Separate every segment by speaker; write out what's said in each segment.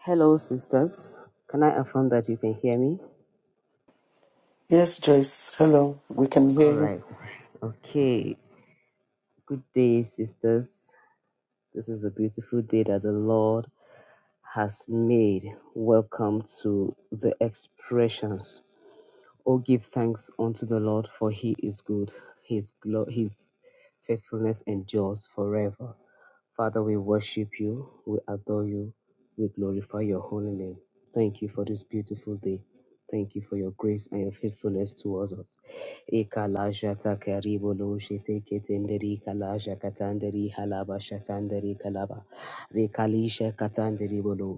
Speaker 1: Hello, sisters. Can I affirm that you can hear me?
Speaker 2: Yes, Joyce. Hello. We can
Speaker 1: All
Speaker 2: hear you.
Speaker 1: right. Okay. Good day, sisters. This is a beautiful day that the Lord has made. Welcome to the expressions. Oh, give thanks unto the Lord, for he is good. His, glo- his faithfulness endures forever. Father, we worship you, we adore you, we glorify your holy name. Thank you for this beautiful day. Thank you for your grace and your faithfulness towards us. Ekalajata karibolo shete ketenderi kalaja katanderi halaba shatanderi kalaba. Rekalisha katanderi bolo.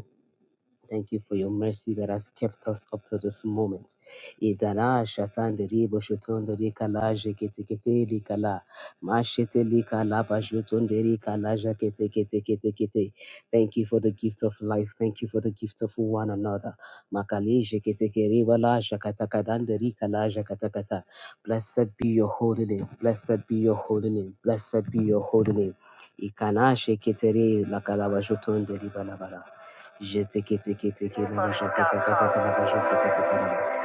Speaker 1: Thank you for your mercy that has kept us up to this moment. Idala shatande ribo shotonde rikala jekete kete rikala mashete rikala bashotonde rikala jakete kete kete kete. Thank you for the gift of life. Thank you for the gift of one another. Makali jekete keriba la jakata kadande rikala jakata kata. Blessed be your holy name. Blessed be your holy name. Blessed be your holy name. Ikana shekete re lakala bashotonde ribalabala. Jeteketeketekerabashatatatatarabashatatatataraba.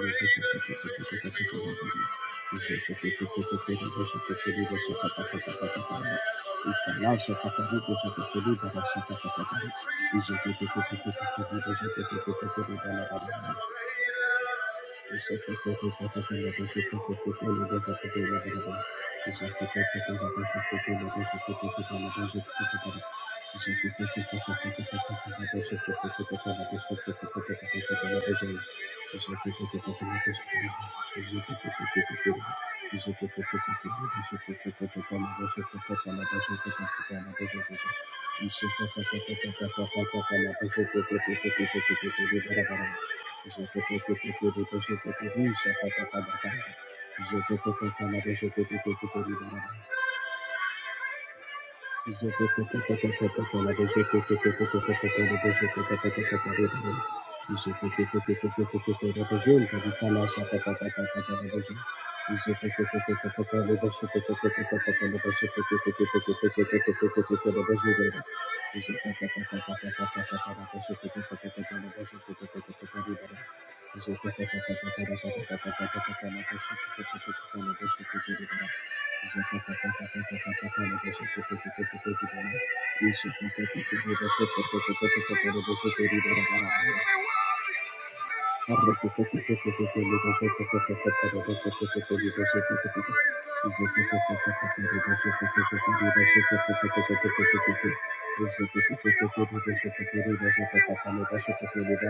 Speaker 1: I'm not sure what to do. Thank you. Thank you. Je Thank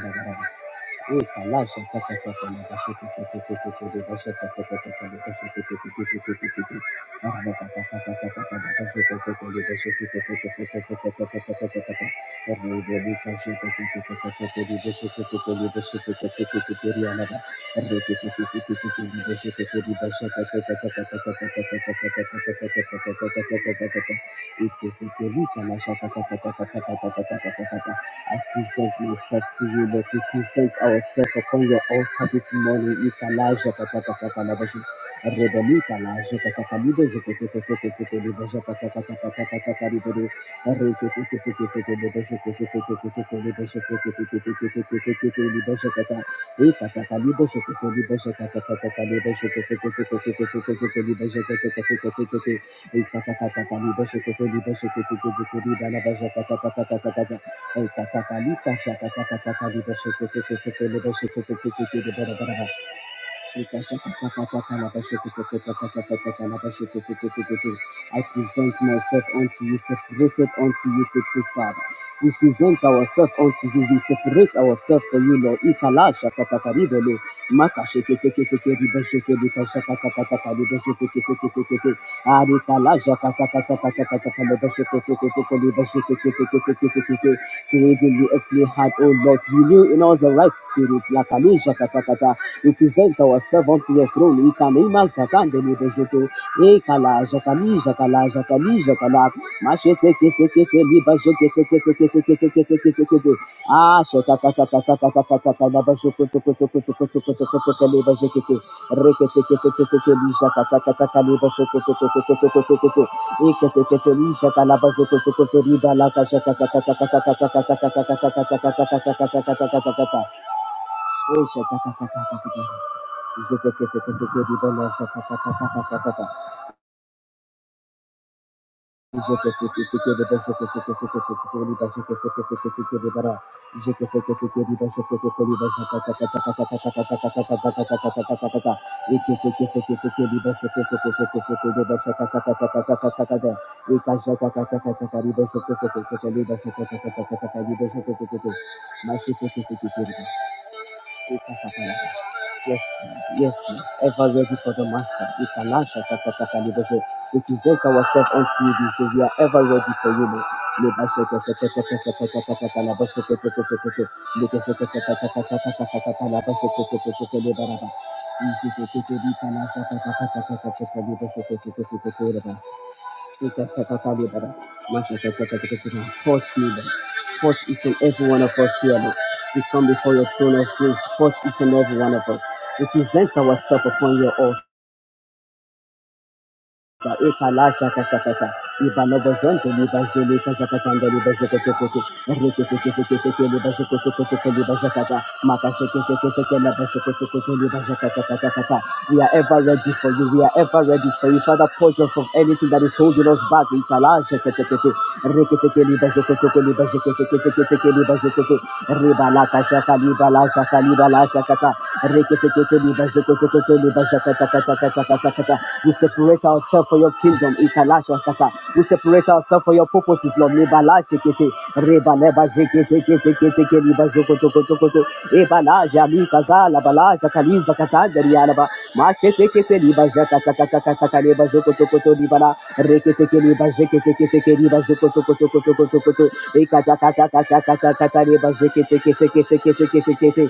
Speaker 1: you. Thank you. I present myself to you, Lord. We present ourselves upon your altar this morning. Ikalaja patakatakalabashi. Rebeli kalaja patakalibe jeketeketeketekelebe japatakatakatakatakaribe. Reketeketeketekelebe jeketeketeketekelebe jeketeketeketekelebe jakata. Ekatakalibe jeketelebe jakatakatakalibe jeketeketeketekelebe jeketeketeketekete. Ekatakatakalibe jeketelebe jeketeketekelebe jakatakatakatakatakata. Ekatakalika shakatakatakaliboshekekekekelekoshekekekekelebarabara. I present myself unto you, separated unto you, faithful Father. We present ourselves unto you. We separate ourselves for you, Lord. Ikalasha katakaribele. Makasheketeketekeribeshekebikashakatakatakariboshekekekekeke. Arikalaja Creating you a heart, O Lord. Renew in us the right spirit. We present ourselves unto your throne. We can iman satan de libezoto. E kala jakala jakali jakala. Machete kete kete liba jekete kete kete kete kete kete kete. Ah shota kata kata kata kata kala ba jokoto koto koto koto koto koto kale ba jekete. Rekete kete kete kete li jakata kata kale ba jokoto koto koto koto koto. E kete kete li jakala ba koto riba la kata kata kata kata kata kata kata kata kata kata kata kata kata kata kata. E kata kata kata. Thank you. Yes, yes, ever ready for the Master. We can launch Takataka Libashe. We present ourselves unto you this day. We are ever ready for you, Lord. Libashe Katakatakatakatakataka Labashe Katakatakatak. Libashe Katakatakatakataka Labashe Katakataka Libaraba. Libashe Katakatakatakataka Libashe Katakataka Libaraba. Touch me, Baba. Touch each and every one of us here, Lord. We come before your throne of grace. Touch each and every one of us. We present ourselves upon your altar. Ta katakata ibalobozonte libazeli kazakatanda libazeketekete reketekete libazeketekete libazakata makasheketekete labazekete libazakatakata we are ever ready for you we are ever ready for you father purge us from anything that is holding us back ikalasha katakete reketeke libazekete libazekete libazekete ribalakashaka libalashaka libalashakata reketekete libazekete libazakatakatakata we separate ourselves for your kingdom. Ikalasha kata. We separate ourselves for your purposes, Lord. Nebalasha kete. Rebaleba jekete kete kete kete liba jokoto koto koto. Ebalaja mikazala balaja kaliza katanda rialaba. Mashete kete liba jakata kata kata kaleba jokoto koto libala. Rekete kete liba jekete kete kete liba jokoto koto koto koto koto. Ekata kata kata kata kata liba jekete kete kete kete kete kete.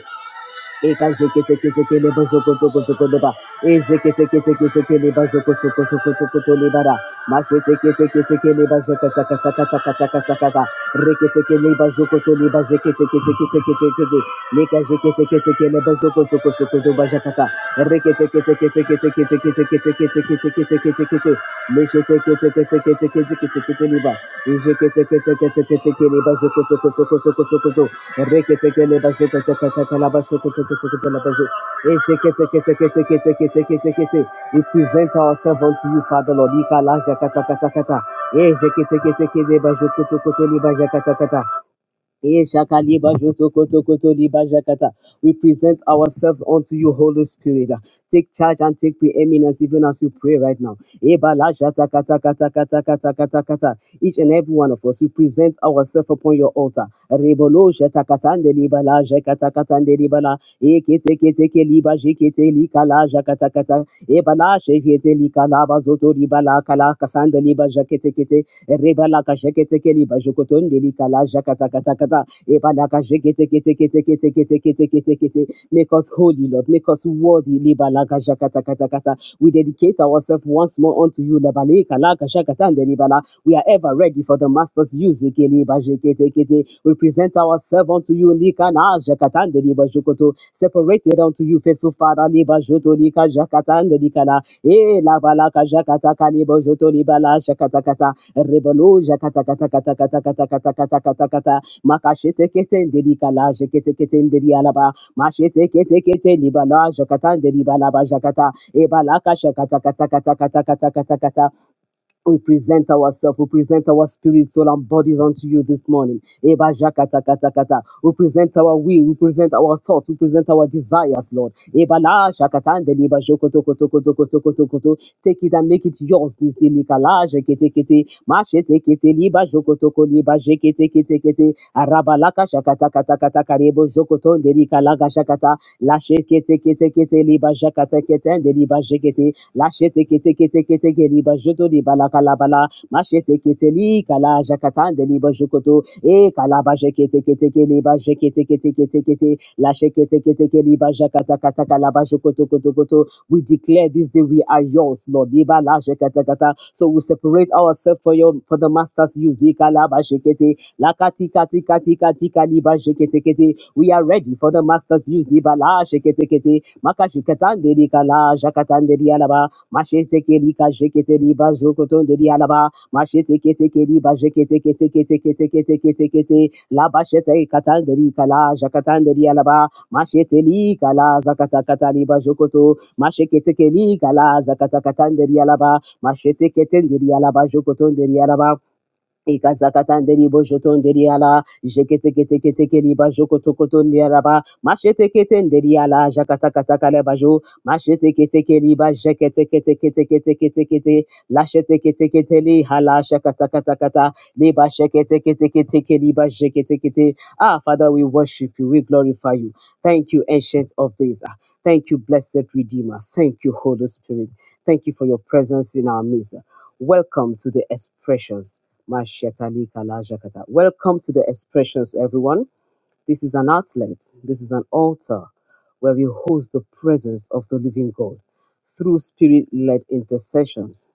Speaker 1: Ekazeketekele bazokotokotokodoba. Ezeketeketekele bazokotokotokotokolebara. Maseteketekele bazakatakatakatakatakatakata. Reketekele bazokotole bazeketeketeketekete. Lekazeketekele bazokotokotokotobazakata. Reketeketeketeketeketeketeketeketeketeketekete. Leseteketeketeketeketeketekeleba. Ezeketeketeketeketekele bazokotokotokotokoto. We present ourselves unto you, Father Lord. Ika la jaka taka taka ta. Eh, jeke teke teke leba joko toko to leba jaka taka ta. We present ourselves unto you, Holy Spirit. Take charge and take preeminence even as we pray right now. Each and every one of us, we present ourselves upon your altar. Rebalaka Jeketekeli Bajokoton Delikala Jakatakatakata Ebalaka Jeketekete. Make us holy, Lord. Make us worthy. Lebala ka jakata kata kata. We dedicate ourselves once more unto you. Lebala ka la Laka Jakatan Delibala. We are ever ready for the Master's use. Ekeli Bajeketekete. We present ourselves unto you. Likana Jakatan Delibajokoto. Separated unto you, faithful Father. Libajoto Lika Jakatan la e la balaka jakata kalibo joto libala jakata kata rebolo jakata kata kata kata kata kata kata kata kata makashete kete ndeli kala jekete kete ndeli alaba mashete kete kete libala jakata ndeli balaba jakata e balaka jakata kata kata kata kata kata kata we present ourselves, we present our spirit, soul, and bodies unto you this morning. Eba jakata kata kata. We present our will, we present our thoughts, we present our desires, Lord. Eba la shakata and deliba jokoto koto koto koto koto koto. Take it and make it yours this day. Lika la jekete kete. Mashete kete liba jokoto ko liba jekete kete kete. Araba laka shakata kata kata karebo jokoto ndelika laga shakata. La shekete kete kete liba jakata kete and deliba jekete. Lashete kete kete kete keri bajoto di balakalabala. Mashete kete li kala jakatande li bajokoto. E kala jekete kete keli bajekete kete kete kete. Lashekete kete keli bajakata kata kalaba jokoto koto koto. We declare this day we are yours, Lord. Iba la kata. So we separate ourselves for your for the master's use. E kalaba jekete. Lakati kati kati kati kali ba jekete kete. We are ready for the master's use. Ibala jekete kete. Makashikatande rikala jakatande rialaba. Mashete kerika jekete riba jokotonde rialaba. Mashete kete keriba jekete kete kete kete kete kete kete. La bashete katande rikala jakatande rialaba. Mashete likala zakata katali ba jokoto. Mashekete kerika la zakata katande rialaba. Mashete ketende rialaba jokotonde rialaba. Ikazakatanderi bojotonderi ala jeketeketekeli bajokotokotonderi kete masheteketenderi ala jakatakatakale bajo machete kete keli baje kete kete kete kete kete kete lachete kete kete li hala jakata kata kata li baje kete shakatakatakata leba sheketeketekeli bajeketekete Ah, Father, we worship you. We glorify you. Thank you, Ancient of Days. Ah, Thank you, Blessed Redeemer. Thank you, Holy Spirit. Thank you for your presence in our midst. Welcome to the expressions Mashetali Kalajakata. Welcome to the expressions, everyone. This is an outlet, this is an altar where we host the presence of the living God through spirit led intercessions,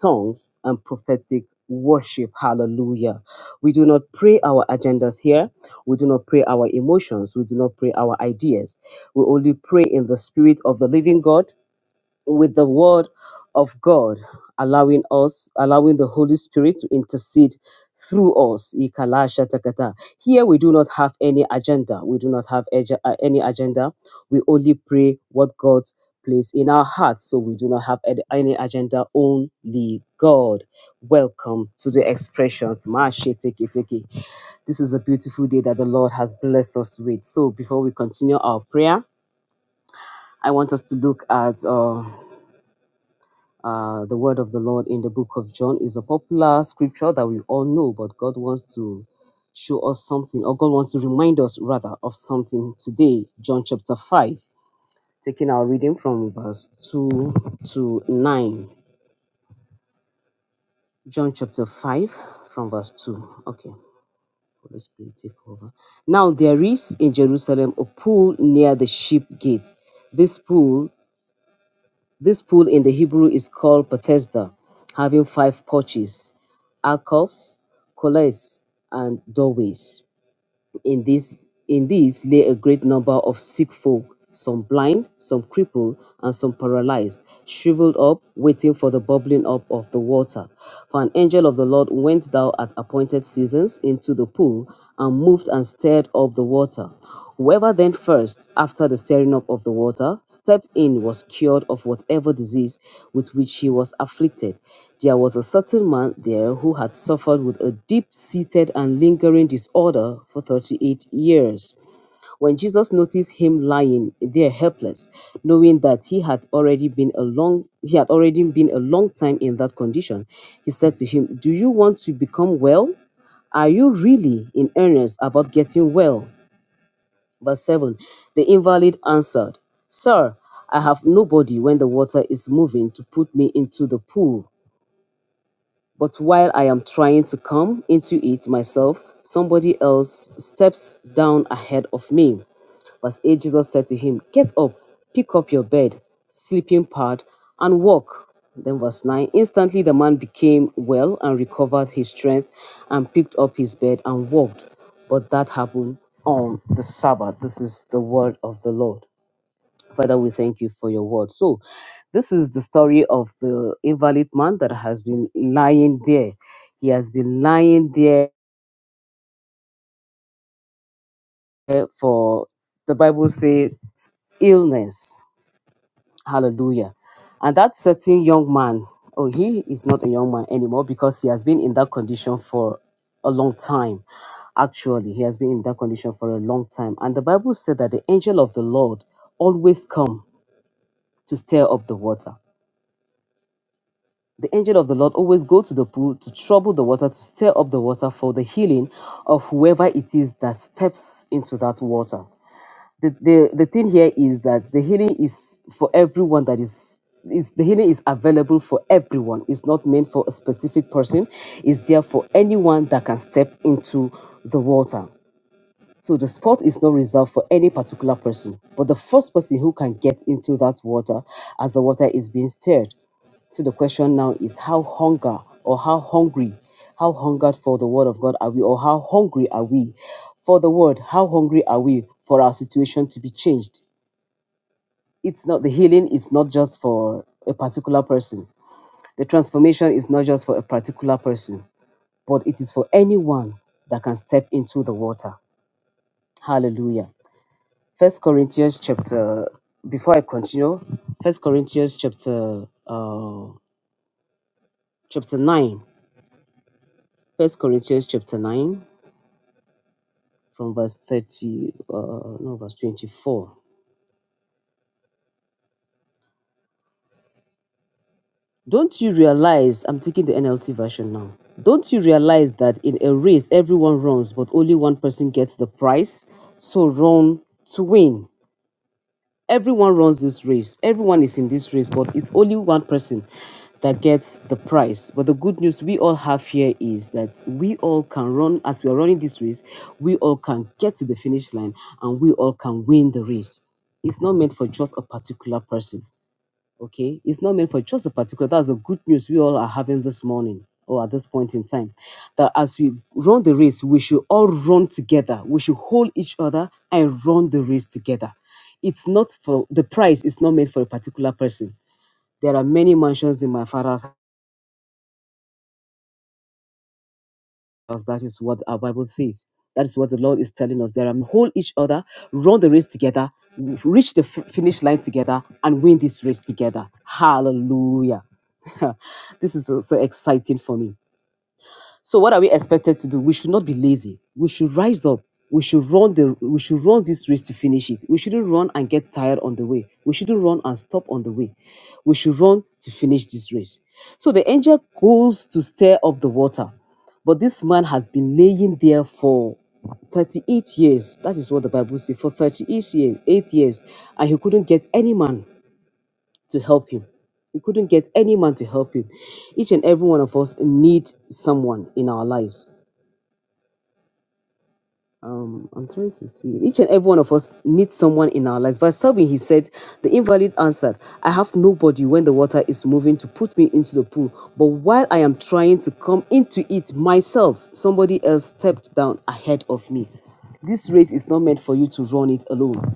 Speaker 1: tongues, and prophetic worship. Hallelujah. We do not pray our agendas here, we do not pray our emotions, we do not pray our ideas. We only pray in the spirit of the living God with the word of God, allowing us, allowing the Holy Spirit to intercede through us. Ikalashakata. Here we do not have any agenda. We do not have ag- uh, any agenda. We only pray what God place in our hearts. So we do not have ad- any agenda, only God. Welcome to the expressions. Masheteketeke. This is a beautiful day that the Lord has blessed us with. So before we continue our prayer, I want us to look at. uh, uh, the word of the Lord in the book of John is a popular scripture that we all know, but God wants to show us something, or God wants to remind us rather of something today. John chapter 5, taking our reading from verse 2 to 9. John chapter 5, from verse 2. Okay, Holy Spirit, take over. Now there is in Jerusalem a pool near the sheep gate. This pool This pool in the Hebrew is called Bethesda, having five porches, alcoves, collettes, and doorways. In this in these lay a great number of sick folk, some blind, some crippled, and some paralyzed, shriveled up, waiting for the bubbling up of the water. For an angel of the Lord went down at appointed seasons into the pool and moved and stirred up the water. Whoever then first, after the stirring up of the water, stepped in was cured of whatever disease with which he was afflicted. There was a certain man there who had suffered with a deep seated and lingering disorder for 38 years. When Jesus noticed him lying there helpless, knowing that he had already been a long he had already been a long time in that condition, he said to him, "Do you want to become well?" Are you really in earnest about getting well? Verse 7 The invalid answered, Sir, I have nobody when the water is moving to put me into the pool. But while I am trying to come into it myself, somebody else steps down ahead of me. Verse 8 Jesus said to him, Get up, pick up your bed, sleeping pad, and walk. Then, verse 9 Instantly the man became well and recovered his strength and picked up his bed and walked. But that happened on the Sabbath. This is the word of the Lord. Father, we thank you for your word. So, this is the story of the invalid man that has been lying there. He has been lying there for, the Bible says, illness Hallelujah. And that certain young man, oh, he is not a young man anymore because he has been in that condition for a long time. Actually, he has been in that condition for a long time. And the Bible said that the angel of the Lord always come to stir up the water. The angel of the Lord always go to the pool to trouble the water, to stir up the water for the healing of whoever it is that steps into that water. the, the the thing here is that the healing is for everyone that is is the healing is available for everyone it's not meant for a specific person it's there for anyone that can step into the water so the spot is not reserved for any particular person, but the first person who can get into that water as the water is being stirred. So the question now is how hunger or how hungry, how hungered for the word of God are we, or how hungry are we for the word? How hungry are we for our situation to be changed? It's not the healing is not just for a particular person. The transformation is not just for a particular person, but it is for anyone that can step into the water. Hallelujah. First Corinthians chapter before I continue, First Corinthians chapter uh chapter nine. First Corinthians chapter nine from verse thirty uh no verse twenty-four. Don't you realize I'm taking the NLT version now. Don't you realize that in a race everyone runs but only one person gets the prize? So run to win. Everyone runs this race. Everyone is in this race, but it's only one person that gets the prize. But the good news we all have here is that we all can run as we are running this race, we all can get to the finish line and we all can win the race. It's not meant for just a particular person. Okay, it's not meant for just a particular. That's the good news we all are having this morning or at this point in time. That as we run the race, we should all run together. We should hold each other and run the race together. It's not for the prize, it's not meant for a particular person. There are many mansions in my father's us. That is what our Bible says. That is what the Lord is telling us. There are hold each other, run the race together, reach the f- finish line together, and win this race together. Hallelujah. this is so so exciting for me. So what are we expected to do? We should not be lazy. We should rise up. We should run the we should run this race to finish it. We shouldn't run and get tired on the way. We shouldn't run and stop on the way. We should run to finish this race. So the angel goes to stir up the water. But this man has been laying there for 38 years. That is what the Bible says. For 38 years, eight years, and he couldn't get any man to help him. He couldn't get any man to help him. Each and every one of us need someone in our lives. Um, I'm trying to see. Each and every one of us needs someone in our lives. Verse 7, he said, The invalid answered, I have nobody when the water is moving to put me into the pool. But while I am trying to come into it myself, somebody else stepped down ahead of me. This race is not meant for you to run it alone.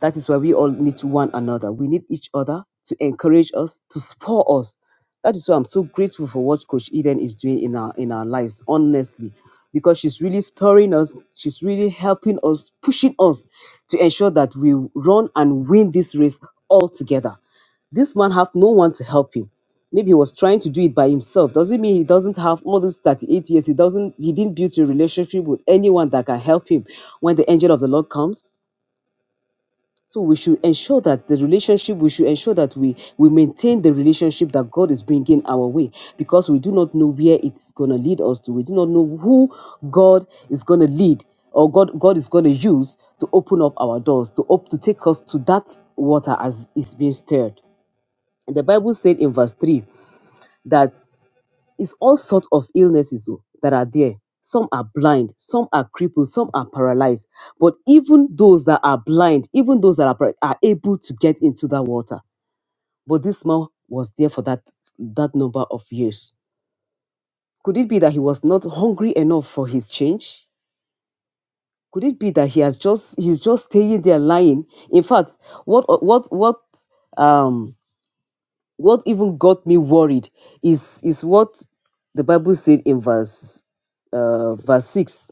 Speaker 1: That is why we all need one another. We need each other to encourage us, to spur us. That is why I'm so grateful for what Coach Eden is doing in our in our lives, honestly, because she's really spurring us. She's really helping us, pushing us to ensure that we run and win this race all together. This man have no one to help him. Maybe he was trying to do it by himself. Doesn't mean he doesn't have all these 38 years. He doesn't. He didn't build a relationship with anyone that can help him when the angel of the Lord comes so we should ensure that the relationship, we should ensure that we, we maintain the relationship that God is bringing our way because we do not know where it's going to lead us to. We do not know who God is going to lead or God, God is going to use to open up our doors, to, op- to take us to that water as is being stirred. And the Bible said in verse 3 that. It's all sorts of illnesses oh, that are there. Some are blind, some are crippled, some are paralyzed. But even those that are blind, even those that are par- are able to get into that water. But this man was there for that that number of years. Could it be that he was not hungry enough for his change? Could it be that he has just he's just staying there lying? In fact, what what what um What even got me worried is is what the Bible said in verse uh, verse six,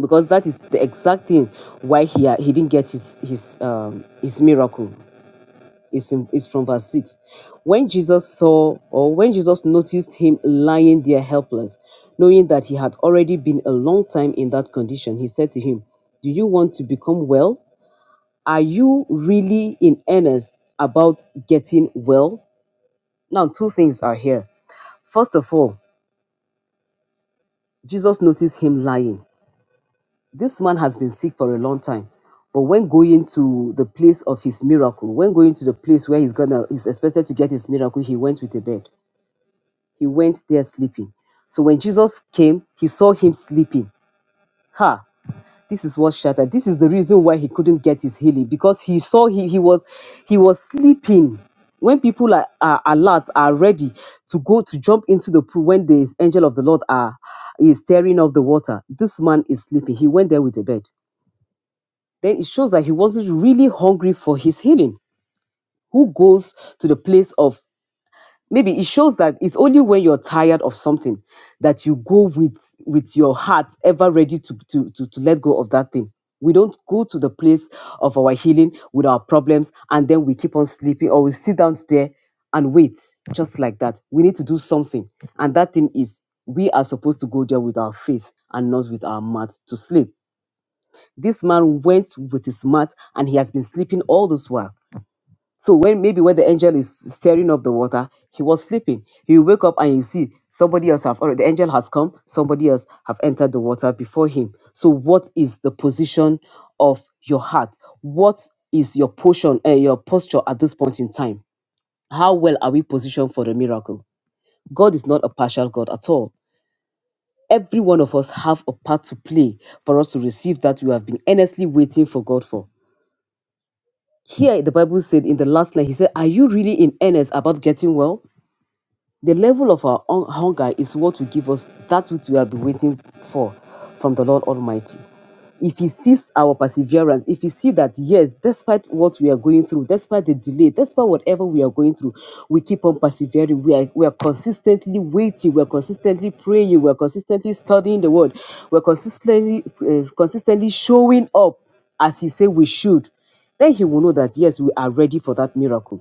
Speaker 1: because that is the exact thing why he he didn't get his his um, his miracle. It's, in, it's from verse 6. When Jesus saw, or when Jesus noticed him lying there helpless, knowing that he had already been a long time in that condition, he said to him, Do you want to become well? Are you really in earnest about getting well? Now, two things are here. First of all, Jesus noticed him lying. This man has been sick for a long time. But when going to the place of his miracle, when going to the place where he's gonna he's expected to get his miracle, he went with a bed. He went there sleeping. So when Jesus came, he saw him sleeping. Ha! this is what shattered this is the reason why he couldn't get his healing because he saw he, he was he was sleeping when people are, are alert are ready to go to jump into the pool when the angel of the lord are is tearing up the water this man is sleeping he went there with a bed then it shows that he wasn't really hungry for his healing who goes to the place of maybe it shows that it's only when you're tired of something that you go with with your heart ever ready to to to, to let go of that thing we don't go to the place of our healing with our problems and then we keep on sleeping or we sit down there and wait just like that we need to do something and that thing is we are supposed to go there with our faith and not with our mouth to sleep this man went with his mouth and he has been sleeping all this while so when maybe when the angel is stirring up the water, he was sleeping. He will wake up and you see somebody else have already the angel has come, somebody else have entered the water before him. So what is the position of your heart? What is your portion, uh, your posture at this point in time? How well are we positioned for the miracle? God is not a partial God at all. Every one of us have a part to play for us to receive that we have been earnestly waiting for God for. Here the Bible said in the last line, he said, Are you really in earnest about getting well? The level of our hun- hunger is what will give us that which we have been waiting for from the Lord Almighty. If He sees our perseverance, if He sees that, yes, despite what we are going through, despite the delay, despite whatever we are going through, we keep on persevering. We are, we are consistently waiting, we're consistently praying, we're consistently studying the Word, we're consistently, uh, consistently showing up as He said we should. Then He will know that, yes, we are ready for that miracle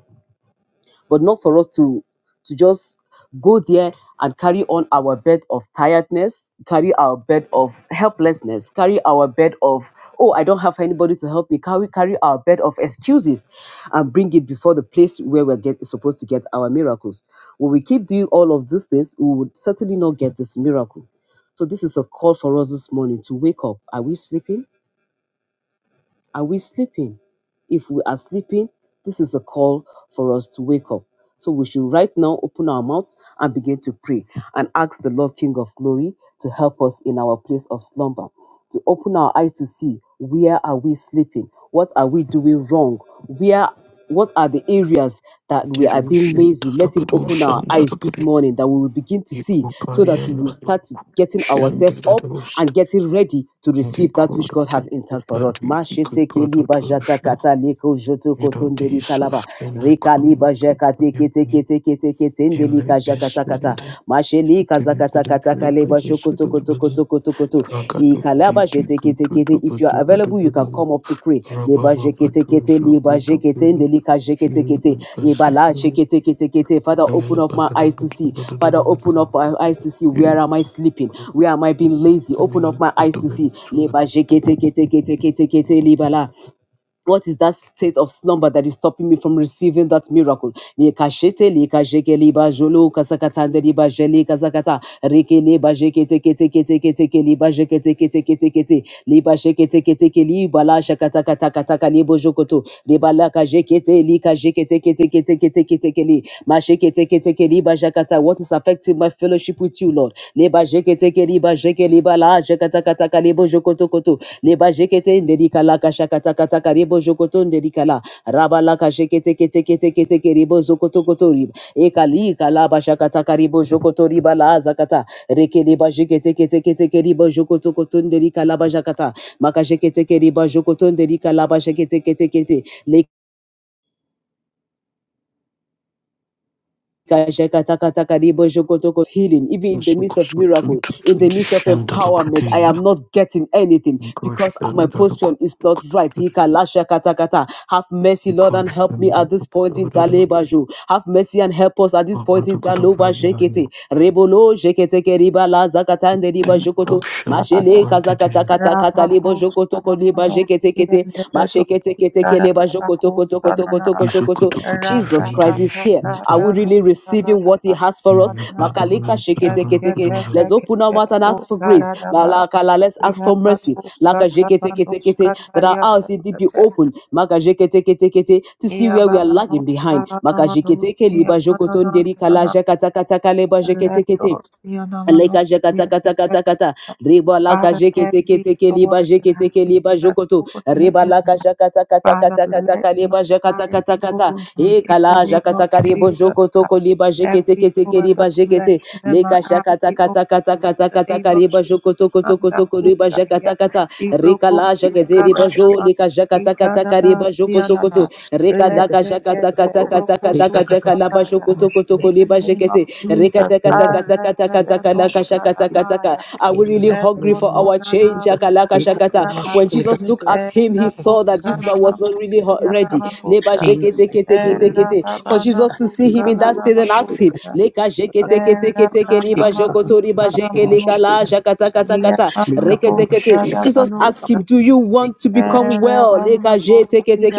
Speaker 1: but not for us to to just go there and carry on our bed of tiredness, carry our bed of helplessness, carry our bed of oh I don't have anybody to help me, carry carry our bed of excuses, and bring it before the place where we're get, supposed to get our miracles. When we keep doing all of these things, we would certainly not get this miracle. So this is a call for us this morning to wake up. Are we sleeping? Are we sleeping? If we are sleeping, this is a call for us to wake up. So we should right now open our mouths and begin to pray and ask the Lord King of Glory to help us in our place of slumber, to open our eyes to see where are we sleeping? What are we doing wrong? Where what are the areas that we are
Speaker 3: Devo
Speaker 1: being lazy? Let him
Speaker 3: shandarabado
Speaker 1: open our eyes this
Speaker 3: shandarabado.
Speaker 1: morning that we will begin to
Speaker 3: Iko
Speaker 1: see so that we
Speaker 3: payan
Speaker 1: will
Speaker 3: mano
Speaker 1: start getting ourselves up
Speaker 3: shandarabust.
Speaker 1: and getting ready to receive that which
Speaker 3: Dikora
Speaker 1: God
Speaker 3: te
Speaker 1: has in turn for us.
Speaker 3: pati diko prodotosha. Iro di sofrena krum pandayami. Elegesunde. Devi kada kada pati sarabada. Ragato di
Speaker 1: Ikalaba
Speaker 3: diko
Speaker 1: jeteketekete.
Speaker 3: tuto
Speaker 1: If you are
Speaker 3: pato pato
Speaker 1: available, you can
Speaker 3: pato.
Speaker 1: come up to pray. Leba
Speaker 3: Rababa pato
Speaker 1: jeketekete,
Speaker 3: so
Speaker 1: leba
Speaker 3: pato
Speaker 1: jekete,
Speaker 3: pato.
Speaker 1: ndelika
Speaker 3: Iri
Speaker 1: jeketekete,
Speaker 3: kada pasi
Speaker 1: ibala
Speaker 3: kada.
Speaker 1: jeketeketekete. Father, open
Speaker 3: Ragada
Speaker 1: up my
Speaker 3: pakada
Speaker 1: eyes to
Speaker 3: pato
Speaker 1: see.
Speaker 3: pato
Speaker 1: Father, open
Speaker 3: pato
Speaker 1: up my eyes to see. Where
Speaker 3: pato.
Speaker 1: am I sleeping?
Speaker 3: Joyce,
Speaker 1: Where am I being lazy? Open up my eyes to see. Leba jeketeketeketekete, libala what is that state of slumber that is stopping me from receiving that miracle? Mikashete lika jeke liba jolo kasakata nde liba jele kasakata reke liba jeke teke teke teke teke liba jeke teke teke teke te liba jeke teke teke liba la shakata kata kata ka libo jokoto liba la ka jeke te lika jeke teke teke teke teke teke li ma jeke teke teke liba jakata what is affecting my fellowship with you Lord liba jeke teke liba jeke liba la jakata kata ka libo jokoto koto leba jekete nderika laka shakata kata karibo jokoto nderika la raba la jekete kete kete kete keribo zokoto koto riba ekali kalaba shakata karibo jokoto riba la zakata reke leba jekete kete kete keribo jokoto koto nderika laba jakata maka jekete keriba jokoto nderika laba jekete kete kete le healing, even in the midst of miracle, in the midst of empowerment. I am not getting anything because my posture is not right. Have mercy, Lord, and help me at this point in time. Have mercy and help us at this point in time. Rebolo Shekete Keriba La Zakatande
Speaker 4: Iya
Speaker 1: Riba Jokoto.
Speaker 4: baba
Speaker 1: Mashele Kazakatakata Katalebo Jokoto
Speaker 4: nuskala
Speaker 1: Koliba Jekete Kete. Mashekete Kete Keleba Jokoto Koto Koto Koto Koto Koto. Jesus Christ is here. Are we really receiving what He has for us? Makalika sheketeketeke. Let's open our mouth and ask for grace. Malakala, let's ask for mercy. Laka sheketeketekete. That our eyes indeed be open. Maka sheketeketekete. To see where we are lagging behind. Maka
Speaker 4: nama nus iya
Speaker 1: sheketekeliba jokotonderi
Speaker 4: manana
Speaker 1: kala jakatakataka leba
Speaker 4: Let
Speaker 1: sheketekete.
Speaker 4: Father,
Speaker 1: Leka jeka kata kata kata. ta. Riba laka jeke teke
Speaker 4: every
Speaker 1: teke liba
Speaker 4: door
Speaker 1: jeke
Speaker 4: that has
Speaker 1: teke
Speaker 4: been
Speaker 1: liba
Speaker 4: left
Speaker 1: jokoto.
Speaker 4: open to the
Speaker 1: Riba
Speaker 4: enemy,
Speaker 1: laka jaka kata kata
Speaker 4: Father,
Speaker 1: kata
Speaker 4: let
Speaker 1: taka
Speaker 4: my
Speaker 1: liba jaka
Speaker 4: eyes
Speaker 1: taka
Speaker 4: be
Speaker 1: taka ta.
Speaker 4: opened
Speaker 1: E
Speaker 4: in the
Speaker 1: kala
Speaker 4: name
Speaker 1: jaka
Speaker 4: of
Speaker 1: taka ribo
Speaker 4: Jesus.
Speaker 1: jokoto ko liba jeke
Speaker 4: Every
Speaker 1: teke teke
Speaker 4: door of the
Speaker 1: liba jeke te.
Speaker 4: flesh, let my
Speaker 1: Leka
Speaker 4: eyes
Speaker 1: jaka
Speaker 4: be
Speaker 1: taka
Speaker 4: opened
Speaker 1: taka
Speaker 4: in
Speaker 1: taka
Speaker 4: the
Speaker 1: taka taka
Speaker 4: name of
Speaker 1: liba
Speaker 4: Jesus.
Speaker 1: jokoto ko toko
Speaker 4: Manda
Speaker 1: toko liba
Speaker 4: kuta
Speaker 1: jaka
Speaker 4: here.
Speaker 1: taka ta.
Speaker 4: Ibro
Speaker 1: Rika la
Speaker 4: kotu
Speaker 1: jaka te riba
Speaker 5: Thank
Speaker 4: kalada
Speaker 1: jo
Speaker 4: ma-
Speaker 1: leka jaka taka taka
Speaker 4: ikanana
Speaker 1: riba jokoto
Speaker 4: sianana.
Speaker 1: koto. Rika
Speaker 4: Let
Speaker 1: daka
Speaker 4: it
Speaker 1: jaka
Speaker 4: get
Speaker 1: taka
Speaker 4: a
Speaker 1: taka taka
Speaker 4: broko
Speaker 1: taka taka laba
Speaker 4: tuskataya.
Speaker 1: jokoto koto ko
Speaker 4: In
Speaker 1: liba
Speaker 4: the name
Speaker 1: jeke te.
Speaker 4: of Jesus, arete benos kalanaya.
Speaker 1: Are we really hungry for our change?
Speaker 4: Eskotonana brikanoskata.
Speaker 1: When Jesus looked at
Speaker 4: Era
Speaker 1: him, he saw that this man was not really ready. For Jesus to see him in that state and ask him, Jesus asked him, Do you want to become well?
Speaker 5: you.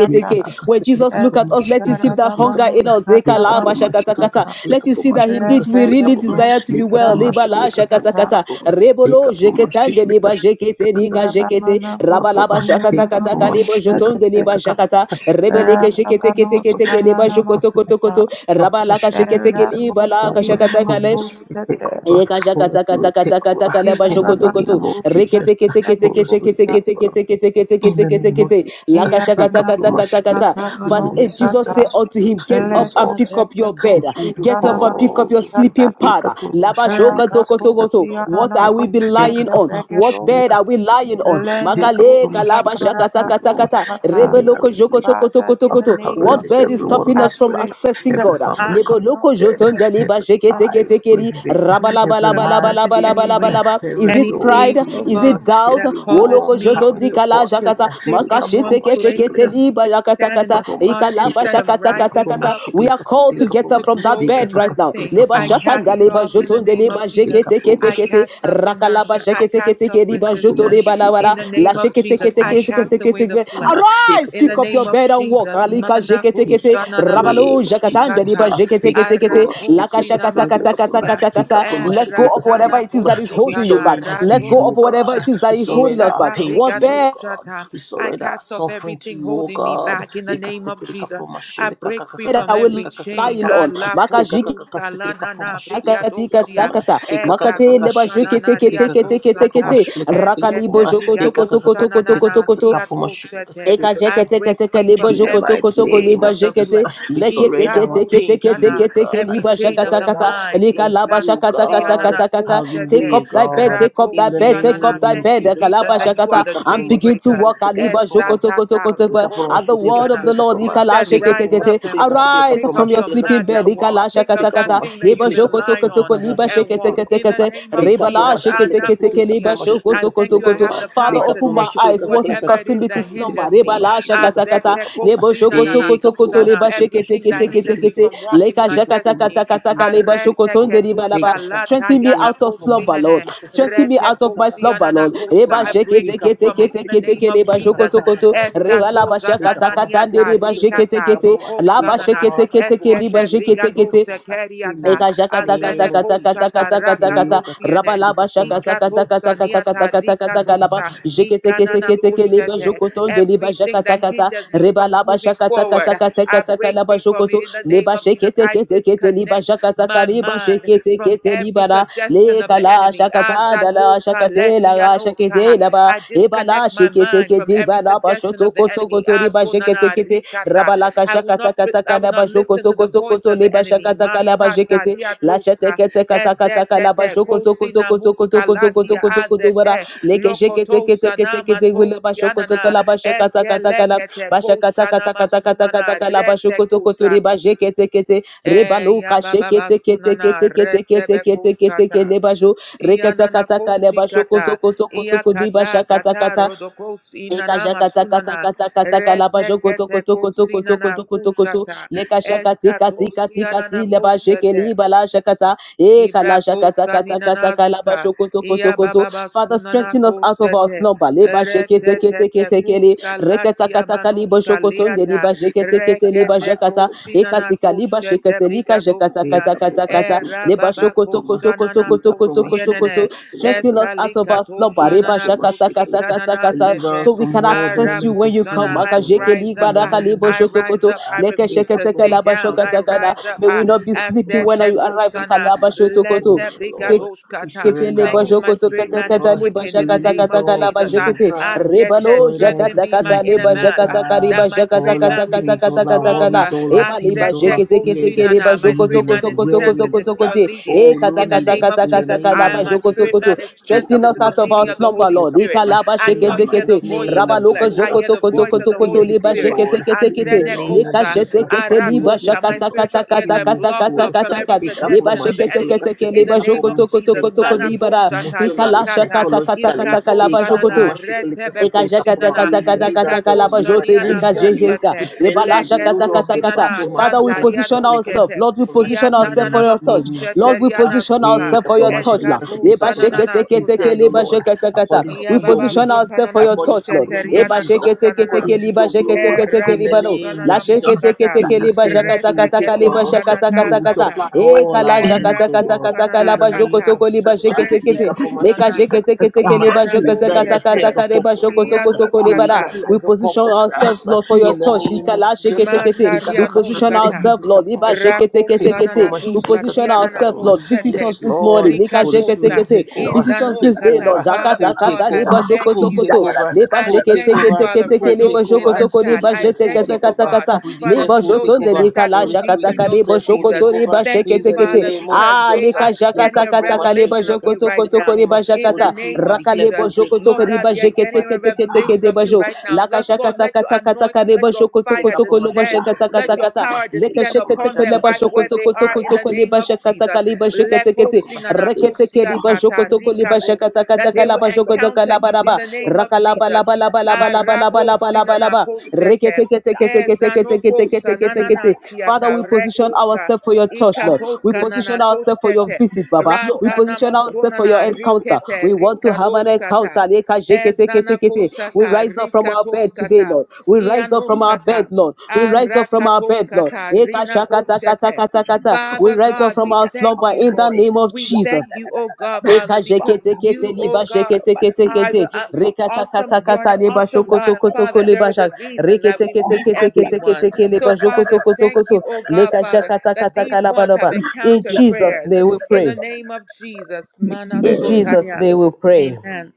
Speaker 5: Lika
Speaker 1: When
Speaker 5: kakasik
Speaker 1: Jesus
Speaker 5: lika
Speaker 1: looked at
Speaker 5: promosh
Speaker 1: us, let him see
Speaker 5: lika
Speaker 1: that
Speaker 5: lika
Speaker 1: hunger in us.
Speaker 5: lika promosh lika
Speaker 1: Let
Speaker 5: lika
Speaker 1: you see
Speaker 5: promosh
Speaker 1: that
Speaker 5: lika
Speaker 1: indeed we
Speaker 5: lika
Speaker 1: really
Speaker 5: promosh
Speaker 1: desire to be
Speaker 5: lika
Speaker 1: well.
Speaker 5: promosh
Speaker 1: Leba la
Speaker 5: lika
Speaker 1: shakata
Speaker 5: lika
Speaker 1: kata.
Speaker 5: promosh lika
Speaker 1: Rebolo
Speaker 5: promosh
Speaker 1: jeketan jeketande
Speaker 5: lika
Speaker 1: leba jekete
Speaker 5: lika
Speaker 1: lika jekete.
Speaker 5: lika
Speaker 1: Rabalaba
Speaker 5: promosh
Speaker 1: shakata
Speaker 5: lika
Speaker 1: kata
Speaker 5: promosh
Speaker 1: kalibo
Speaker 5: lika
Speaker 1: jeton de liba
Speaker 5: lika
Speaker 1: shakata.
Speaker 5: kakash
Speaker 1: Rebeleke
Speaker 5: lika
Speaker 1: jekete kete
Speaker 4: Rababanos
Speaker 1: kete keleba
Speaker 5: lika
Speaker 1: jokoto
Speaker 5: kakasik
Speaker 1: koto
Speaker 4: Karanamasuta,
Speaker 1: koto.
Speaker 5: lika promosh
Speaker 1: Rabalaka
Speaker 5: lika
Speaker 1: jekete
Speaker 5: lika
Speaker 1: keleba laka
Speaker 4: Erakosi
Speaker 1: shakata kale.
Speaker 5: Holy Spirit, take
Speaker 4: Namakosete,
Speaker 5: over.
Speaker 1: Yeka
Speaker 5: Holy
Speaker 1: shakata kata
Speaker 5: Spirit,
Speaker 1: kata
Speaker 5: take
Speaker 1: kata
Speaker 5: over.
Speaker 1: kaleba
Speaker 5: In the
Speaker 1: jokoto
Speaker 5: name
Speaker 1: koto.
Speaker 5: of Jesus,
Speaker 1: Rekete
Speaker 4: Iababanakushete
Speaker 1: kete kete
Speaker 5: Holy
Speaker 1: kete
Speaker 5: Spirit,
Speaker 1: kete
Speaker 4: Enekosa,
Speaker 5: take
Speaker 1: kete
Speaker 5: over.
Speaker 1: kete kete
Speaker 5: In
Speaker 1: kete kete
Speaker 5: the
Speaker 1: kete
Speaker 5: name of
Speaker 1: kete. Laka
Speaker 5: Jesus, take
Speaker 1: shakata
Speaker 5: up your
Speaker 1: kata kata kata.
Speaker 5: We
Speaker 1: Verse 8
Speaker 5: release
Speaker 1: Jesus
Speaker 4: Iabanakusatabanosata,
Speaker 5: ourselves
Speaker 1: said
Speaker 5: to
Speaker 1: unto
Speaker 5: you.
Speaker 1: him, Get
Speaker 5: We
Speaker 1: up
Speaker 5: Release all
Speaker 1: and
Speaker 4: Leta
Speaker 1: pick
Speaker 5: to
Speaker 1: up
Speaker 5: you.
Speaker 1: your
Speaker 5: We
Speaker 1: bed,
Speaker 5: give you
Speaker 4: Breketoshita
Speaker 1: get up and pick up
Speaker 5: all.
Speaker 1: your
Speaker 5: the glory.
Speaker 4: Namakusata,
Speaker 1: sleeping
Speaker 5: Take
Speaker 1: pad.
Speaker 5: up your mashalik.
Speaker 1: Labashokotokotokoto.
Speaker 4: Rabakosi
Speaker 1: What are we be
Speaker 5: Take
Speaker 1: lying
Speaker 5: up
Speaker 1: on?
Speaker 5: your
Speaker 1: What bed
Speaker 4: Ananakoshete
Speaker 5: mashalik.
Speaker 1: are we lying on?
Speaker 5: Take
Speaker 4: Leneku
Speaker 5: up
Speaker 1: Makale
Speaker 4: shatarada
Speaker 1: kalabashakatakatakata.
Speaker 5: This
Speaker 4: kukata.
Speaker 5: morning I release.
Speaker 4: Father, in
Speaker 5: I
Speaker 4: the
Speaker 1: Rebelokojokotokotokotoko.
Speaker 4: name
Speaker 1: What
Speaker 4: of
Speaker 5: release
Speaker 1: bed is
Speaker 4: Jesus,
Speaker 5: everyone on
Speaker 1: stopping
Speaker 4: I
Speaker 1: us from
Speaker 5: expression,
Speaker 4: pray
Speaker 1: accessing
Speaker 4: that
Speaker 5: every
Speaker 1: God?
Speaker 5: family
Speaker 4: I do not
Speaker 5: connected,
Speaker 4: focus
Speaker 5: every life breathing,
Speaker 4: you
Speaker 1: Lebolokojotondalebasheketeketekeri.
Speaker 5: every
Speaker 4: discourage
Speaker 5: life
Speaker 4: not in any
Speaker 5: breathing,
Speaker 4: way,
Speaker 1: Kalabalabalabalabalaba.
Speaker 5: every
Speaker 1: Is it
Speaker 5: soul
Speaker 4: anything,
Speaker 1: pride?
Speaker 4: oh
Speaker 1: Is
Speaker 4: God,
Speaker 5: breathing,
Speaker 1: it doubt?
Speaker 4: that causes
Speaker 5: everyone
Speaker 1: Woloko
Speaker 4: me
Speaker 1: joto
Speaker 5: carrying
Speaker 4: to
Speaker 5: the
Speaker 1: dikala
Speaker 4: to
Speaker 1: jakata.
Speaker 5: burden.
Speaker 4: sit in one
Speaker 1: Makashite
Speaker 5: Ikabroma
Speaker 1: kete
Speaker 4: place,
Speaker 1: kete
Speaker 4: to
Speaker 5: shiklika
Speaker 1: liba
Speaker 4: sit,
Speaker 1: jakata
Speaker 4: stand in
Speaker 1: kata.
Speaker 4: a
Speaker 5: Kaproma,
Speaker 4: spot
Speaker 1: Ikalaba
Speaker 4: instead
Speaker 5: Ikaka
Speaker 4: of
Speaker 1: shakata
Speaker 5: Sicklika
Speaker 1: kata
Speaker 4: rising
Speaker 5: Poma,
Speaker 1: kata.
Speaker 4: up
Speaker 1: We are
Speaker 5: Shiklika
Speaker 1: called to
Speaker 4: to,
Speaker 5: Sicklika
Speaker 1: get
Speaker 5: Poma,
Speaker 4: to
Speaker 1: up from that
Speaker 4: grow
Speaker 1: bed
Speaker 4: in
Speaker 1: right
Speaker 5: Ikaka
Speaker 4: my
Speaker 1: now.
Speaker 4: faith.
Speaker 5: Sicklika
Speaker 1: Leba
Speaker 4: I
Speaker 5: Poma,
Speaker 1: shatanda
Speaker 4: cast
Speaker 5: Shiklika
Speaker 4: it
Speaker 1: leba
Speaker 4: off in the
Speaker 5: Sicklika
Speaker 1: jotonde
Speaker 4: name
Speaker 5: Poma,
Speaker 1: leba
Speaker 4: of Jesus.
Speaker 1: jekete
Speaker 5: Ikaproma
Speaker 1: kete
Speaker 4: I
Speaker 5: Shiklika
Speaker 1: kete.
Speaker 4: cast off
Speaker 1: Rakalaba
Speaker 4: inertia. I
Speaker 1: jekete
Speaker 4: cast
Speaker 1: kete
Speaker 4: off
Speaker 1: kete liba
Speaker 5: Sicklika
Speaker 1: joto
Speaker 5: Poma,
Speaker 4: resistance
Speaker 1: leba
Speaker 5: Shiklika
Speaker 4: in
Speaker 1: lawara.
Speaker 4: the
Speaker 1: La
Speaker 4: name of
Speaker 1: shekete
Speaker 5: Sicklika
Speaker 4: Jesus.
Speaker 1: kete
Speaker 5: Poma,
Speaker 4: I
Speaker 1: kete
Speaker 5: Shiklika
Speaker 1: kete
Speaker 4: cast away the
Speaker 1: kete.
Speaker 5: Poma,
Speaker 4: flesh.
Speaker 1: Arise,
Speaker 4: In
Speaker 1: pick
Speaker 4: the
Speaker 1: up your
Speaker 4: name of
Speaker 1: bed and walk.
Speaker 5: Ikaproma
Speaker 4: Jesus,
Speaker 1: Alika
Speaker 5: in the
Speaker 1: jeketekete,
Speaker 4: Manakusha
Speaker 1: rabalo
Speaker 5: name of
Speaker 4: Nanamakosha
Speaker 1: jakatande
Speaker 5: Jesus.
Speaker 1: riba
Speaker 4: Kata
Speaker 5: Uh, We
Speaker 1: jeketeketekete, laka
Speaker 4: Arakoshi
Speaker 1: shakata kata. kata
Speaker 4: Namakosia.
Speaker 1: kata kata.
Speaker 4: E
Speaker 1: Let go of whatever
Speaker 4: ratana
Speaker 1: it is that is holding you
Speaker 4: koshikana
Speaker 1: back.
Speaker 5: surrender to
Speaker 1: Let go
Speaker 4: ratono
Speaker 5: you, O
Speaker 1: of whatever
Speaker 5: God.
Speaker 1: it
Speaker 4: kosha
Speaker 1: is that
Speaker 5: We
Speaker 1: is holding
Speaker 5: surrender
Speaker 1: us
Speaker 5: our
Speaker 1: back.
Speaker 4: ikata
Speaker 5: pain to
Speaker 1: What
Speaker 5: you, O
Speaker 1: bed
Speaker 5: God.
Speaker 4: brigadoshata.
Speaker 5: We
Speaker 4: I
Speaker 5: surrender our
Speaker 4: cast off
Speaker 5: suffering to
Speaker 4: everything
Speaker 5: you, O
Speaker 4: holding me
Speaker 5: God.
Speaker 4: back in the name of Jesus. I break free from
Speaker 1: are we
Speaker 4: every chain.
Speaker 1: lying on? Makajiki.
Speaker 4: Alakotuska lanana
Speaker 1: akati kata.
Speaker 4: brigadosia
Speaker 1: kata, makate leba jeke
Speaker 4: ekatosanana
Speaker 1: teke teke teke teke
Speaker 4: riatosata
Speaker 1: te, rakalibo
Speaker 4: eskete
Speaker 1: joko toko toko toko toko
Speaker 4: brigadosanana
Speaker 1: toko
Speaker 4: siatosete.
Speaker 1: Eka
Speaker 4: I
Speaker 1: jekete
Speaker 4: break
Speaker 1: kete ke
Speaker 4: free
Speaker 1: liba
Speaker 4: from
Speaker 5: In the
Speaker 1: jokoto
Speaker 4: every
Speaker 5: mighty
Speaker 1: koto ko
Speaker 4: chain
Speaker 5: name
Speaker 1: liba
Speaker 5: of
Speaker 4: of the
Speaker 5: Jesus,
Speaker 1: jekete
Speaker 4: flesh.
Speaker 5: we
Speaker 1: lekete
Speaker 5: surrender our
Speaker 1: kete kete
Speaker 5: pain to
Speaker 1: kete
Speaker 4: Ikanoshikana
Speaker 5: you,
Speaker 1: kete
Speaker 5: God.
Speaker 1: ke
Speaker 4: every
Speaker 1: liba
Speaker 5: We
Speaker 4: chain of
Speaker 1: jakata
Speaker 4: the
Speaker 5: surrender
Speaker 1: kata
Speaker 4: mind
Speaker 5: our
Speaker 4: mind.
Speaker 1: lika
Speaker 5: suffering to
Speaker 1: laba
Speaker 5: you,
Speaker 1: jakata kata
Speaker 5: God.
Speaker 4: Ikanoshianana
Speaker 1: kata kata
Speaker 5: Have your
Speaker 1: take
Speaker 4: koshete,
Speaker 5: way,
Speaker 1: up thy bed
Speaker 5: God.
Speaker 1: take up thy
Speaker 5: In the
Speaker 1: bed take up
Speaker 4: rakoshianana.
Speaker 1: thy
Speaker 5: name of
Speaker 4: Thank
Speaker 1: bed
Speaker 4: you,
Speaker 5: Jesus,
Speaker 1: kalaba
Speaker 4: Jesus, that you are
Speaker 1: jakata
Speaker 4: the
Speaker 1: and
Speaker 4: chain
Speaker 1: begin to
Speaker 4: breaker.
Speaker 1: walk aliba
Speaker 5: uh,
Speaker 1: jokoto koto
Speaker 4: Esatata
Speaker 1: koto ko.
Speaker 5: Kaproma
Speaker 1: at the
Speaker 5: shiklika
Speaker 1: word of
Speaker 4: rukodoshiana.
Speaker 1: the
Speaker 5: siklika
Speaker 1: Lord
Speaker 4: You
Speaker 1: ika
Speaker 5: proma.
Speaker 1: la
Speaker 4: said,
Speaker 5: Rika
Speaker 1: jekete
Speaker 4: Rise
Speaker 5: proma
Speaker 1: kete
Speaker 4: up and
Speaker 5: shiklika
Speaker 4: walk.
Speaker 5: siklika
Speaker 1: arise
Speaker 4: Take
Speaker 5: proma
Speaker 1: from
Speaker 4: up
Speaker 1: your
Speaker 4: your
Speaker 5: shiklika
Speaker 1: sleeping
Speaker 4: mat
Speaker 1: bed
Speaker 5: siklika
Speaker 4: and
Speaker 1: ika
Speaker 4: walk.
Speaker 5: proma.
Speaker 1: la
Speaker 4: Take up
Speaker 1: jakata
Speaker 5: Rika
Speaker 4: that
Speaker 1: kata
Speaker 5: proma
Speaker 4: thing that
Speaker 1: liba
Speaker 4: you've
Speaker 5: shiklika
Speaker 4: been
Speaker 1: jokoto
Speaker 4: lying
Speaker 1: koto
Speaker 4: on
Speaker 1: ko liba
Speaker 5: kakakakakaka
Speaker 4: and
Speaker 1: jekete
Speaker 4: walk.
Speaker 5: siklika
Speaker 1: kete
Speaker 4: In the
Speaker 5: proma.
Speaker 1: kete
Speaker 4: name of
Speaker 5: Rika
Speaker 1: riba la
Speaker 5: proma
Speaker 4: Jesus.
Speaker 1: jekete
Speaker 5: shiklika
Speaker 1: kete ke
Speaker 5: siklika
Speaker 1: liba
Speaker 4: Anakoshia.
Speaker 5: proma
Speaker 4: I
Speaker 5: shiklika
Speaker 1: jokoto
Speaker 4: thank
Speaker 1: koto
Speaker 4: you.
Speaker 5: siklika
Speaker 4: I
Speaker 1: koto
Speaker 4: have
Speaker 5: proma.
Speaker 4: the
Speaker 1: Father,
Speaker 4: power
Speaker 5: Rika
Speaker 4: to
Speaker 1: open
Speaker 5: proma
Speaker 1: my
Speaker 4: take up
Speaker 1: eyes.
Speaker 5: shiklika
Speaker 1: What is
Speaker 5: siklika
Speaker 4: whatever it
Speaker 1: causing
Speaker 4: is
Speaker 1: me
Speaker 5: kakakakaka
Speaker 1: to
Speaker 4: that
Speaker 1: slumber?
Speaker 5: siklika
Speaker 4: hinders
Speaker 1: Reba
Speaker 4: me.
Speaker 5: proma
Speaker 1: la
Speaker 5: shiklika
Speaker 1: shakata kata.
Speaker 4: Azete
Speaker 5: siklika proma.
Speaker 1: Lebo shokoto
Speaker 4: koshinanana
Speaker 1: koto
Speaker 5: Rika
Speaker 1: koto.
Speaker 5: proma
Speaker 4: kusana.
Speaker 1: Leba
Speaker 5: siklika
Speaker 1: shekete
Speaker 4: Everything that
Speaker 1: kete
Speaker 5: shiklika siklika
Speaker 1: kete
Speaker 4: hinders me
Speaker 5: siklika
Speaker 1: kete.
Speaker 4: from
Speaker 5: proma.
Speaker 4: walking in
Speaker 1: Leka
Speaker 4: my
Speaker 5: Rika
Speaker 1: shakata
Speaker 5: proma
Speaker 4: destiny. Sani,
Speaker 1: kata kata ka.
Speaker 5: shiklika
Speaker 1: Leba
Speaker 5: siklika
Speaker 4: Arete
Speaker 1: shokoto nde
Speaker 5: proma.
Speaker 1: riba laba.
Speaker 4: Ketuska
Speaker 5: Rika kaka
Speaker 4: Lata
Speaker 1: Strengthen me
Speaker 4: Yana
Speaker 1: out
Speaker 5: siklika
Speaker 1: of
Speaker 5: proma
Speaker 1: slumber, Lord.
Speaker 4: Kosinene,
Speaker 5: shiklika
Speaker 1: Strengthen me
Speaker 5: siklika
Speaker 4: Rete
Speaker 1: out of my slumber,
Speaker 4: Kosianana
Speaker 1: Lord.
Speaker 5: siklika
Speaker 1: Reba
Speaker 4: Kosa.
Speaker 5: proma.
Speaker 4: I break
Speaker 1: shekete
Speaker 5: Rika
Speaker 4: free
Speaker 1: kete
Speaker 4: from
Speaker 5: proma
Speaker 4: it
Speaker 1: kete
Speaker 4: in the
Speaker 1: kete
Speaker 5: shiklika
Speaker 4: name
Speaker 1: ke.
Speaker 4: of
Speaker 1: Leba
Speaker 5: siklika
Speaker 4: Jesus.
Speaker 1: shokoto koto.
Speaker 5: siklika
Speaker 1: Reba laba
Speaker 4: Eskatoza
Speaker 5: Eka
Speaker 1: shakata
Speaker 5: proma
Speaker 1: kata nde
Speaker 5: shiklika
Speaker 4: Nananiata
Speaker 1: riba
Speaker 5: shiklika
Speaker 1: shekete
Speaker 4: Rikata
Speaker 5: shiklika
Speaker 1: kete.
Speaker 5: proma.
Speaker 4: Roko
Speaker 1: Laba
Speaker 5: Eka
Speaker 4: Sanana,
Speaker 5: proma
Speaker 1: shekete
Speaker 5: raka
Speaker 1: kete ke.
Speaker 5: proma
Speaker 1: Leba
Speaker 4: Eskete
Speaker 5: shiklika
Speaker 1: shekete
Speaker 4: Brigano
Speaker 1: kete.
Speaker 5: shiklika proma. In the
Speaker 4: Sekeriata,
Speaker 1: Eka
Speaker 5: mighty
Speaker 1: shakata kata
Speaker 4: Azene
Speaker 5: name of
Speaker 1: kata
Speaker 5: Jesus.
Speaker 1: kata
Speaker 4: Kosata
Speaker 1: kata kata kata
Speaker 5: Eka
Speaker 1: raba
Speaker 4: Rakatosiene.
Speaker 1: laba
Speaker 5: shiklika proma
Speaker 1: shakata kata
Speaker 5: shiklika
Speaker 1: kata
Speaker 4: Ikatosa
Speaker 5: shiklika
Speaker 1: kata
Speaker 5: proma.
Speaker 1: kata
Speaker 4: niata
Speaker 1: kata kata kalaba
Speaker 4: rikatosa
Speaker 1: jekete kete
Speaker 4: ikanana
Speaker 1: kete keleba
Speaker 4: koshete.
Speaker 1: jokoton de liba
Speaker 4: Everything
Speaker 1: shakata
Speaker 4: that
Speaker 1: kata
Speaker 4: hinders me
Speaker 1: reba
Speaker 4: from
Speaker 1: laba
Speaker 4: moving
Speaker 1: shakata kata
Speaker 4: forward,
Speaker 1: kata
Speaker 4: I
Speaker 1: kata
Speaker 4: break
Speaker 1: kalaba
Speaker 4: free from
Speaker 1: jokoto
Speaker 4: it in the
Speaker 1: leba
Speaker 4: name of Jesus.
Speaker 1: shekete
Speaker 4: I
Speaker 1: kete kete liba
Speaker 4: disconnect
Speaker 1: shakata
Speaker 4: my
Speaker 1: kaliba
Speaker 4: mind
Speaker 1: shekete
Speaker 4: from
Speaker 1: kete
Speaker 4: every
Speaker 1: liba la
Speaker 4: suggestion
Speaker 1: le
Speaker 4: of the
Speaker 1: kala
Speaker 4: enemy.
Speaker 1: shakata dala
Speaker 4: Azatos
Speaker 1: shakate la
Speaker 4: kaleti
Speaker 1: ra
Speaker 4: anoska.
Speaker 1: shakete laba
Speaker 4: I
Speaker 1: eba la
Speaker 4: disconnect my
Speaker 1: shekete
Speaker 4: mind from
Speaker 1: kete
Speaker 4: every every
Speaker 1: bala laba
Speaker 4: suggestion
Speaker 1: shoto
Speaker 4: of the
Speaker 1: koto
Speaker 4: enemy.
Speaker 1: koto liba shekete
Speaker 4: Azonana
Speaker 1: kete
Speaker 4: rikata.
Speaker 1: rabalaka
Speaker 4: I will not re- I
Speaker 1: shakatakataka
Speaker 4: will not listen to the voice
Speaker 1: labazhokotokotokoto
Speaker 4: of the enemy.
Speaker 1: lebashakataka
Speaker 4: Masata
Speaker 1: labazhekete
Speaker 4: riatoska
Speaker 1: lachateketekatakataka
Speaker 4: ezetete kosina muska latia
Speaker 1: labazhokotokotokotokotokotokotokotokotokodobara
Speaker 4: azete lokotosa nama
Speaker 1: lekezheketeketeketekete
Speaker 4: toski
Speaker 1: wilebashokotoka
Speaker 4: anana
Speaker 1: labashakatakataka la
Speaker 4: eskelekete
Speaker 1: bashakatakatakatakataka labashokotokoto rebazheketekete
Speaker 4: koshana
Speaker 1: rebaloka sheketeketeketeketeketeketeketeke lebazho rekatakataka kata. kala bajekata kata kata kata kata
Speaker 4: masunana
Speaker 1: kala bajoko toko to
Speaker 4: retekusa.
Speaker 1: leba jekete kete
Speaker 4: Eh, ya
Speaker 1: rebaluka
Speaker 4: baba
Speaker 1: shekete kete
Speaker 4: basunana
Speaker 1: kete kete kete
Speaker 4: retebe
Speaker 1: kete kete kete
Speaker 4: kushata.
Speaker 1: leba jo rekata
Speaker 4: Iyanana
Speaker 1: kata kala bajoko
Speaker 4: koshikata,
Speaker 1: toko toko toko diba
Speaker 4: iyakata
Speaker 1: shakata
Speaker 4: kata
Speaker 1: kata
Speaker 4: rodokos
Speaker 1: Leka
Speaker 4: inana
Speaker 1: shaka taka
Speaker 4: masunana,
Speaker 1: taka taka taka laba shoko toko
Speaker 4: retekete
Speaker 1: toko toko toko
Speaker 4: kosinana
Speaker 1: toko toko to
Speaker 4: kushata,
Speaker 1: leka shaka tika
Speaker 4: eskatos
Speaker 1: tika tika
Speaker 4: iyanana
Speaker 1: ti leba sheke
Speaker 4: koshete.
Speaker 1: liba la shaka ta e kala shaka
Speaker 4: Ibrako
Speaker 1: taka taka
Speaker 4: saninana
Speaker 1: taka laba
Speaker 4: suta
Speaker 1: shoko toko
Speaker 4: iya
Speaker 1: toko to
Speaker 4: bababa
Speaker 1: Father
Speaker 4: sunana
Speaker 1: strengthen us out of our
Speaker 4: kosete
Speaker 1: slumber leba sheke teke teke
Speaker 4: retete
Speaker 1: teke li
Speaker 4: kuska
Speaker 1: reka taka
Speaker 4: latia
Speaker 1: taka liba
Speaker 4: manoska
Speaker 1: shoko tonde
Speaker 4: liata
Speaker 1: liba sheke
Speaker 5: Eka
Speaker 1: teke te liba
Speaker 4: rekete
Speaker 1: shaka
Speaker 5: shiklika
Speaker 1: ta
Speaker 5: proma
Speaker 1: e
Speaker 4: kosinana
Speaker 1: katika liba sheke
Speaker 5: shiklika
Speaker 4: koshete
Speaker 1: te lika shaka taka
Speaker 4: brigadosia
Speaker 5: Lika
Speaker 1: taka
Speaker 5: proma
Speaker 1: taka ta
Speaker 5: shiklika
Speaker 4: era
Speaker 1: leba
Speaker 4: baba
Speaker 1: shoko
Speaker 5: siklika
Speaker 1: koto
Speaker 5: proma.
Speaker 1: koto koto
Speaker 4: kosanana
Speaker 1: koto
Speaker 5: Lika
Speaker 1: koto
Speaker 5: proma
Speaker 1: koto
Speaker 5: shiklika
Speaker 1: to
Speaker 4: kosienene
Speaker 5: siklika
Speaker 1: strengthen us
Speaker 5: sakaka
Speaker 1: out of
Speaker 4: eskalika
Speaker 5: proma.
Speaker 1: our slumber
Speaker 5: Lika
Speaker 1: leba
Speaker 4: toshanana
Speaker 5: proma
Speaker 1: shaka taka taka
Speaker 5: shiklika.
Speaker 1: taka
Speaker 4: koshikanana
Speaker 1: ta
Speaker 5: Deliver
Speaker 4: zete
Speaker 1: so
Speaker 5: us
Speaker 1: we
Speaker 5: from
Speaker 1: can
Speaker 5: all the
Speaker 4: ara
Speaker 1: access you
Speaker 5: moments
Speaker 1: when
Speaker 5: of
Speaker 1: you come.
Speaker 4: kosana
Speaker 5: pain,
Speaker 4: I
Speaker 5: O God.
Speaker 1: Makajekeli
Speaker 4: rise
Speaker 5: In
Speaker 4: up
Speaker 5: the name
Speaker 1: barakalibo
Speaker 5: of
Speaker 4: I
Speaker 5: Jesus.
Speaker 4: rise
Speaker 1: shotokoto
Speaker 4: up I
Speaker 5: ah.
Speaker 4: refuse
Speaker 5: Lika
Speaker 4: to uh, stay
Speaker 5: proma
Speaker 4: down.
Speaker 5: shiklika
Speaker 4: I
Speaker 1: lekesheketekelabashokataka.
Speaker 5: siklika
Speaker 4: rise up.
Speaker 5: proma.
Speaker 1: May
Speaker 4: I
Speaker 1: we not be
Speaker 5: Lika
Speaker 1: sleeping
Speaker 5: proma
Speaker 1: when
Speaker 4: asete
Speaker 1: you
Speaker 5: shiklika
Speaker 1: arrive.
Speaker 5: siklika
Speaker 4: koshana
Speaker 5: proma.
Speaker 1: Kalabashotokoto
Speaker 4: lete
Speaker 5: Surrender, Lord. We
Speaker 4: brigadoshkata.
Speaker 1: kete
Speaker 5: surrender
Speaker 1: le
Speaker 4: Thank you,
Speaker 5: all
Speaker 4: my
Speaker 1: bajoko to
Speaker 5: to
Speaker 4: spirit
Speaker 1: kata
Speaker 4: man
Speaker 5: you,
Speaker 4: is
Speaker 1: kata
Speaker 5: Lord.
Speaker 1: li
Speaker 4: quickened
Speaker 5: We
Speaker 4: in the
Speaker 1: bajakata
Speaker 4: name
Speaker 5: release
Speaker 1: kata
Speaker 4: of
Speaker 1: kala
Speaker 5: all to
Speaker 4: Jesus. I
Speaker 5: you,
Speaker 1: bajakete
Speaker 4: ask
Speaker 5: God.
Speaker 4: it
Speaker 5: We
Speaker 1: rebalo
Speaker 4: to
Speaker 5: surrender
Speaker 4: strengthen
Speaker 1: jakata
Speaker 4: me,
Speaker 5: everything
Speaker 4: my
Speaker 1: kata
Speaker 5: to
Speaker 1: le
Speaker 4: inner
Speaker 5: you,
Speaker 4: man, uh,
Speaker 1: bajakata kari
Speaker 5: God.
Speaker 4: that my
Speaker 1: bajakata
Speaker 5: All
Speaker 4: spirit
Speaker 5: our
Speaker 1: kata
Speaker 4: man will
Speaker 1: kata
Speaker 4: be
Speaker 5: pains,
Speaker 1: kata
Speaker 5: all our
Speaker 1: kata kana
Speaker 4: stronger.
Speaker 5: worries, all our
Speaker 1: ebali le
Speaker 5: pains, all
Speaker 4: Asete
Speaker 5: our
Speaker 1: bajakete kete
Speaker 5: fears, uh,
Speaker 1: kele
Speaker 4: koshinana. My
Speaker 1: bajoko to
Speaker 4: spirit man
Speaker 1: koto
Speaker 5: grieviness,
Speaker 4: is
Speaker 1: koto koto
Speaker 4: sensitive
Speaker 1: koto
Speaker 5: weariness,
Speaker 4: to
Speaker 5: uh,
Speaker 4: your
Speaker 1: kote e
Speaker 4: leading
Speaker 5: oh
Speaker 1: kata
Speaker 4: in the
Speaker 1: kata
Speaker 4: name
Speaker 5: loneliness.
Speaker 1: kata
Speaker 4: of
Speaker 5: In the
Speaker 1: kata
Speaker 4: Jesus.
Speaker 1: kala
Speaker 4: I
Speaker 5: name
Speaker 4: am my
Speaker 5: of
Speaker 1: bajoko to
Speaker 4: spirit
Speaker 5: Jesus, uh,
Speaker 1: koto
Speaker 4: man is
Speaker 5: take
Speaker 1: strengthen
Speaker 5: up
Speaker 4: sensitive
Speaker 5: on
Speaker 4: to
Speaker 1: us
Speaker 5: my
Speaker 4: the
Speaker 1: out of
Speaker 5: shit,
Speaker 1: our
Speaker 4: leading of
Speaker 5: lick up,
Speaker 4: the
Speaker 1: slumber
Speaker 5: lick
Speaker 4: Holy
Speaker 5: lick
Speaker 1: lord
Speaker 5: up
Speaker 1: e
Speaker 4: Spirit.
Speaker 5: on my-
Speaker 4: I
Speaker 5: in
Speaker 4: do
Speaker 5: the
Speaker 4: not
Speaker 1: bajakete
Speaker 4: hear
Speaker 1: kete
Speaker 4: the
Speaker 5: mighty
Speaker 4: voice of
Speaker 5: name
Speaker 4: the
Speaker 5: of
Speaker 1: rabaloko
Speaker 4: flesh.
Speaker 5: Jesus,
Speaker 4: I hear
Speaker 5: uh,
Speaker 1: joko
Speaker 4: hear
Speaker 1: to
Speaker 4: the
Speaker 5: we
Speaker 1: koto
Speaker 4: voice of
Speaker 1: koto
Speaker 4: the
Speaker 5: decree
Speaker 1: koto
Speaker 5: and
Speaker 4: Holy
Speaker 1: le
Speaker 5: declare,
Speaker 4: Spirit.
Speaker 1: bajakete
Speaker 5: Lord,
Speaker 1: kete
Speaker 5: in
Speaker 1: kete
Speaker 5: the
Speaker 1: le
Speaker 5: name of
Speaker 4: Asenekosa,
Speaker 5: Jesus,
Speaker 1: kashete
Speaker 5: uh,
Speaker 1: kete
Speaker 5: you
Speaker 1: li
Speaker 5: will
Speaker 4: aratoska.
Speaker 5: keep
Speaker 4: My
Speaker 5: us
Speaker 1: bajakata
Speaker 5: up.
Speaker 1: kata
Speaker 4: spiritual ears
Speaker 1: kata
Speaker 4: are
Speaker 1: kata
Speaker 4: blocked
Speaker 1: kata
Speaker 4: off
Speaker 5: Iwokurosa,
Speaker 4: from
Speaker 1: kata kata
Speaker 4: every
Speaker 1: leba
Speaker 5: ikaproma
Speaker 4: suggestion of the
Speaker 1: shekete
Speaker 5: shikalika
Speaker 4: enemy.
Speaker 1: kete ke
Speaker 4: In the
Speaker 1: leba
Speaker 5: sikalika
Speaker 4: name
Speaker 5: prom
Speaker 4: of
Speaker 1: jokoto koto
Speaker 4: Jesus.
Speaker 1: koto
Speaker 5: mentally,
Speaker 1: kodi bara
Speaker 4: Manakosha
Speaker 5: emotionally,
Speaker 1: rikala
Speaker 4: tarikata.
Speaker 1: shakata kata
Speaker 5: psychologically,
Speaker 1: kata kalaba
Speaker 4: Iskatosanana.
Speaker 1: jokoto
Speaker 5: ikaproma shikalika
Speaker 1: Ekaja
Speaker 5: sikalika prom
Speaker 1: kata
Speaker 4: Retebekosinana.
Speaker 5: we
Speaker 1: kata kata
Speaker 5: release
Speaker 1: kata
Speaker 5: ourselves to
Speaker 1: kalaba
Speaker 5: you
Speaker 1: jote
Speaker 4: Iskatosaniana
Speaker 1: rika
Speaker 5: financially,
Speaker 1: jezeka
Speaker 4: koshete.
Speaker 1: rebala
Speaker 5: dependably, oh
Speaker 1: shakata
Speaker 5: no,
Speaker 1: kata
Speaker 5: okay,
Speaker 1: kata.
Speaker 4: Leketosinana.
Speaker 5: paproma
Speaker 1: Father, we
Speaker 5: shakalika
Speaker 1: position
Speaker 5: sikalika
Speaker 1: ourselves.
Speaker 4: Kantarianoskete.
Speaker 5: sikalika
Speaker 1: Lord, we position
Speaker 5: in the
Speaker 1: ourselves
Speaker 4: Iatanana
Speaker 1: for your
Speaker 5: mighty
Speaker 1: touch.
Speaker 5: name of
Speaker 4: makoshete
Speaker 1: Lord,
Speaker 5: Jesus.
Speaker 1: we
Speaker 5: Ah,
Speaker 4: riana
Speaker 1: position
Speaker 5: eh,
Speaker 4: suta.
Speaker 1: ourselves for your
Speaker 5: kaproma
Speaker 1: touch. Lord.
Speaker 5: shikalika
Speaker 1: Eba
Speaker 4: Eskatosanana
Speaker 1: shekete
Speaker 5: You
Speaker 1: kete
Speaker 4: suta.
Speaker 5: said, "O
Speaker 1: kele ba
Speaker 5: Lord,
Speaker 1: shakata kata.
Speaker 5: according to
Speaker 4: Ya
Speaker 1: We
Speaker 5: your
Speaker 4: baba
Speaker 1: position
Speaker 5: will
Speaker 1: ourselves for
Speaker 4: sotanana
Speaker 1: your
Speaker 5: according
Speaker 1: touch,
Speaker 5: to
Speaker 1: Lord.
Speaker 5: your
Speaker 1: Eba
Speaker 4: kusheteriana
Speaker 5: riches, uh,
Speaker 1: shekete kete
Speaker 4: kusanana.
Speaker 5: according
Speaker 1: kele
Speaker 5: to
Speaker 1: ba
Speaker 5: your
Speaker 1: shekete
Speaker 5: glory,
Speaker 1: kete
Speaker 4: Era
Speaker 5: in
Speaker 1: kele
Speaker 5: the
Speaker 1: ba no.
Speaker 5: name
Speaker 1: la
Speaker 4: kusanana
Speaker 5: of Jesus. uh,
Speaker 1: shekete
Speaker 4: muskata.
Speaker 1: kete
Speaker 5: You will
Speaker 1: kele ba
Speaker 5: save us,
Speaker 1: shakata
Speaker 5: you will
Speaker 1: kata
Speaker 5: take care
Speaker 1: kele
Speaker 4: Reteketus
Speaker 5: of
Speaker 1: ba
Speaker 5: us, uh,
Speaker 1: shakata
Speaker 5: you
Speaker 1: kata
Speaker 5: will
Speaker 1: kata.
Speaker 5: supply
Speaker 4: kanakasata.
Speaker 5: all
Speaker 1: Ekala
Speaker 5: our needs,
Speaker 4: Era
Speaker 1: shakata
Speaker 5: oh
Speaker 1: kata
Speaker 5: God.
Speaker 1: kata
Speaker 5: In
Speaker 4: kusanana
Speaker 5: the
Speaker 1: kalaba
Speaker 5: name
Speaker 1: jokoto
Speaker 4: kata.
Speaker 5: of
Speaker 1: kele ba
Speaker 5: Jesus, uh,
Speaker 1: shekete kete.
Speaker 5: Ikapoma,
Speaker 1: Leka
Speaker 4: Retetusana.
Speaker 5: Shiklika,
Speaker 1: jeke teke teke
Speaker 5: Siklikapoma,
Speaker 1: leba
Speaker 4: Iana
Speaker 1: joko
Speaker 5: you
Speaker 1: teka
Speaker 5: ignite your
Speaker 1: taka
Speaker 5: sense
Speaker 4: kusete.
Speaker 1: taka
Speaker 5: of
Speaker 1: leba
Speaker 5: purpose
Speaker 1: joko
Speaker 5: in us.
Speaker 1: toko
Speaker 5: uh,
Speaker 1: toko
Speaker 5: You
Speaker 1: leba da.
Speaker 5: ignite
Speaker 4: Ianuskata.
Speaker 1: We
Speaker 5: sense of
Speaker 1: position
Speaker 5: purpose in
Speaker 1: ourselves,
Speaker 5: us. uh,
Speaker 1: Lord, for your
Speaker 5: In the
Speaker 1: touch.
Speaker 5: name
Speaker 1: Ika
Speaker 5: of
Speaker 1: la jeke
Speaker 5: Jesus, uh,
Speaker 1: teke te. We
Speaker 5: Ikakaka,
Speaker 1: position
Speaker 5: Shiklika,
Speaker 4: Matarianoskata.
Speaker 1: ourselves, Lord. Iba
Speaker 5: Siklikapoma.
Speaker 1: jeke teke
Speaker 5: Take
Speaker 1: teke
Speaker 5: up on
Speaker 1: te.
Speaker 5: my
Speaker 4: Rakosananako
Speaker 1: We
Speaker 5: shit, click
Speaker 1: position
Speaker 5: shiklicka,
Speaker 1: ourselves,
Speaker 5: on
Speaker 4: Satiananako
Speaker 5: my
Speaker 1: Lord. Visit
Speaker 4: Shete
Speaker 1: us
Speaker 5: yes,
Speaker 1: this morning.
Speaker 5: Lord.
Speaker 1: Leka
Speaker 5: Holy
Speaker 1: jeke
Speaker 5: Spirit,
Speaker 1: teke
Speaker 4: Rikatoska
Speaker 1: te.
Speaker 5: take over,
Speaker 1: Visit us this
Speaker 5: take
Speaker 1: day,
Speaker 4: Izanoskata.
Speaker 1: Lord.
Speaker 5: over,
Speaker 4: Father
Speaker 5: full
Speaker 1: Jakata kata
Speaker 4: God, I
Speaker 1: leba
Speaker 5: takeover,
Speaker 1: joko
Speaker 4: thank
Speaker 5: full
Speaker 1: toko
Speaker 4: you,
Speaker 1: to.
Speaker 4: Lord.
Speaker 5: takeover,
Speaker 1: Leba
Speaker 4: I
Speaker 5: full
Speaker 1: jeke
Speaker 4: thank you,
Speaker 1: teke
Speaker 5: takeover,
Speaker 1: teke
Speaker 4: Father, for
Speaker 1: teke
Speaker 5: full
Speaker 1: leba
Speaker 4: those in
Speaker 1: joko
Speaker 4: the
Speaker 5: takeover.
Speaker 1: toko
Speaker 5: We
Speaker 4: chat.
Speaker 1: leba
Speaker 4: I
Speaker 5: declare
Speaker 1: jete
Speaker 5: full
Speaker 4: thank
Speaker 1: kata
Speaker 4: you, oh
Speaker 1: kata
Speaker 5: takeover.
Speaker 4: God,
Speaker 1: kata.
Speaker 5: We
Speaker 4: Father,
Speaker 5: declare
Speaker 1: Leba
Speaker 4: for
Speaker 5: full
Speaker 4: those in
Speaker 1: jotonde
Speaker 4: the
Speaker 5: takeover.
Speaker 1: leka
Speaker 4: chat
Speaker 1: la
Speaker 4: who
Speaker 5: Holy
Speaker 4: need
Speaker 1: jakata
Speaker 5: Spirit,
Speaker 4: to
Speaker 5: we
Speaker 1: ka
Speaker 4: know you,
Speaker 1: leba
Speaker 5: declare full
Speaker 1: joko to
Speaker 4: Jesus.
Speaker 5: takeover
Speaker 1: leba
Speaker 4: Thank
Speaker 1: jeke
Speaker 5: in
Speaker 4: you,
Speaker 5: the
Speaker 1: teke te.
Speaker 4: Father,
Speaker 5: name of
Speaker 4: because
Speaker 1: Ah,
Speaker 4: they
Speaker 5: Jesus. uh,
Speaker 1: leka
Speaker 4: are
Speaker 5: Take
Speaker 4: getting
Speaker 1: jakata
Speaker 5: up
Speaker 4: a
Speaker 5: on
Speaker 1: kata
Speaker 5: my shit,
Speaker 1: kaleba
Speaker 4: revelation
Speaker 5: click
Speaker 4: of you
Speaker 1: jokoto
Speaker 4: right
Speaker 1: koto
Speaker 5: shiklicka,
Speaker 4: now
Speaker 5: on my
Speaker 1: koreba
Speaker 4: in the
Speaker 5: Holy
Speaker 1: jakata.
Speaker 5: Spirit,
Speaker 4: name
Speaker 5: we
Speaker 4: of
Speaker 5: declare
Speaker 1: Rakalebo
Speaker 4: Jesus.
Speaker 5: full
Speaker 1: jokoto
Speaker 4: Lord
Speaker 5: takeover
Speaker 4: God,
Speaker 1: koreba
Speaker 4: they are
Speaker 5: in the
Speaker 1: jekete
Speaker 4: getting a
Speaker 5: mighty
Speaker 1: kete
Speaker 5: name of
Speaker 1: kete
Speaker 4: revelation
Speaker 1: kete
Speaker 5: Jesus.
Speaker 4: of
Speaker 5: uh,
Speaker 4: you
Speaker 1: bajo.
Speaker 4: right now.
Speaker 5: Take up
Speaker 1: Laka
Speaker 4: Let,
Speaker 5: on my
Speaker 4: Lord,
Speaker 1: jakata
Speaker 5: shiklicka.
Speaker 4: let your
Speaker 1: kata kata
Speaker 4: anointing, let
Speaker 1: kaleba
Speaker 4: your
Speaker 1: jokoto
Speaker 5: Click
Speaker 4: fire
Speaker 5: up
Speaker 1: koto
Speaker 5: on my
Speaker 1: koloba
Speaker 5: shit,
Speaker 4: descend,
Speaker 5: click up,
Speaker 1: jakata
Speaker 5: click
Speaker 4: let
Speaker 1: kata
Speaker 4: your
Speaker 5: up
Speaker 1: kata.
Speaker 5: on my
Speaker 4: power
Speaker 1: Leka
Speaker 5: click
Speaker 4: descend
Speaker 5: up on my
Speaker 1: jekete
Speaker 4: upon
Speaker 5: shit,
Speaker 4: them
Speaker 5: click
Speaker 1: kaleba
Speaker 5: up,
Speaker 4: right where
Speaker 5: click
Speaker 1: jokoto
Speaker 5: up
Speaker 4: they
Speaker 5: on
Speaker 1: koto
Speaker 5: my
Speaker 4: are in
Speaker 1: koto
Speaker 4: the
Speaker 5: click
Speaker 4: name
Speaker 1: koleba
Speaker 5: up
Speaker 4: of
Speaker 5: on my
Speaker 1: jakata
Speaker 5: shit,
Speaker 4: Jesus.
Speaker 1: kaleba
Speaker 5: click up,
Speaker 1: jekete
Speaker 5: click up
Speaker 1: kete.
Speaker 5: on my
Speaker 1: Rekete keriba jokoto koleba
Speaker 4: Lekosinanakosiakataricatos,
Speaker 1: jakata kata
Speaker 4: That they will
Speaker 1: kalaba jokoto
Speaker 4: encounter
Speaker 1: kalaba
Speaker 4: you in
Speaker 1: raba.
Speaker 4: the name of
Speaker 1: Rakalaba
Speaker 4: Jesus.
Speaker 1: laba laba laba laba laba laba laba laba. Rekete
Speaker 4: Arakosinanakosete.
Speaker 1: kete kete
Speaker 4: E
Speaker 1: kete kete kete
Speaker 4: zanokosa
Speaker 1: kete
Speaker 4: nanana
Speaker 1: kete Father,
Speaker 4: siata
Speaker 1: we position
Speaker 4: rekosa
Speaker 1: ourselves for your touch, Lord. We
Speaker 4: ikatoska nana
Speaker 1: position ourselves for your
Speaker 4: kosete
Speaker 1: visit, Baba. We
Speaker 4: rata
Speaker 1: position ourselves for
Speaker 4: namasonana
Speaker 1: your encounter.
Speaker 4: rikete
Speaker 1: We want to have an
Speaker 4: rikadoskata
Speaker 1: encounter. Leka
Speaker 4: e
Speaker 1: jeke teke teke te. We
Speaker 4: zanakosata
Speaker 1: rise up from our bed today,
Speaker 4: rikatoskata
Speaker 1: Lord. We rise up from our
Speaker 4: ianoskata
Speaker 1: bed, Lord. We rise up from our bed, Lord.
Speaker 4: arakatoskata
Speaker 1: Eka
Speaker 4: rina
Speaker 1: shaka taka
Speaker 4: kosete
Speaker 1: taka taka We
Speaker 4: Father
Speaker 1: rise up
Speaker 4: God,
Speaker 1: from
Speaker 4: we
Speaker 1: our
Speaker 4: thank
Speaker 1: slumber
Speaker 4: you,
Speaker 1: in the
Speaker 4: Lord.
Speaker 1: name of
Speaker 4: We
Speaker 1: Jesus.
Speaker 4: thank you, oh God, Father,
Speaker 1: Eka jekete
Speaker 4: because
Speaker 1: kete
Speaker 4: you, oh
Speaker 1: liba
Speaker 4: God,
Speaker 1: jekete kete
Speaker 4: are the
Speaker 1: kete
Speaker 4: uh, uh,
Speaker 1: rekata
Speaker 4: awesome,
Speaker 1: kata
Speaker 4: you're
Speaker 1: kata
Speaker 4: an
Speaker 1: liba
Speaker 4: awesome
Speaker 1: shokoto
Speaker 4: God. And
Speaker 1: koto ko
Speaker 4: Father, there is a
Speaker 1: jak
Speaker 4: reason that
Speaker 1: rekete
Speaker 4: we
Speaker 1: kete
Speaker 4: meet
Speaker 1: kete kete kete
Speaker 4: everyone.
Speaker 1: ke liba
Speaker 4: So,
Speaker 1: jokoto
Speaker 4: Father,
Speaker 1: koto
Speaker 4: thank
Speaker 1: koto
Speaker 4: you, oh God,
Speaker 1: leka
Speaker 4: Father,
Speaker 1: jakata
Speaker 4: that
Speaker 1: kata
Speaker 4: these
Speaker 1: kala
Speaker 4: ones
Speaker 1: balaba.
Speaker 4: have
Speaker 1: In
Speaker 4: encountered
Speaker 1: Jesus'
Speaker 4: prayers
Speaker 1: name we
Speaker 4: in the
Speaker 1: pray.
Speaker 4: name of Jesus. Mana
Speaker 1: In Jesus'
Speaker 4: sotania.
Speaker 1: name we pray.
Speaker 4: Amen.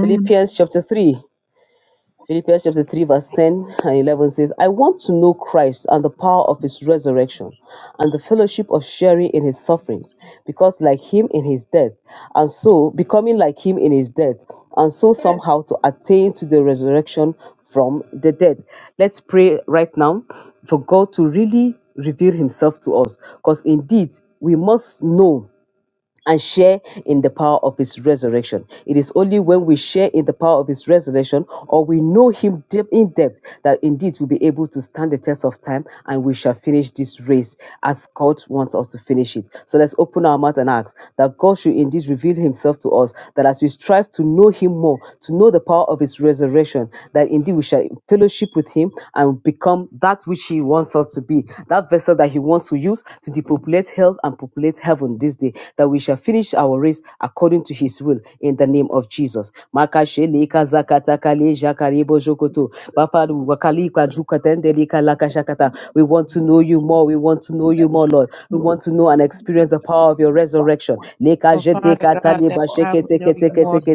Speaker 1: Philippians chapter 3. Philippians chapter 3, verse 10 and 11 says, I want to know Christ and the power of his resurrection and the fellowship of sharing in his sufferings, because like him in his death, and so becoming like him in his death, and so somehow to attain to the resurrection from the dead. Let's pray right now for God to really reveal himself to us, because indeed we must know and share in the power of his resurrection. It is only when we share in the power of his resurrection or we know him deep in depth that indeed we'll be able to stand the test of time and we shall finish this race as God wants us to finish it. So let's open our mouth and ask that God should indeed reveal himself to us, that as we strive to know him more, to know the power of his resurrection, that indeed we shall fellowship with him and become that that which He wants us to be, that vessel that He wants to use to depopulate hell and populate heaven this day, that we shall finish our race according to His will in the name of Jesus. We want to know you more. We want to know you more, Lord. We want to know and experience the power of your resurrection.
Speaker 4: Oh, Father God, that I would know you more, to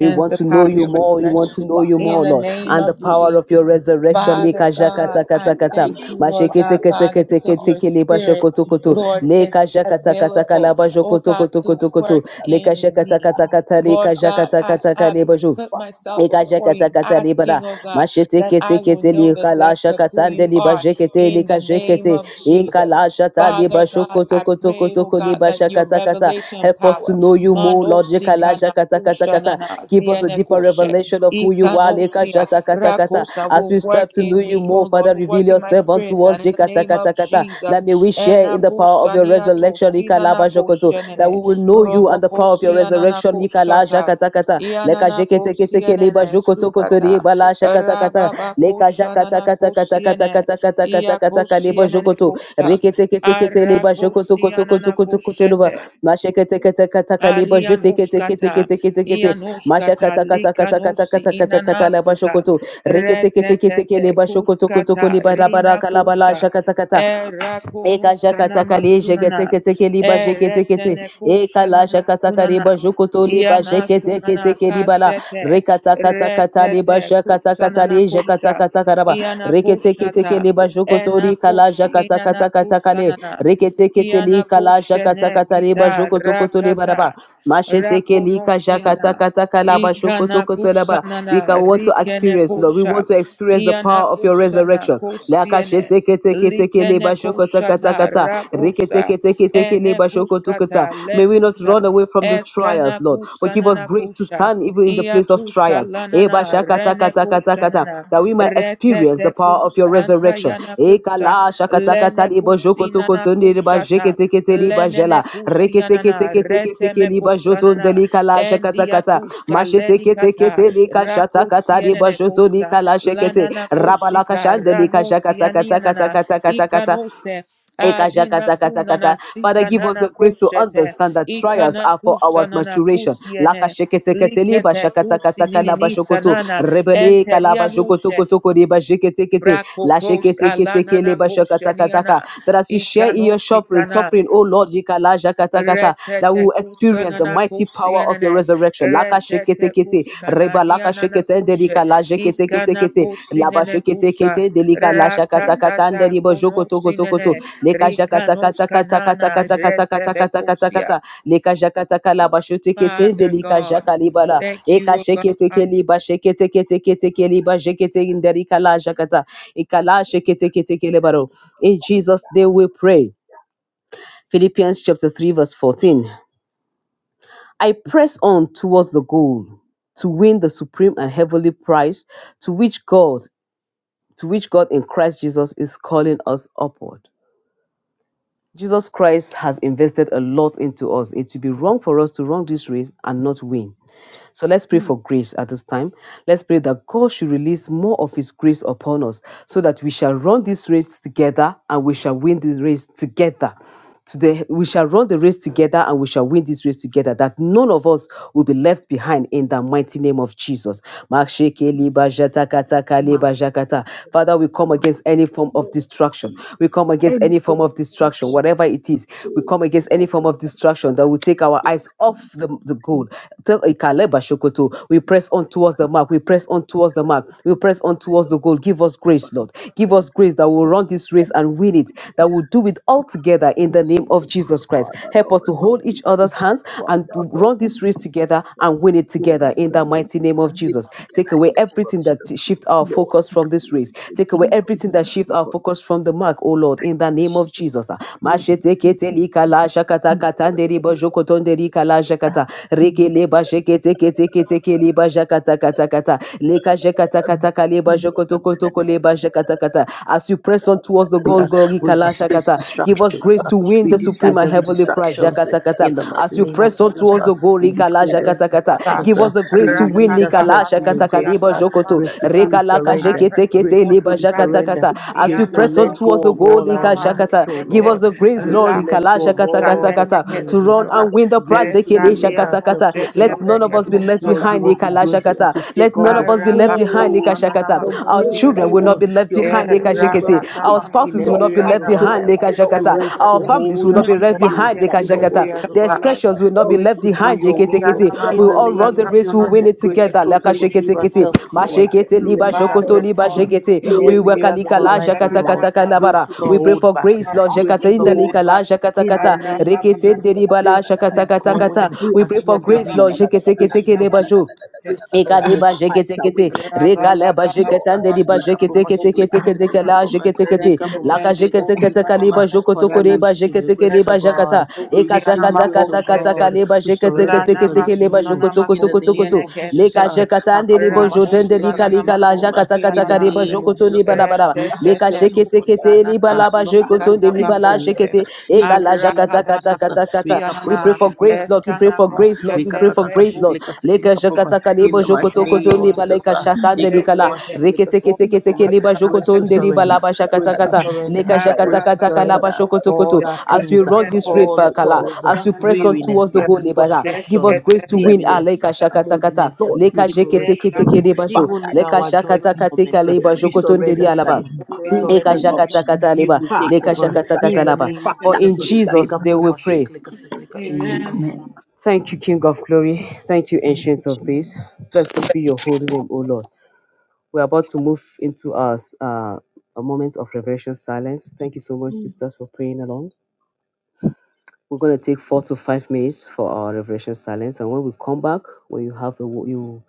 Speaker 1: We want
Speaker 4: the
Speaker 1: to know
Speaker 4: power of
Speaker 1: you
Speaker 4: your
Speaker 1: more. We want
Speaker 4: resurrection.
Speaker 1: to know you
Speaker 4: In
Speaker 1: more,
Speaker 4: the
Speaker 1: Lord.
Speaker 4: name
Speaker 1: And the
Speaker 4: of
Speaker 1: power of
Speaker 4: Jesus.
Speaker 1: your resurrection.
Speaker 4: Father
Speaker 1: Lika
Speaker 4: God,
Speaker 1: jakata
Speaker 4: I
Speaker 1: kata kata.
Speaker 4: thank you, Lord
Speaker 1: Mashekete
Speaker 4: God,
Speaker 1: kete
Speaker 4: Father,
Speaker 1: kete
Speaker 4: because
Speaker 1: kete
Speaker 4: your
Speaker 1: kele basho
Speaker 4: spirit,
Speaker 1: koto. koto.
Speaker 4: Lord, is
Speaker 1: Lika jakata kata kala
Speaker 4: available,
Speaker 1: basho
Speaker 4: oh
Speaker 1: koto
Speaker 4: God,
Speaker 1: koto
Speaker 4: to
Speaker 1: koto. koto.
Speaker 4: work
Speaker 1: Lika
Speaker 4: in
Speaker 1: shakata
Speaker 4: me.
Speaker 1: kata kata. Lika
Speaker 4: Lord God,
Speaker 1: jakata
Speaker 4: I,
Speaker 1: kata
Speaker 4: I
Speaker 1: kale basho.
Speaker 4: put myself before you,
Speaker 1: Ikajekatakata libra
Speaker 4: asking, oh God, that I will
Speaker 1: mashetekete
Speaker 4: know the depth
Speaker 1: likalasha
Speaker 4: of who
Speaker 1: katande
Speaker 4: you
Speaker 1: liba
Speaker 4: are in the name
Speaker 1: likajekete
Speaker 4: of Jesus.
Speaker 1: inkalasha ta
Speaker 4: Father
Speaker 1: liba
Speaker 4: God, I pray, oh
Speaker 1: shokotokotokotoko
Speaker 4: God,
Speaker 1: liba
Speaker 4: that your
Speaker 1: shakatakata
Speaker 4: revelation
Speaker 1: help us to
Speaker 4: power,
Speaker 1: know you more Lord
Speaker 4: Manosi
Speaker 1: yekalasha
Speaker 4: Kana
Speaker 1: katakatakata give us a deeper
Speaker 4: Zianekoshe.
Speaker 1: revelation of who you are
Speaker 4: Ikanosia,
Speaker 1: likashakatakata
Speaker 4: Rakosa
Speaker 1: as
Speaker 4: will
Speaker 1: we
Speaker 4: work
Speaker 1: strive to know
Speaker 4: in me,
Speaker 1: you
Speaker 4: oh
Speaker 1: more
Speaker 4: Lord,
Speaker 1: Father
Speaker 4: will
Speaker 1: reveal
Speaker 4: work in my
Speaker 1: yourself
Speaker 4: spirit,
Speaker 1: unto
Speaker 4: man,
Speaker 1: us
Speaker 4: in the name of
Speaker 1: yekatakata that
Speaker 4: Jesus.
Speaker 1: may we share in the power of your
Speaker 4: Enakusaniato,
Speaker 1: resurrection ikalaba shokoto that
Speaker 4: skinanakoshenene,
Speaker 1: we will know you and the power of your resurrection
Speaker 4: robokosiananakoshata.
Speaker 1: ikalashakatakata leka
Speaker 4: Ianana
Speaker 1: jekete kete kele ba
Speaker 4: kosienene
Speaker 1: joko toko tori
Speaker 4: sukata,
Speaker 1: ba la shakata kata
Speaker 4: rababa
Speaker 1: leka jakata
Speaker 4: koshanana
Speaker 1: kata kata kata
Speaker 4: kosiene,
Speaker 1: kata kata kata
Speaker 4: ia
Speaker 1: kata kale ba joko
Speaker 4: kosienene
Speaker 1: to
Speaker 4: kosha,
Speaker 1: rekete kete kete le
Speaker 4: ara
Speaker 1: ba joko toko toko
Speaker 4: kosianana
Speaker 1: toko toko tolo ba
Speaker 4: koshete.
Speaker 1: mashekete kete kata kale ba jete kete kete
Speaker 4: Arianuskata,
Speaker 1: kete kete kete
Speaker 4: Ianuskata,
Speaker 1: mashakata kata kata kata
Speaker 4: Likanosi,
Speaker 1: kata kata kata la ba joko
Speaker 4: Inanasuta,
Speaker 1: to rekete kete kete
Speaker 4: Retetete,
Speaker 1: kele ba joko toko toko
Speaker 4: Kuskata,
Speaker 1: le ba la
Speaker 4: Rina
Speaker 1: kala bala la
Speaker 4: Kusha,
Speaker 1: shakata kata Eka
Speaker 4: Erakonuska
Speaker 1: jakataka le
Speaker 4: Namasunana,
Speaker 1: jeketeke teke liba jeketekete.
Speaker 4: Eretene
Speaker 1: Eka
Speaker 4: Kusha
Speaker 1: la jakataka ba
Speaker 4: Namasunana,
Speaker 1: jokoto liba
Speaker 4: Iana
Speaker 1: jeketeke
Speaker 4: sunana
Speaker 1: teke ribala.
Speaker 4: kasete
Speaker 1: Rekataka takata liba
Speaker 4: retete
Speaker 1: jakataka
Speaker 4: kusanana
Speaker 1: tale
Speaker 4: kusha
Speaker 1: jakataka takaraba.
Speaker 4: iana
Speaker 1: Reketeke teke
Speaker 4: kushata
Speaker 1: liba jokoto
Speaker 4: ena
Speaker 1: rika la
Speaker 4: kushi
Speaker 1: jakataka
Speaker 4: inana
Speaker 1: takataka le.
Speaker 4: kusanana
Speaker 1: Reketeke tele
Speaker 4: iana
Speaker 1: kala
Speaker 4: kushene
Speaker 1: jakataka tareba
Speaker 4: kita
Speaker 1: jokoto koto liba raba.
Speaker 4: rakata
Speaker 1: Masheteke lika
Speaker 4: rakonosiana
Speaker 1: jakataka ba jokoto
Speaker 4: ikana
Speaker 1: koto laba. We can
Speaker 4: kusanana
Speaker 1: want to
Speaker 4: rikene
Speaker 1: experience, Lord. We
Speaker 4: kusha
Speaker 1: want to experience the
Speaker 4: iana
Speaker 1: power of your
Speaker 4: kusana
Speaker 1: resurrection.
Speaker 4: kosiene likene koshata
Speaker 1: Lakasheteketeketekelebasokotakata.
Speaker 4: rabosa ene
Speaker 1: Reketeketeketekelebasokotukata.
Speaker 4: kuskata
Speaker 1: May we not
Speaker 4: lenusha
Speaker 1: run away from the trials,
Speaker 4: Eskana
Speaker 1: Lord, but give us
Speaker 4: kusanana
Speaker 1: grace to
Speaker 4: kusha.
Speaker 1: stand even in the place of
Speaker 4: Iatuska
Speaker 1: trials.
Speaker 4: lanana rene
Speaker 1: Ebashakatakatakata.
Speaker 4: kusanana
Speaker 1: That we might experience the
Speaker 4: retete
Speaker 1: power of
Speaker 4: kus
Speaker 1: your resurrection.
Speaker 4: antayana kusa lene kusinana kushata
Speaker 1: Ekalasakatakatalibasokotokotoniribasheketeketelibajela.
Speaker 4: lenene kusianana reteme kusanana
Speaker 1: Reketeketeketeketekelibasotondelikala shakatakata.
Speaker 4: endiatuska lenikata rakosienene kusa
Speaker 1: Masheteketeketelikashatakatalibasotonikalashe-
Speaker 4: lanana koshita
Speaker 1: Rabalakashandelika
Speaker 4: ranosianianana
Speaker 1: shakatakatakatakatakatakata.
Speaker 4: ikanose
Speaker 1: Eka
Speaker 4: Arina kunana
Speaker 1: shakatakatakata. Father, give us
Speaker 4: sikanana
Speaker 1: the grace to
Speaker 4: koshete
Speaker 1: understand that trials
Speaker 4: ikana
Speaker 1: are for our
Speaker 4: kusanana
Speaker 1: maturation. Laka
Speaker 4: kusiene
Speaker 1: sheketeketeli ba
Speaker 4: likete
Speaker 1: shakatakataka
Speaker 4: kusinini
Speaker 1: laba shokoto.
Speaker 4: nisanana
Speaker 1: Rebele kalaba shokoto
Speaker 4: enterianushe
Speaker 1: kotoko de ba sheketekete. La
Speaker 4: brakotos
Speaker 1: sheketeketekele
Speaker 4: alanana
Speaker 1: ba
Speaker 4: kosheniana
Speaker 1: shakatakataka. That as we share in your
Speaker 4: ikanos
Speaker 1: suffering,
Speaker 4: kitana
Speaker 1: suffering, oh Lord, yika la shakatakata, that we
Speaker 4: Retete
Speaker 1: will experience the
Speaker 4: kusanana
Speaker 1: mighty power of your
Speaker 4: kusienene.
Speaker 1: resurrection. Laka
Speaker 4: Retete
Speaker 1: sheketekete. Reba
Speaker 4: kuskana
Speaker 1: laka
Speaker 4: dianana
Speaker 1: sheketendeli
Speaker 4: kushe.
Speaker 1: kala
Speaker 4: Iskana
Speaker 1: sheketekete
Speaker 4: kusinene
Speaker 1: labashekete
Speaker 4: kusa.
Speaker 1: kete delika
Speaker 4: Ratatata
Speaker 1: lashakatakata ribo jokotokotokoto
Speaker 4: kunosinene. Rikanos kanana retebe kusia.
Speaker 1: lekashakatakatakatakatakatakatakatakata lekashakataka labashotekete
Speaker 4: Father
Speaker 1: delika
Speaker 4: God,
Speaker 1: jakalibala
Speaker 4: thank you, O God,
Speaker 1: ekasheketeke libasheketeketeketeke libajekete inderika lajakata ikalasheketeketekelebaro in jesus name we pray philippians chapter 3 verse 14 i press on towards the goal to win the supreme and heavenly prize to which god to which God in Christ Jesus is calling us upward. Jesus Christ has invested a lot into us. It would be wrong for us to run this race and not win. So let's pray for grace at this time. Let's pray that God should release more of His grace upon us so that we shall run this race together and we shall win this race together. Today, we shall run the race together and we shall win this race together, that none of us will be left behind in the mighty name of Jesus. Masheke liba jatakata kaliba Father, we come against any form of distraction. We come against any form of distraction distraction, whatever it is. We come against any form of distraction that will take our eyes off the, the goal. Tell eh, Kaleba Shokoto, We press on towards the mark. We press on towards the mark. We press on towards the goal. Give us grace, Lord. Give us grace that will run this race and win it, that will do it all together in the name of Jesus Christ. Help us to hold each other's hands and to run this race together and win it together in the mighty name of Jesus. Take away everything that shift our focus from this race. Take away everything that shifts our focus from the mark, oh Lord, in the name of Jesus. As you press on towards the
Speaker 5: We,
Speaker 1: goal,
Speaker 5: uh,
Speaker 1: glory,
Speaker 5: we displace
Speaker 1: give us
Speaker 5: distractions.
Speaker 1: grace
Speaker 5: Uh,
Speaker 1: to win
Speaker 5: we
Speaker 1: the supreme
Speaker 5: displace
Speaker 1: and
Speaker 5: every
Speaker 1: heavenly prize.
Speaker 5: distractions uh, in the
Speaker 1: As you
Speaker 5: mighty
Speaker 1: as you
Speaker 5: name of
Speaker 1: press on
Speaker 5: Jesus.
Speaker 1: towards
Speaker 5: Uh,
Speaker 1: the goal.
Speaker 5: we
Speaker 1: Rikala
Speaker 5: decrease every
Speaker 1: jakatakata.
Speaker 4: Sa-
Speaker 5: distractions.
Speaker 1: Give
Speaker 5: Uh,
Speaker 1: us the grace
Speaker 5: we
Speaker 1: to win.
Speaker 5: release
Speaker 4: Rakata
Speaker 1: Rikala
Speaker 5: ourselves to
Speaker 4: Hana
Speaker 5: your grace.
Speaker 1: jakatakadiba
Speaker 5: Uh,
Speaker 4: Siatana
Speaker 1: jokoto.
Speaker 5: grace to
Speaker 4: Manusa.
Speaker 5: fully
Speaker 1: Rekalaka
Speaker 4: I
Speaker 5: surrender.
Speaker 4: pray
Speaker 1: jekete
Speaker 4: for
Speaker 5: Grace
Speaker 1: kete.
Speaker 5: to
Speaker 4: for the
Speaker 1: liba
Speaker 5: fully
Speaker 4: price.
Speaker 5: surrender.
Speaker 1: jakatakata. As you
Speaker 5: Grace to
Speaker 4: Iana
Speaker 1: press on
Speaker 5: let go
Speaker 1: towards the
Speaker 5: of
Speaker 1: goal.
Speaker 5: all
Speaker 4: Koshikata
Speaker 1: Rika
Speaker 5: our
Speaker 1: jakata.
Speaker 5: master, oh
Speaker 1: Give us
Speaker 5: Lord.
Speaker 4: Manusete.
Speaker 1: the grace,
Speaker 5: Grace to
Speaker 1: Lord.
Speaker 5: let
Speaker 1: Rikala
Speaker 5: go of
Speaker 4: Lakutuska
Speaker 5: all the
Speaker 1: jakatakatakata. To
Speaker 5: pains, oh
Speaker 1: run
Speaker 5: God.
Speaker 4: Lenekesmana.
Speaker 1: and win the prize.
Speaker 5: Grace to
Speaker 1: Rekele
Speaker 5: release
Speaker 4: Eskalia no
Speaker 5: ourselves
Speaker 1: jakatakata.
Speaker 4: Sete
Speaker 5: totally
Speaker 1: Let
Speaker 5: to
Speaker 1: none
Speaker 5: you.
Speaker 1: of us be left
Speaker 5: Lord,
Speaker 4: Beketosana.
Speaker 5: give
Speaker 1: behind.
Speaker 5: us the
Speaker 1: Rikala
Speaker 5: grace to,
Speaker 1: jakata.
Speaker 5: to
Speaker 1: Let
Speaker 5: take
Speaker 1: none
Speaker 5: on the
Speaker 1: of us be left behind. Rika
Speaker 5: full
Speaker 4: Arakakosana
Speaker 1: jakata.
Speaker 5: your
Speaker 1: Our children will
Speaker 4: Namakosinene.
Speaker 1: not
Speaker 5: full,
Speaker 1: be left
Speaker 5: your
Speaker 1: behind. Rika
Speaker 5: full
Speaker 1: jekete.
Speaker 4: Rakata
Speaker 1: Our
Speaker 5: authority in
Speaker 1: spouses will not
Speaker 5: every
Speaker 1: be
Speaker 5: areas
Speaker 1: left
Speaker 5: of our
Speaker 4: Manukusata.
Speaker 1: behind.
Speaker 5: life.
Speaker 4: And
Speaker 1: Lekashakata.
Speaker 5: Grace
Speaker 1: Our
Speaker 5: to
Speaker 4: the
Speaker 1: families
Speaker 5: hold
Speaker 1: will not
Speaker 5: on
Speaker 1: be
Speaker 4: Beketosana
Speaker 5: to
Speaker 1: left
Speaker 5: you
Speaker 1: behind.
Speaker 5: in
Speaker 1: Lekashakata.
Speaker 5: every areas of
Speaker 1: The
Speaker 5: our
Speaker 4: Makosinene.
Speaker 5: life.
Speaker 1: expressions will not be
Speaker 5: Grace
Speaker 1: left
Speaker 5: to do
Speaker 1: behind.
Speaker 5: your will
Speaker 1: Jeketekete.
Speaker 5: in
Speaker 1: We'll
Speaker 5: the
Speaker 1: all run
Speaker 5: name
Speaker 1: the
Speaker 5: of
Speaker 1: race.
Speaker 5: Jesus.
Speaker 1: We'll win it
Speaker 5: Grace
Speaker 4: Yanamanoshatanamakoye.
Speaker 5: to
Speaker 1: together.
Speaker 5: totally give
Speaker 1: Lekasheketekete.
Speaker 5: ourselves to you,
Speaker 4: Yanamakoshete.
Speaker 1: Mashekete
Speaker 5: to
Speaker 1: liba
Speaker 5: release
Speaker 1: jokoto
Speaker 4: Father
Speaker 5: ourselves
Speaker 1: liba
Speaker 5: to
Speaker 4: God,
Speaker 5: you
Speaker 1: jekete.
Speaker 5: in
Speaker 1: We
Speaker 5: every areas of
Speaker 1: wakalika
Speaker 5: our
Speaker 1: la
Speaker 5: life, oh God.
Speaker 1: jakatakata
Speaker 5: Grace
Speaker 1: kalabara.
Speaker 5: to not
Speaker 1: We pray
Speaker 5: hold
Speaker 1: for
Speaker 5: back.
Speaker 1: grace, Lord.
Speaker 5: Grace
Speaker 1: Jekata
Speaker 5: to not
Speaker 4: Arababanamakoshete.
Speaker 5: hold
Speaker 1: indalika la
Speaker 5: back
Speaker 1: jakata
Speaker 5: in the
Speaker 1: kata.
Speaker 5: name of
Speaker 1: Rekete
Speaker 5: Jesus.
Speaker 1: ndeliba la
Speaker 5: Grace to
Speaker 4: Arababanamakoshete.
Speaker 5: keep
Speaker 1: jakatakata kata. kata.
Speaker 5: going
Speaker 1: We
Speaker 5: and
Speaker 1: pray
Speaker 5: to
Speaker 1: for
Speaker 5: not be
Speaker 1: grace, Lord.
Speaker 5: weary. Grace to
Speaker 1: Jeketekete
Speaker 5: not give
Speaker 1: lebajo.
Speaker 5: up.
Speaker 4: Yanamakoshete.
Speaker 5: Grace to not go
Speaker 1: Ikariba
Speaker 5: back.
Speaker 1: jeketekete,
Speaker 5: In the name
Speaker 1: rekaleba
Speaker 5: of Jesus, uh,
Speaker 1: jeketande di ba
Speaker 5: Lika
Speaker 1: jekete
Speaker 5: Proma
Speaker 1: kete
Speaker 5: Shiklika
Speaker 1: jeketeketeketeketeke
Speaker 5: Siklika
Speaker 1: la
Speaker 4: Rababababababababakoshete.
Speaker 5: Proma,
Speaker 1: jeketekete,
Speaker 5: Lika Proma
Speaker 1: laka
Speaker 5: Shiklika Siklika
Speaker 1: jeketeketeka liba
Speaker 5: Proma.
Speaker 1: jokotoko
Speaker 5: Father,
Speaker 4: Rentemenekoshete.
Speaker 5: we
Speaker 1: reba
Speaker 5: receive the
Speaker 1: jeketeke
Speaker 5: grace
Speaker 1: liba
Speaker 5: of
Speaker 1: jakata,
Speaker 5: God. We
Speaker 4: Siana
Speaker 5: receive the grace of
Speaker 4: makoshete.
Speaker 1: ekatakatakatakataka
Speaker 5: God
Speaker 1: liba
Speaker 5: to surrender
Speaker 4: Lana
Speaker 5: totally
Speaker 1: jeketeketeketeke
Speaker 5: to
Speaker 1: liba
Speaker 4: masuna
Speaker 5: you.
Speaker 4: na
Speaker 5: In the name
Speaker 4: makosiene
Speaker 1: jokotokotokotokoto,
Speaker 5: of Jesus,
Speaker 1: leka
Speaker 5: uh,
Speaker 4: kesete.
Speaker 1: jekatande
Speaker 5: Aka
Speaker 1: ribo
Speaker 5: Proma
Speaker 1: jotende
Speaker 5: Shiklika
Speaker 1: lika
Speaker 4: Rakosana na
Speaker 1: kalika
Speaker 5: Siklika
Speaker 1: la
Speaker 4: makona
Speaker 5: Proma. in the
Speaker 1: jakatakataka riba
Speaker 4: hiananase.
Speaker 5: name of
Speaker 1: jokoto ni
Speaker 5: Jesus, uh,
Speaker 1: bala labaraba,
Speaker 5: grace to
Speaker 1: leka
Speaker 4: Retetete
Speaker 5: settle
Speaker 1: jekete
Speaker 5: for you
Speaker 1: kete
Speaker 4: kushana
Speaker 1: liba
Speaker 5: and
Speaker 4: na
Speaker 5: to
Speaker 1: laba
Speaker 5: not settle
Speaker 1: jokotonde
Speaker 4: rikata
Speaker 5: for
Speaker 1: liba la
Speaker 5: anything
Speaker 4: bakoshe.
Speaker 5: less. uh,
Speaker 1: jekete,
Speaker 5: In the
Speaker 1: ekala eka
Speaker 5: name of
Speaker 1: kata
Speaker 4: Arababana
Speaker 5: Jesus, uh,
Speaker 1: kata. kata.
Speaker 5: Lika
Speaker 4: kosiana
Speaker 1: We
Speaker 4: na
Speaker 5: Proma
Speaker 1: pray for
Speaker 5: Shiklika
Speaker 1: grace, Lord. We
Speaker 5: Siklika
Speaker 1: pray
Speaker 4: eskana
Speaker 1: for
Speaker 5: Proma,
Speaker 1: grace, Lord. We
Speaker 5: Lika
Speaker 4: koshete
Speaker 1: pray for grace, Lord.
Speaker 4: rekusha.
Speaker 5: Kaka
Speaker 1: Leka
Speaker 5: Likapoma,
Speaker 1: jakata
Speaker 4: Hiana na
Speaker 5: in
Speaker 1: kalebo
Speaker 5: the mighty
Speaker 1: jokoto
Speaker 4: koshana
Speaker 5: name
Speaker 1: koto
Speaker 4: na
Speaker 5: of
Speaker 1: leba
Speaker 5: Jesus.
Speaker 1: leka
Speaker 4: masuna
Speaker 5: ah,
Speaker 4: na
Speaker 1: shatande likala.
Speaker 5: Likapoma,
Speaker 4: retete.
Speaker 1: Reke
Speaker 5: Shiklika,
Speaker 1: teke teke teke
Speaker 5: Siklikapoma.
Speaker 4: Oshana
Speaker 1: leba
Speaker 4: na
Speaker 5: Grace
Speaker 1: jokoto
Speaker 5: to
Speaker 1: nde
Speaker 4: retete.
Speaker 1: leba
Speaker 5: surrender,
Speaker 1: shakata
Speaker 5: grace to
Speaker 1: kata.
Speaker 5: surrender,
Speaker 1: Leka jakata
Speaker 5: grace to
Speaker 1: kata
Speaker 4: Arababana
Speaker 1: kalaba
Speaker 5: surrender
Speaker 1: shokoto koto.
Speaker 5: all
Speaker 4: koshete.
Speaker 5: our
Speaker 1: As we
Speaker 5: pains, ah,
Speaker 1: run this race,
Speaker 5: all the
Speaker 1: for Fakala,
Speaker 5: sorrows, ah,
Speaker 1: as we press on towards
Speaker 5: weariness,
Speaker 1: the
Speaker 5: ah,
Speaker 1: goal, leba la. give us
Speaker 5: frustration,
Speaker 1: grace to win. Ah,
Speaker 5: grieviness,
Speaker 1: leka
Speaker 5: ah,
Speaker 1: shakata kata.
Speaker 5: moodiness, ah,
Speaker 1: Leka jeke teke teke
Speaker 5: depression.
Speaker 1: leba jo.
Speaker 5: Even in
Speaker 1: Leka
Speaker 5: our
Speaker 1: shakata
Speaker 5: joyful
Speaker 1: kateka
Speaker 5: moment, ah,
Speaker 1: leba
Speaker 5: we
Speaker 1: jokoto nde
Speaker 5: surrender
Speaker 1: lia
Speaker 5: to you. We
Speaker 1: Eka
Speaker 5: surrender to
Speaker 1: shakata
Speaker 5: you.
Speaker 1: kata
Speaker 5: You
Speaker 1: leba.
Speaker 5: will take
Speaker 1: Leka
Speaker 5: over
Speaker 1: shakata
Speaker 5: in
Speaker 1: kata
Speaker 5: the
Speaker 1: laba.
Speaker 5: name of
Speaker 1: For in
Speaker 5: Jesus. Wake
Speaker 1: Jesus
Speaker 5: up,
Speaker 1: they will
Speaker 5: Roma,
Speaker 1: pray.
Speaker 5: Shiklika, Siklika.
Speaker 4: Amen.
Speaker 5: Amen.
Speaker 1: Thank you, King of Glory. Thank you, Ancient of Days. Blessed be your holy name, O Lord. We're about to move into our uh, a moment of reverential silence. Thank you so much, sisters, for praying along. We're going to take four to five minutes for our reverential silence, and when we come back, when you have the wo- you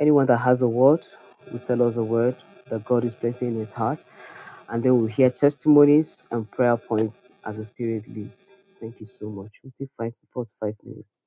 Speaker 1: anyone that has a word, will tell us a word that God is placing in His heart, and then we'll hear testimonies and prayer points as the Spirit leads. Thank you so much. We'll take five, four to five minutes.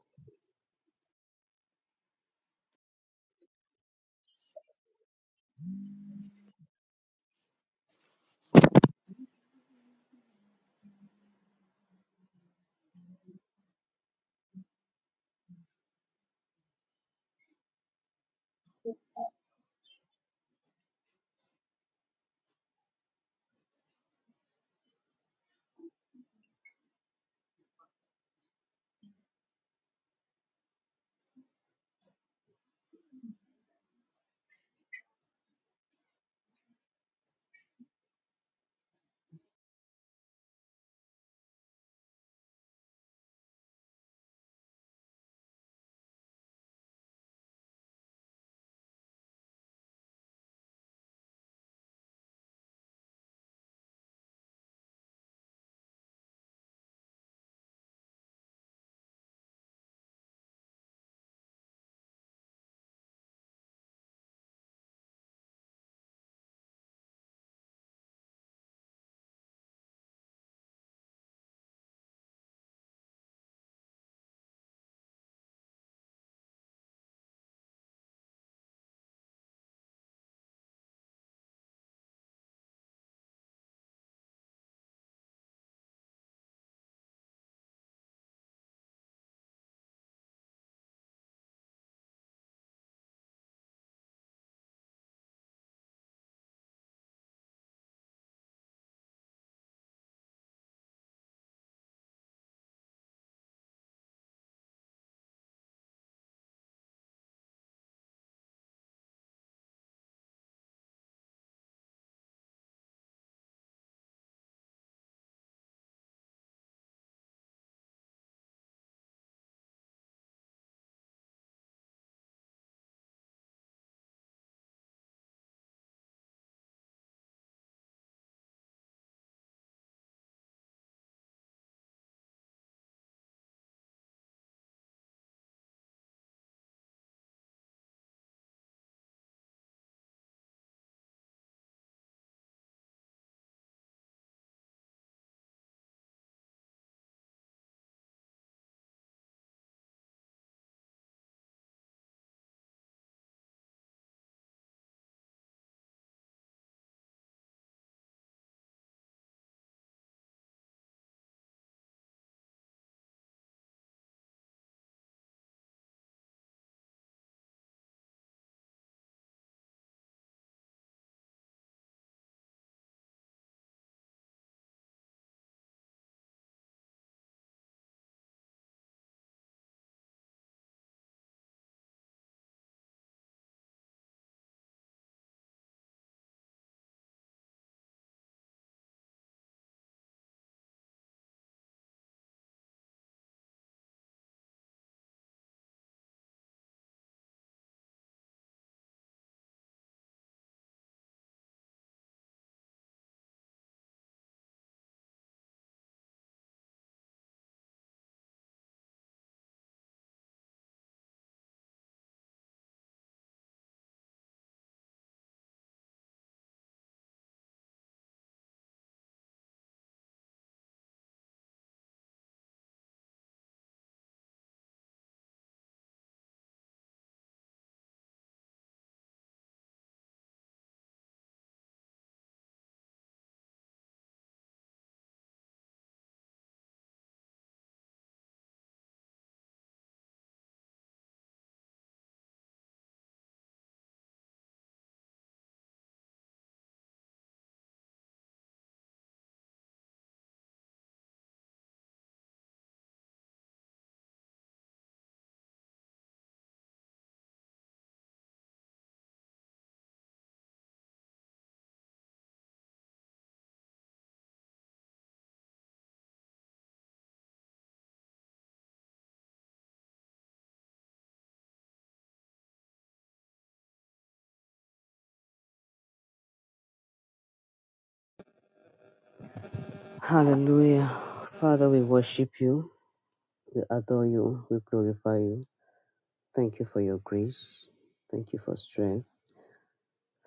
Speaker 1: Hallelujah. Father, we worship you, we adore you, we glorify you. Thank you for your grace. Thank you for strength.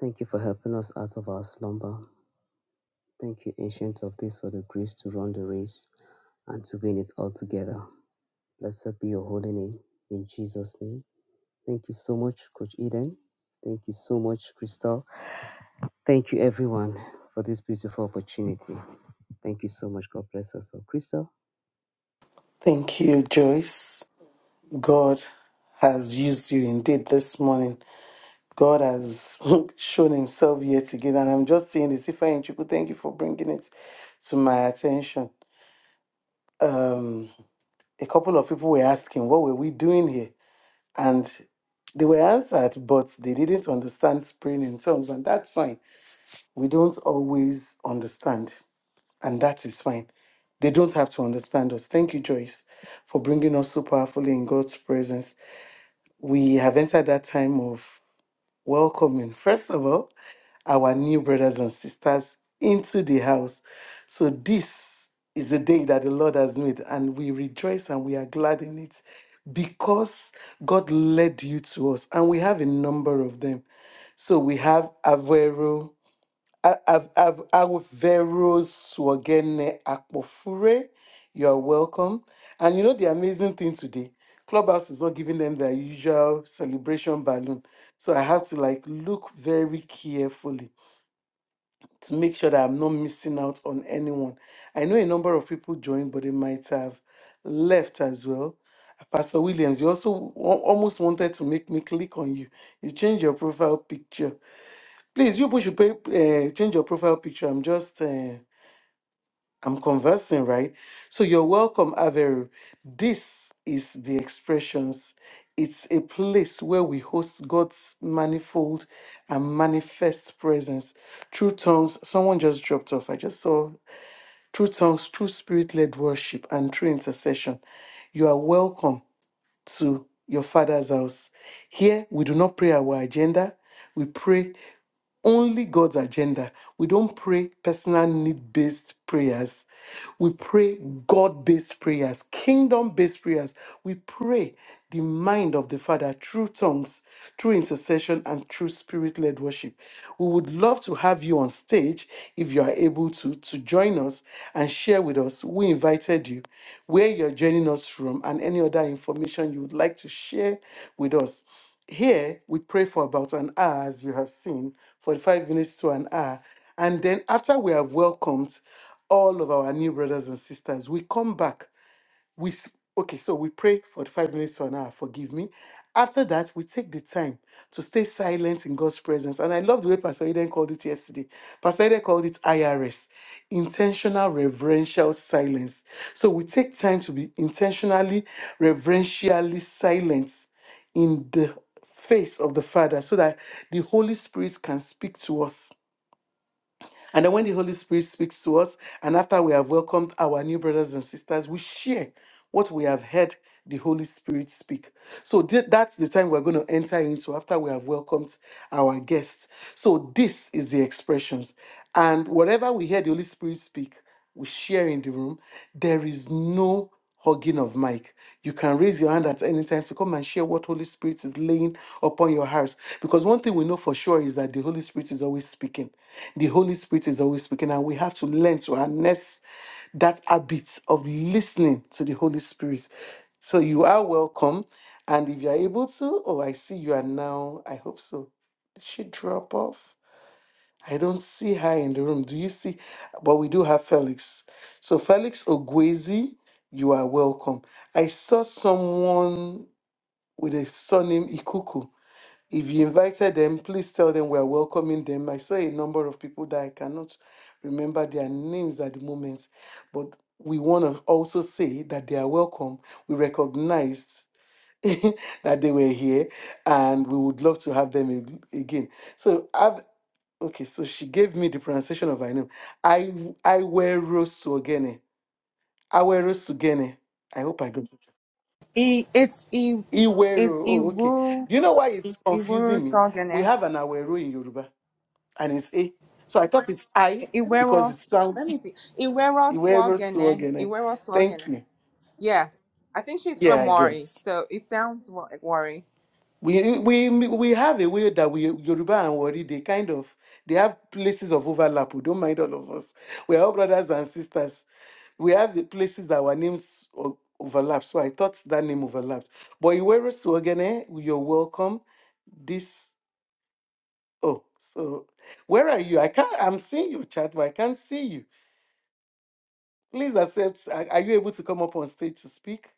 Speaker 1: Thank you for helping us out of our slumber. Thank you, Ancient of Days, for the grace to run the race and to win it all together. Blessed be your holy name in Jesus' name. Thank you so much, Coach Eden. Thank you so much, Crystal. Thank you, everyone, for this beautiful opportunity. Thank you so much. God bless us all. Crystal.
Speaker 2: Thank you, Joyce. God has used you indeed this morning. God has shown himself yet again. And I'm just saying this. If I Chuku, thank you for bringing it to my attention. Um, a couple of people were asking, what were we doing here? And they were answered, but they didn't understand praying in tongues. And that's fine. We don't always understand. and that is fine. They don't have to understand us. Thank you, Joyce, for bringing us so powerfully in God's presence. We have entered that time of welcoming, first of all, our new brothers and sisters into the house. So, this is the day that the Lord has made, and we rejoice and we are glad in it because God led you to us, and we have a number of them. So, we have Averro. A- av- av- Aweveros Wogene Akpofure. You're welcome. And you know the amazing thing today? Clubhouse is not giving them their usual celebration balloon. So I have to like look very carefully to make sure that I'm not missing out on anyone. I know a number of people joined, but they might have left as well. Pastor Williams, you also wa- almost wanted to make me click on you. You changed your profile picture Please, you people should pay, uh, change your profile picture. I'm just, uh, I'm conversing, right? So you're welcome, Avery. This is the expressions. It's a place where we host God's manifold and manifest presence. True tongues, someone just dropped off. I just saw true tongues, true spirit led worship, and true intercession. You are welcome to your father's house. Here, we do not pray our agenda. We pray only God's agenda. We don't pray personal need based prayers. We pray God based prayers, kingdom based prayers. We pray the mind of the Father through tongues, through intercession, and through spirit led worship. We would love to have you on stage if you are able to, to join us and share with us. We invited you, where you're joining us from, and any other information you would like to share with us. Here, we pray for about an hour, as you have seen, 45 minutes to an hour. And then, after we have welcomed all of our new brothers and sisters, we come back we s- okay so we pray for the five minutes to an hour forgive me after that we take the time to stay silent in god's presence and i love the way pastor eden called it yesterday pastor eden called it irs intentional reverential silence so we take time to be intentionally reverentially silent in the face of the father so that the holy spirit can speak to us and then when the Holy Spirit speaks to us, and after we have welcomed our new brothers and sisters, we share what we have heard the Holy Spirit speak. So th- that's the time we're going to enter into after we have welcomed our guests. So this is the expressions. And whatever we hear the Holy Spirit speak, we share in the room. There is no hugging of Mike. You can raise your hand at any time to come and share what Holy Spirit is laying upon your hearts. Because one thing we know for sure is that the Holy Spirit is always speaking. The Holy Spirit is always speaking, and we have to learn to harness that habit of listening to the Holy Spirit. So you are welcome. And if you are able to, oh, I see you are now, I hope so. Did she drop off? I don't see her in the room. Do you see? But we do have Felix. So Felix Ogwezi, you are welcome. I saw someone with a surname Ikuku. If you invited them, please tell them we are welcoming them. I saw a number of people that I cannot remember their names at the moment, but we want to also say that they are welcome. We recognized that they were here and we would love to have them ag- again. So I've. Okay, so she gave me the pronunciation of her name. I Iwero Sugene. Iwero Sugene. I hope I got it.
Speaker 4: E it's e it's
Speaker 2: Iwero. Oh, okay.
Speaker 4: Iwu
Speaker 2: Do you know why it's
Speaker 4: Iwero
Speaker 2: confusing me? We
Speaker 4: Swagene.
Speaker 2: have an Awero in Yoruba and it's A. So I thought it's I because
Speaker 4: Iwero
Speaker 2: it
Speaker 4: let
Speaker 2: sounds
Speaker 4: me see. Iwero
Speaker 2: Iwero
Speaker 4: Swagene.
Speaker 2: Sugene.
Speaker 4: Iwero
Speaker 2: Thank
Speaker 4: Swagene.
Speaker 2: you.
Speaker 4: Yeah. I think she's
Speaker 2: Yeah,
Speaker 4: from
Speaker 2: I
Speaker 4: Wari,
Speaker 2: guess.
Speaker 4: so it sounds wa- like Wari.
Speaker 2: We we we have a way that we Yoruba and Wari, they kind of they have places of overlap. We don't mind all of us. We are all brothers and sisters. we have the places that our names o- overlap. So I thought that name overlapped. But Iweru Suogene, you're welcome. This oh, so where are you? I can't. I'm seeing your chat, but I can't see you. Please accept. Are, are you able to come up on stage to speak?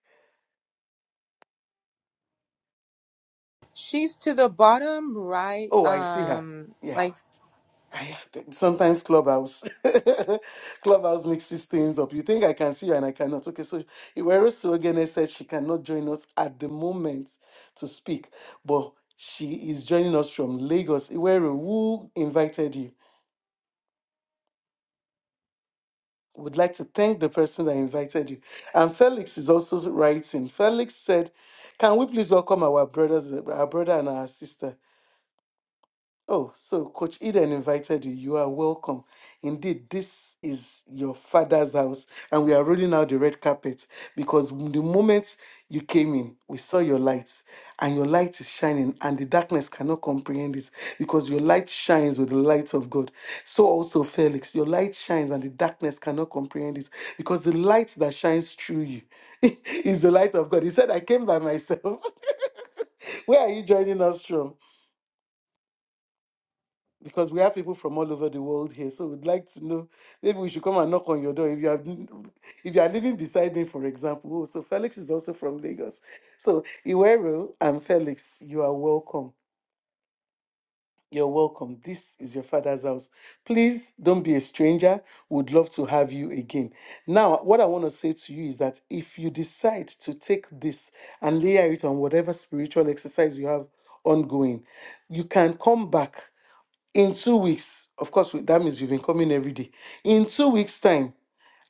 Speaker 4: She's to the bottom right.
Speaker 2: Oh, I see her.
Speaker 4: Um,
Speaker 2: Yeah.
Speaker 4: like,
Speaker 2: Sometimes Clubhouse, Clubhouse mixes things up. You think I can see you and I cannot. Okay, so Iwero Sogene said she cannot join us at the moment to speak, but she is joining us from Lagos. Iwero, who invited you? Would like to thank the person that invited you. And Felix is also writing. Felix said, "Can we please welcome our brothers, our brother and our sister?" Oh, so Coach Eden invited you. You are welcome. Indeed, this is your father's house, and we are rolling out the red carpet because the moment you came in, we saw your lights, and your light is shining, and the darkness cannot comprehend it because your light shines with the light of God. So also, Felix, your light shines, and the darkness cannot comprehend it because the light that shines through you is the light of God. He said, I came by myself. Where are you joining us from? because we have people from all over the world here. So we'd like to know. Maybe we should come and knock on your door if you are if you are living beside me, for example. Oh, so Felix is also from Lagos. So Iwero and Felix, you are welcome. You're welcome. This is your father's house. Please don't be a stranger. Would love to have you again. Now, what I want to say to you is that if you decide to take this and layer it on whatever spiritual exercise you have ongoing, you can come back in two weeks, of course, that means you've been coming every day. In two weeks' time,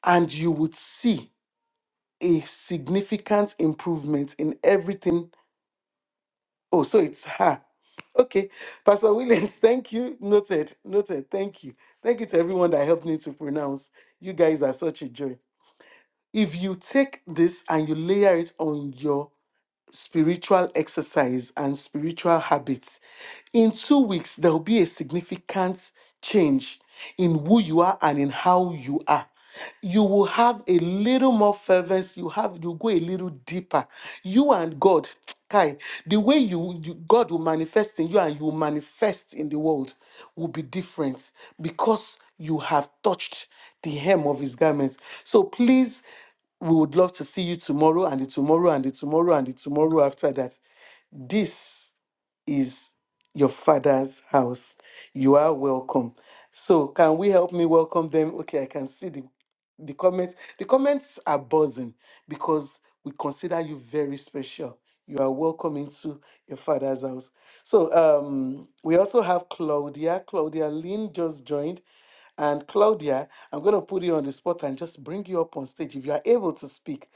Speaker 2: and you would see a significant improvement in everything. Oh, so it's her. Okay. Pastor Williams, thank you. Noted. Noted. Thank you. Thank you to everyone that helped me to pronounce. You guys are such a joy. If you take this and you layer it on your spiritual exercise and spiritual habits. In two weeks, there will be a significant change in who you are and in how you are. You will have a little more fervence. You have you go a little deeper. You and God, Kai, the way you, you God will manifest in you and you will manifest in the world will be different because you have touched the hem of His garment. So please we would love to see you tomorrow and the tomorrow and the tomorrow and the tomorrow after that. This is your father's house. You are welcome. So can we help me welcome them? Okay, I can see the the comments. The comments are buzzing because we consider you very special. You are welcome into your father's house. So um we also have Claudia. Claudia Lynn just joined. And Claudia, I'm going to put you on the spot and just bring you up on stage if you are able to speak.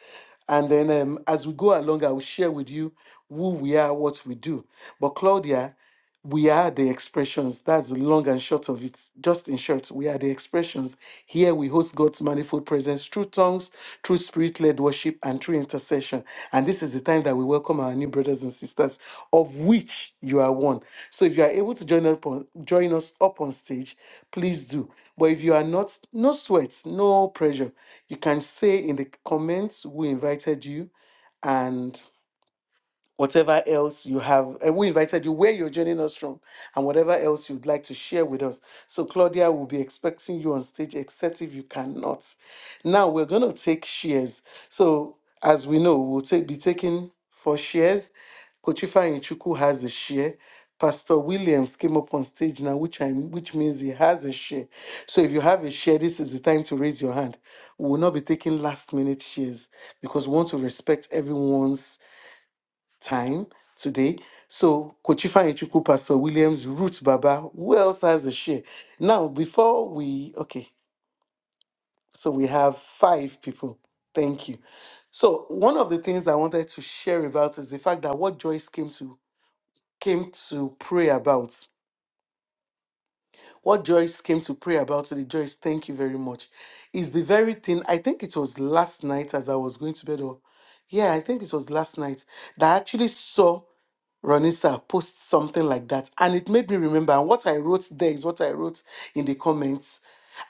Speaker 2: And then um, as we go along, I will share with you who we are, what we do. But Claudia, we are the expressions. That's the long and short of it. Just in short, we are the expressions. Here we host God's manifold presence voice, through tongues, through spirit led worship, and through intercession. And this is the time that we welcome our new brothers and sisters, of which you are one. So if you are able to join, up on, join us up on stage, please do. But if you are not, no sweat, no pressure. You can say in the comments who invited you, and whatever else you have, and we invited you where you're joining us from, and whatever else you'd like to share with us. So, Claudia will be expecting you on stage, except if you cannot. Now, we're going to take shares. So, as we know, we'll take, be taking four shares. Kochifa Inchuku has a share. Pastor Williams came up on stage now, which I, which means he has a share. So if you have a share, this is the time to raise your hand. We will not be taking last minute shares because we want to respect everyone's time today. So Kochifa Ichuku, Pastor Williams, Ruth Baba, who else has a share? Now, before we, okay, so we have five people. Thank you. So one of the things I wanted to share about is the fact that what Joyce came to came to pray about. What Joyce came to pray about today, Joyce, thank you very much, is the very thing. I think it was last night as I was going to bed, or yeah, I think it was last night that I actually saw Ronisa posts something like that. And it made me remember. And what I wrote there is what I wrote in the comments.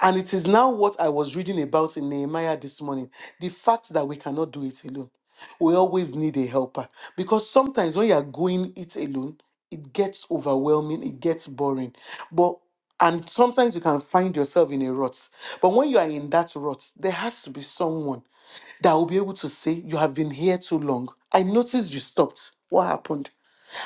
Speaker 2: And it is now what I was reading about in Nehemiah this morning the fact that we cannot do it alone. We always need a helper. Because sometimes when you are going it alone, it gets overwhelming, it gets boring. But and sometimes you can find yourself in a rut. But when you are in that rut, there has to be someone that will be able to say, You have been here too long. I noticed you stopped. What happened?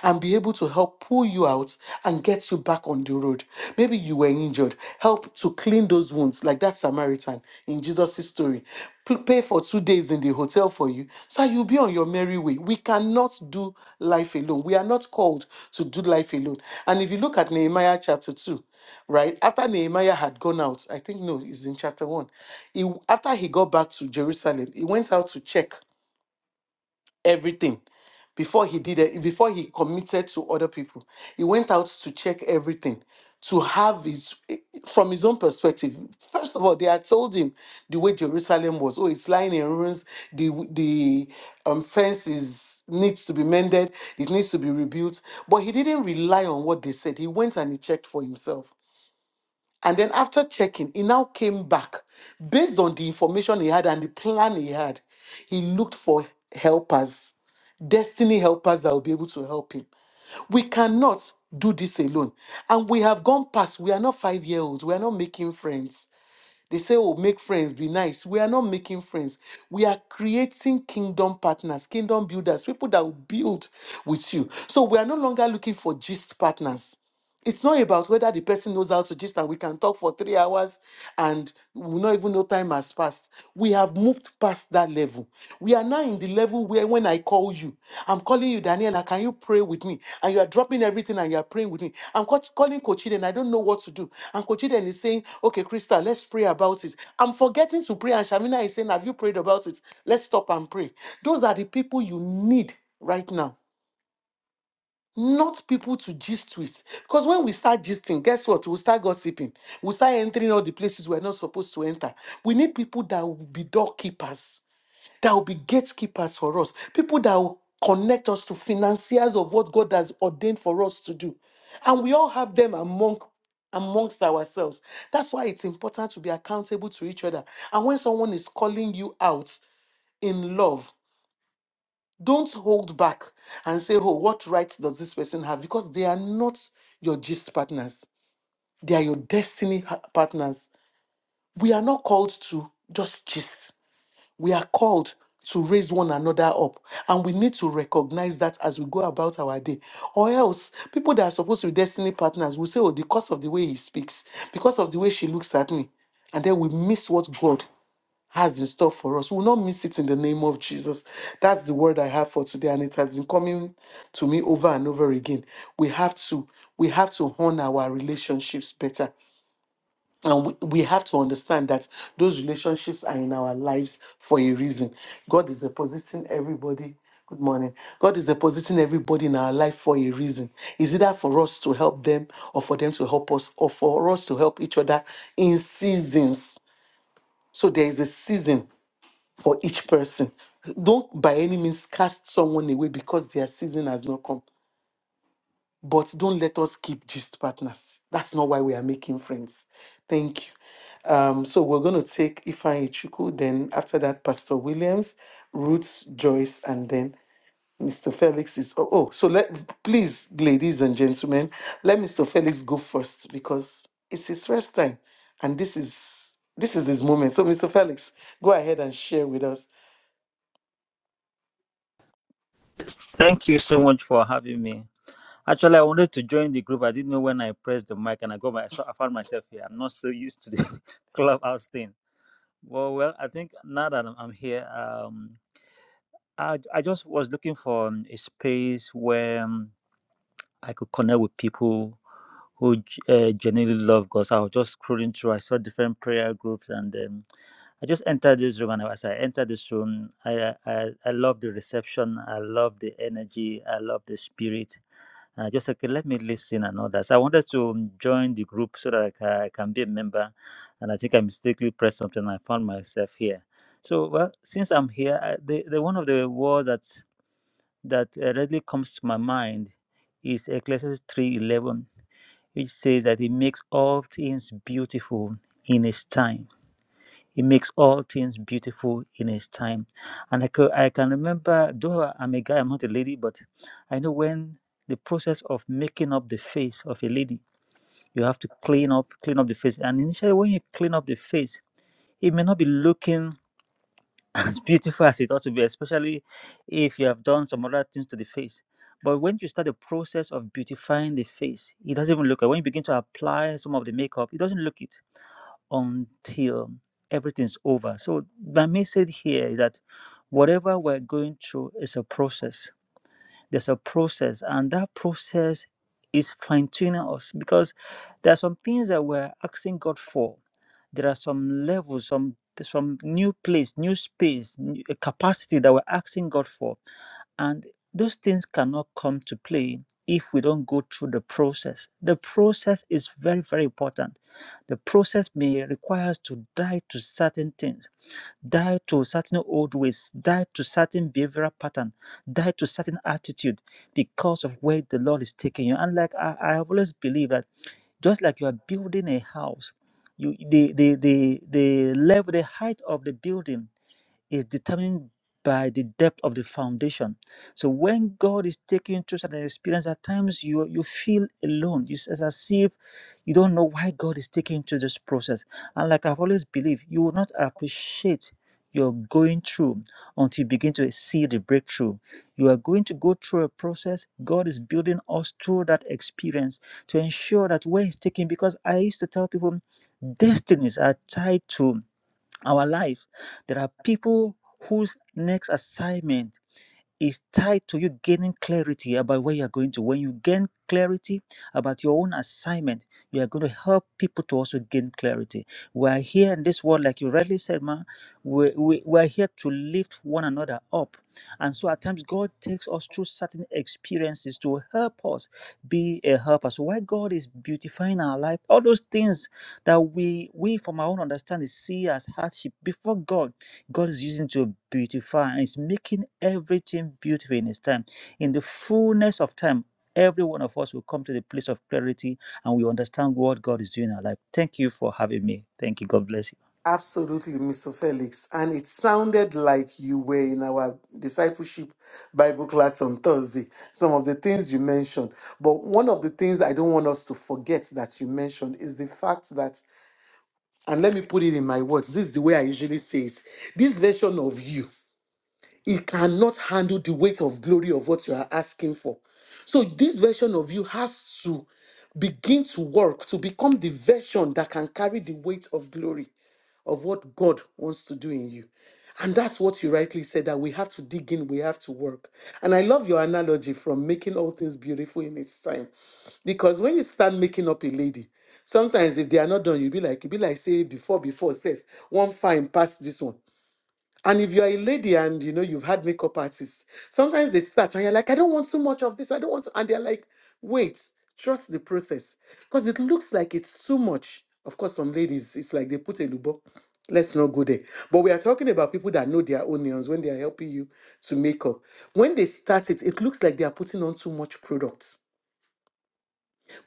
Speaker 2: and be able to help pull you out and get you back on the road. Maybe you were injured. Help to clean those wounds, like that Samaritan in Jesus' story. P- Pay for two days in the hotel for you so you'll be on your merry way. We cannot do life alone. We are not called to do life alone. And if you look at Nehemiah chapter 2, right after nehemiah had gone out i think no it's in chapter one he, after he got back to jerusalem he went out to check everything before he did it, before he committed to other people. He went out to check everything, to have his from his own perspective. First of all, they had told him the way Jerusalem was. Oh, it's lying in ruins. The the um, fence is needs to be mended. It needs to be rebuilt. But he didn't rely on what they said. He went and he checked for himself. And then after checking, he now came back. Based on the information he had and the plan he had, he looked for helpers, destiny helpers that will be able to help him. We cannot do this alone. And we have gone past, we are not five year olds, we are not making friends. They say, oh, make friends, be nice. We are not making friends. We are creating kingdom partners, kingdom builders, people that will build with you. So we are no longer looking for gist partners. It's not about whether the person knows how to gist and we can talk for three hours and we not even know time has passed. We have moved past that level. We are now in the level where when I call you, I'm calling you, Daniela, can you pray with me? And you are dropping everything and you are praying with me. I'm co- calling Kochiden, I don't know what to do. And Kochiden is saying, okay, Krista, let's pray about it. I'm forgetting to pray and Shamina is saying, have you prayed about it? Let's stop and pray. Those are the people you need right now not people to gist with. Because when we start gisting, guess what? We'll start gossiping. We'll start entering all the places we're not supposed to enter. We need people that will be doorkeepers, that will be gatekeepers for us, people that will connect us to financiers of what God has ordained for us to do. And we all have them among amongst ourselves. That's why it's important to be accountable to each other. And when someone is calling you out in love, don't hold back and say, oh, what rights does this person have? Because they are not your gist partners, they are your destiny ha- partners. We are not called to just gist, we are called to raise one another up. And we need to recognize that as we go about our day. Or else, people that are supposed to be destiny partners will say, oh, because of the way he speaks, because of the way she looks at me. And then we miss what God has in store for us. We will not miss it in the name of Jesus. That's the word I have for today, and it has been coming to me over and over again. We have to, we have to hone our relationships better. And we, we have to understand that those relationships are in our lives for a reason. God is depositing everybody Good morning. God is depositing everybody in our life for a reason. Is either for us to help them or for them to help us or for us to help each other in seasons. So there is a season for each person. Don't by any means cast someone away because their season has not come. But don't let us keep just partners. That's not why we are making friends. Thank you. Um, so we're going to take Ifeanyi Chuku, then after that, Pastor Williams, Ruth, Joyce, and then Mr. Felix is. Oh, oh so let please, ladies and gentlemen, let Mr. Felix go first because it's his first time, and this is this is his moment. So, Mr. Felix, go ahead and share with us
Speaker 6: Thank you so much for having me. Actually, I wanted to join the group. I didn't know when I pressed the mic and I got my, so I found myself here. I'm not so used to the clubhouse thing. Well, well, I think now that I'm, I'm here, um, I, I just was looking for um, a space where um, I could connect with people who g- uh, genuinely love God. So I was just scrolling through. I saw different prayer groups and um, I just entered this room, and as I entered this room, I I, I love the reception. I love the energy. I love the spirit. Uh, just okay, let me listen and all that. So I wanted to um, join the group so that I can, I can be a member. And I think I mistakenly pressed something and I found myself here. So, well, since I'm here, I, the, the one of the words that, that uh, readily comes to my mind is Ecclesiastes 3.11, which says that he makes all things beautiful in his time. He makes all things beautiful in His time. And I, could, I can remember, though I'm a guy, I'm not a lady, but I know when the process of making up the face of a lady, you have to clean up, clean up the face. And initially, when you clean up the face, it may not be looking as beautiful as it ought to be, especially if you have done some other things to the face. But when you start the process of beautifying the face, it doesn't even look. like, When you begin to apply some of the makeup, it doesn't look it until everything's over. So, my message here is that whatever we're going through is a process there's a process, and that process is fine tuning us because there are some things that we're asking God for. There are some levels, some some new place, new space, new capacity that we're asking God for, and those things cannot come to play if we don't go through the process. The process is very, very important. The process may require us to die to certain things die to certain old ways, die to certain behavioral pattern, die to certain attitude because of where the Lord is taking you. And like I, I have always believed that just like you are building a house, you the the the the level, the height of the building is determined by the depth of the foundation. So when God is taking you through certain experience, at times you you feel alone. It's as as if you don't know why God is taking you through this process. And like I've always believed, you will not appreciate you're going through until you begin to see the breakthrough. You are going to go through a process. God is building us through that experience to ensure that where He's taking, because I used to tell people, destinies are tied to our life. There are people whose next assignment is tied to you gaining clarity about where you're going to. When you gain clarity about your own assignment, you are going to help people to also gain clarity. We're here in this world, like you rightly said, ma, we, we, we're here to lift one another up. And so at times, God takes us through certain experiences to help us be a helper. So why God is beautifying our life, all those things that we, we from our own understanding see as hardship before God God is using to beautify and is making everything beautiful in His time. In the fullness of time, every one of us will come to the place of clarity and we understand what God is doing in our life. Thank you for having me. Thank you. God bless you.
Speaker 2: Absolutely, Mr. Felix. And it sounded like you were in our discipleship Bible class on Thursday, some of the things you mentioned. But one of the things I don't want us to forget that you mentioned is the fact that, and let me put it in my words, this is the way I usually say it this version of you. It cannot handle the weight of glory of what you are asking for. So this version of you has to begin to work to become the version that can carry the weight of glory of what God wants to do in you. And that's what you rightly said that we have to dig in, we have to work. And I love your analogy from making all things beautiful in its time. Because when you start making up a lady, sometimes if they are not done, you'll be like, you'll be like, say, before, before, safe, one fine past this one. And if you are a lady and you know you've had makeup artists, sometimes they start and you're like, I don't want too much of this. I don't want to. And they're like, wait, trust the process. Because it looks like it's too much. Of course, some ladies, it's like they put a lubo. Let's not go there. But we are talking about people that know their onions when they are helping you to make up. When they start it, it looks like they are putting on too much product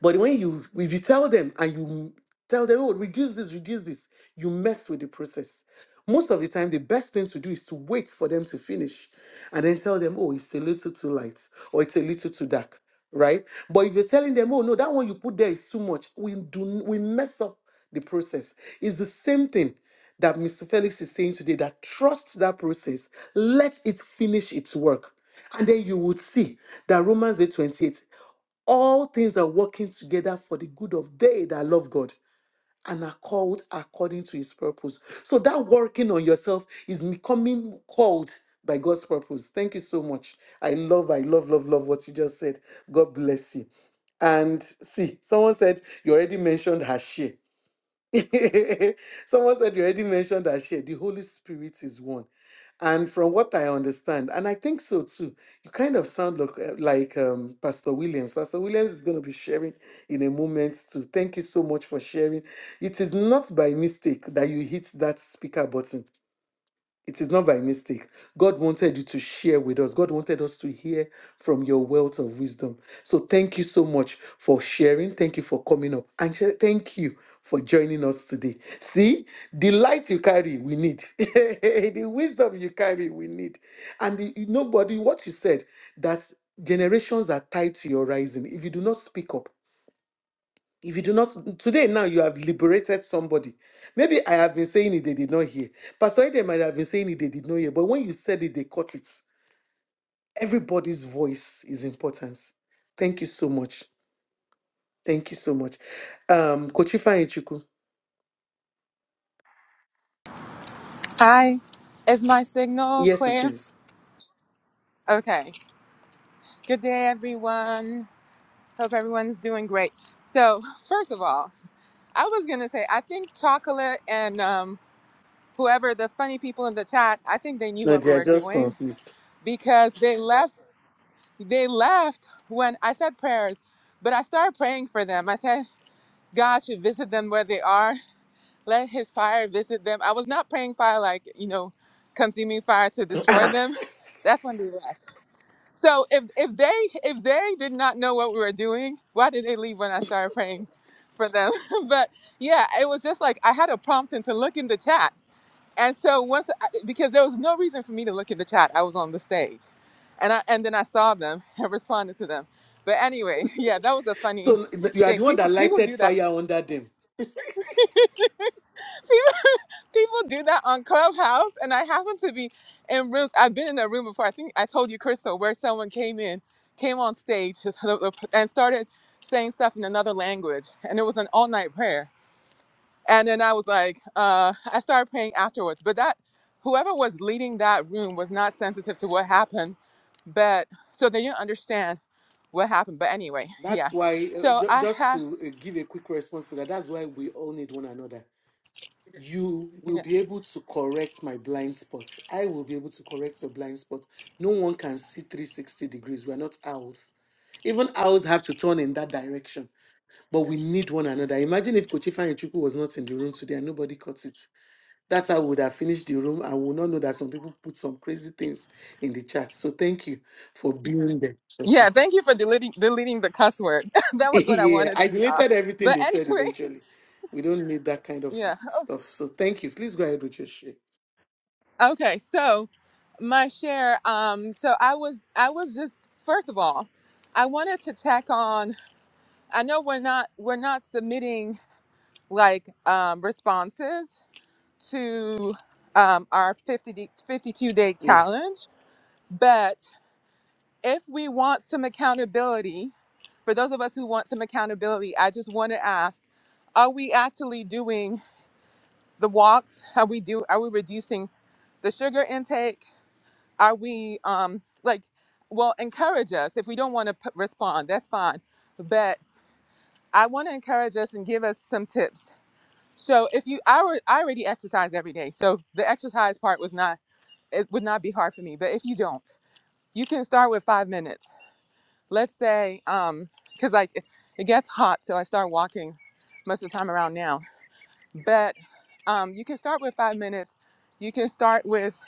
Speaker 2: but when you if you tell them and you tell them, oh, reduce this, reduce this, you mess with the process. Most of the time, the best thing to do is to wait for them to finish and then tell them, oh, it's a little too light or it's a little too dark, right? But if you're telling them, oh, no, that one you put there is too much, we do we mess up the process. It's the same thing that Mr. Felix is saying today that trust that process, let it finish its work. And then you would see that Romans 8 28 all things are working together for the good of they that love God and are called according to his purpose. So that working on yourself is becoming called by God's purpose. Thank you so much. I love, I love, love, love what you just said. God bless you. And see, someone said you already mentioned her share. Someone said you already mentioned that share. The Holy Spirit is one. And from what I understand, and I think so too, you kind of sound like, like um, Pastor Williams. Pastor Williams is going to be sharing in a moment too. Thank you so much for sharing. It is not by mistake that you hit that speaker button. It is not by mistake. God wanted you to share with us. God wanted us to hear from your wealth of wisdom. So thank you so much for sharing. Thank you for coming up. And sh- thank you for joining us today. See, the light you carry, we need. the wisdom you carry, we need. And the, nobody, what you said, that generations are tied to your rising. If you do not speak up, if you do not, today now you have liberated somebody. Maybe I have been saying it, they did not hear. Pastor Eden might have been saying it, they did not hear. But when you said it, they caught it. Everybody's voice is important. Thank you so much. Thank you so much. Um, Kochifa Ichuku.
Speaker 4: hi, is my signal
Speaker 2: Yes, it
Speaker 4: clear?
Speaker 2: is.
Speaker 4: Okay. Good day, everyone. Hope everyone's doing great. So, first of all, I was gonna say I think chocolate and um, whoever the funny people in the chat, I think they knew
Speaker 2: No,
Speaker 4: what we
Speaker 2: they are
Speaker 4: were
Speaker 2: just
Speaker 4: doing
Speaker 2: confused.
Speaker 4: because they left. They left when I said prayers, but I started praying for them. I said God should visit them where they are Let his fire visit them. I was not praying fire like, you know, consuming fire to destroy
Speaker 2: Ah,
Speaker 4: them. That's when they left. So if if they if they did not know what we were doing, why did they leave when I started praying for them? but yeah, it was just like I had a prompting to look in the chat. And so once I- because there was no reason for me to look in the chat. I was on the stage. And I and then I saw them and responded to them. But anyway, yeah, that was a funny
Speaker 2: so you are
Speaker 4: thing.
Speaker 2: the one
Speaker 4: People
Speaker 2: that
Speaker 4: people
Speaker 2: lighted
Speaker 4: do that.
Speaker 2: fire under them.
Speaker 4: people do that on Clubhouse, and I happen to be in rooms. I've been in a room before. I think I told you, Crystal, where someone came in, came on stage, and started saying stuff in another language, and it was an all-night prayer. And then I was like, uh, I started praying afterwards. But that, whoever was leading that room was not sensitive to what happened, but so they didn't understand what happened. But anyway,
Speaker 2: That's
Speaker 4: yeah.
Speaker 2: why, uh,
Speaker 4: So
Speaker 2: ju-
Speaker 4: I
Speaker 2: just
Speaker 4: have.
Speaker 2: to uh, give a quick response to that, that's why we all need one another. you will be able to correct my blind spots. I will be able to correct your blind spots. No one can see 360 degrees. We're not owls. Even owls have to turn in that direction, but we need one another. Imagine if Kochifa Ichuku was not in the room today and nobody caught it. That's how we would have finished the room and we would not know that some people put some crazy things in the chat. So thank you for being there. Session.
Speaker 4: Yeah, thank you for deleting deleting the cuss word. that was what I
Speaker 2: yeah,
Speaker 4: wanted
Speaker 2: I
Speaker 4: to be off.
Speaker 2: deleted everything
Speaker 4: But
Speaker 2: they said
Speaker 4: anyway,
Speaker 2: eventually. We don't need that kind of
Speaker 4: yeah.
Speaker 2: stuff. So thank you. Please go ahead with your share.
Speaker 4: Okay, so my share. Um, so I was I was just first of all, I wanted to check on. I know we're not we're not submitting like um, responses to um, our 50 d- 52 day challenge, but if we want some accountability, for those of us who want some accountability, I just want to ask: Are we actually doing? the walks how we do are we reducing the sugar intake are we um like well encourage us if we don't want to p- respond that's fine but i want to encourage us and give us some tips so if you i, alre- I already exercise every day so the exercise part was not it would not be hard for me but if you don't you can start with five minutes let's say um because like it it gets hot so i start walking most of the time around now but um, you can start with five minutes you can start with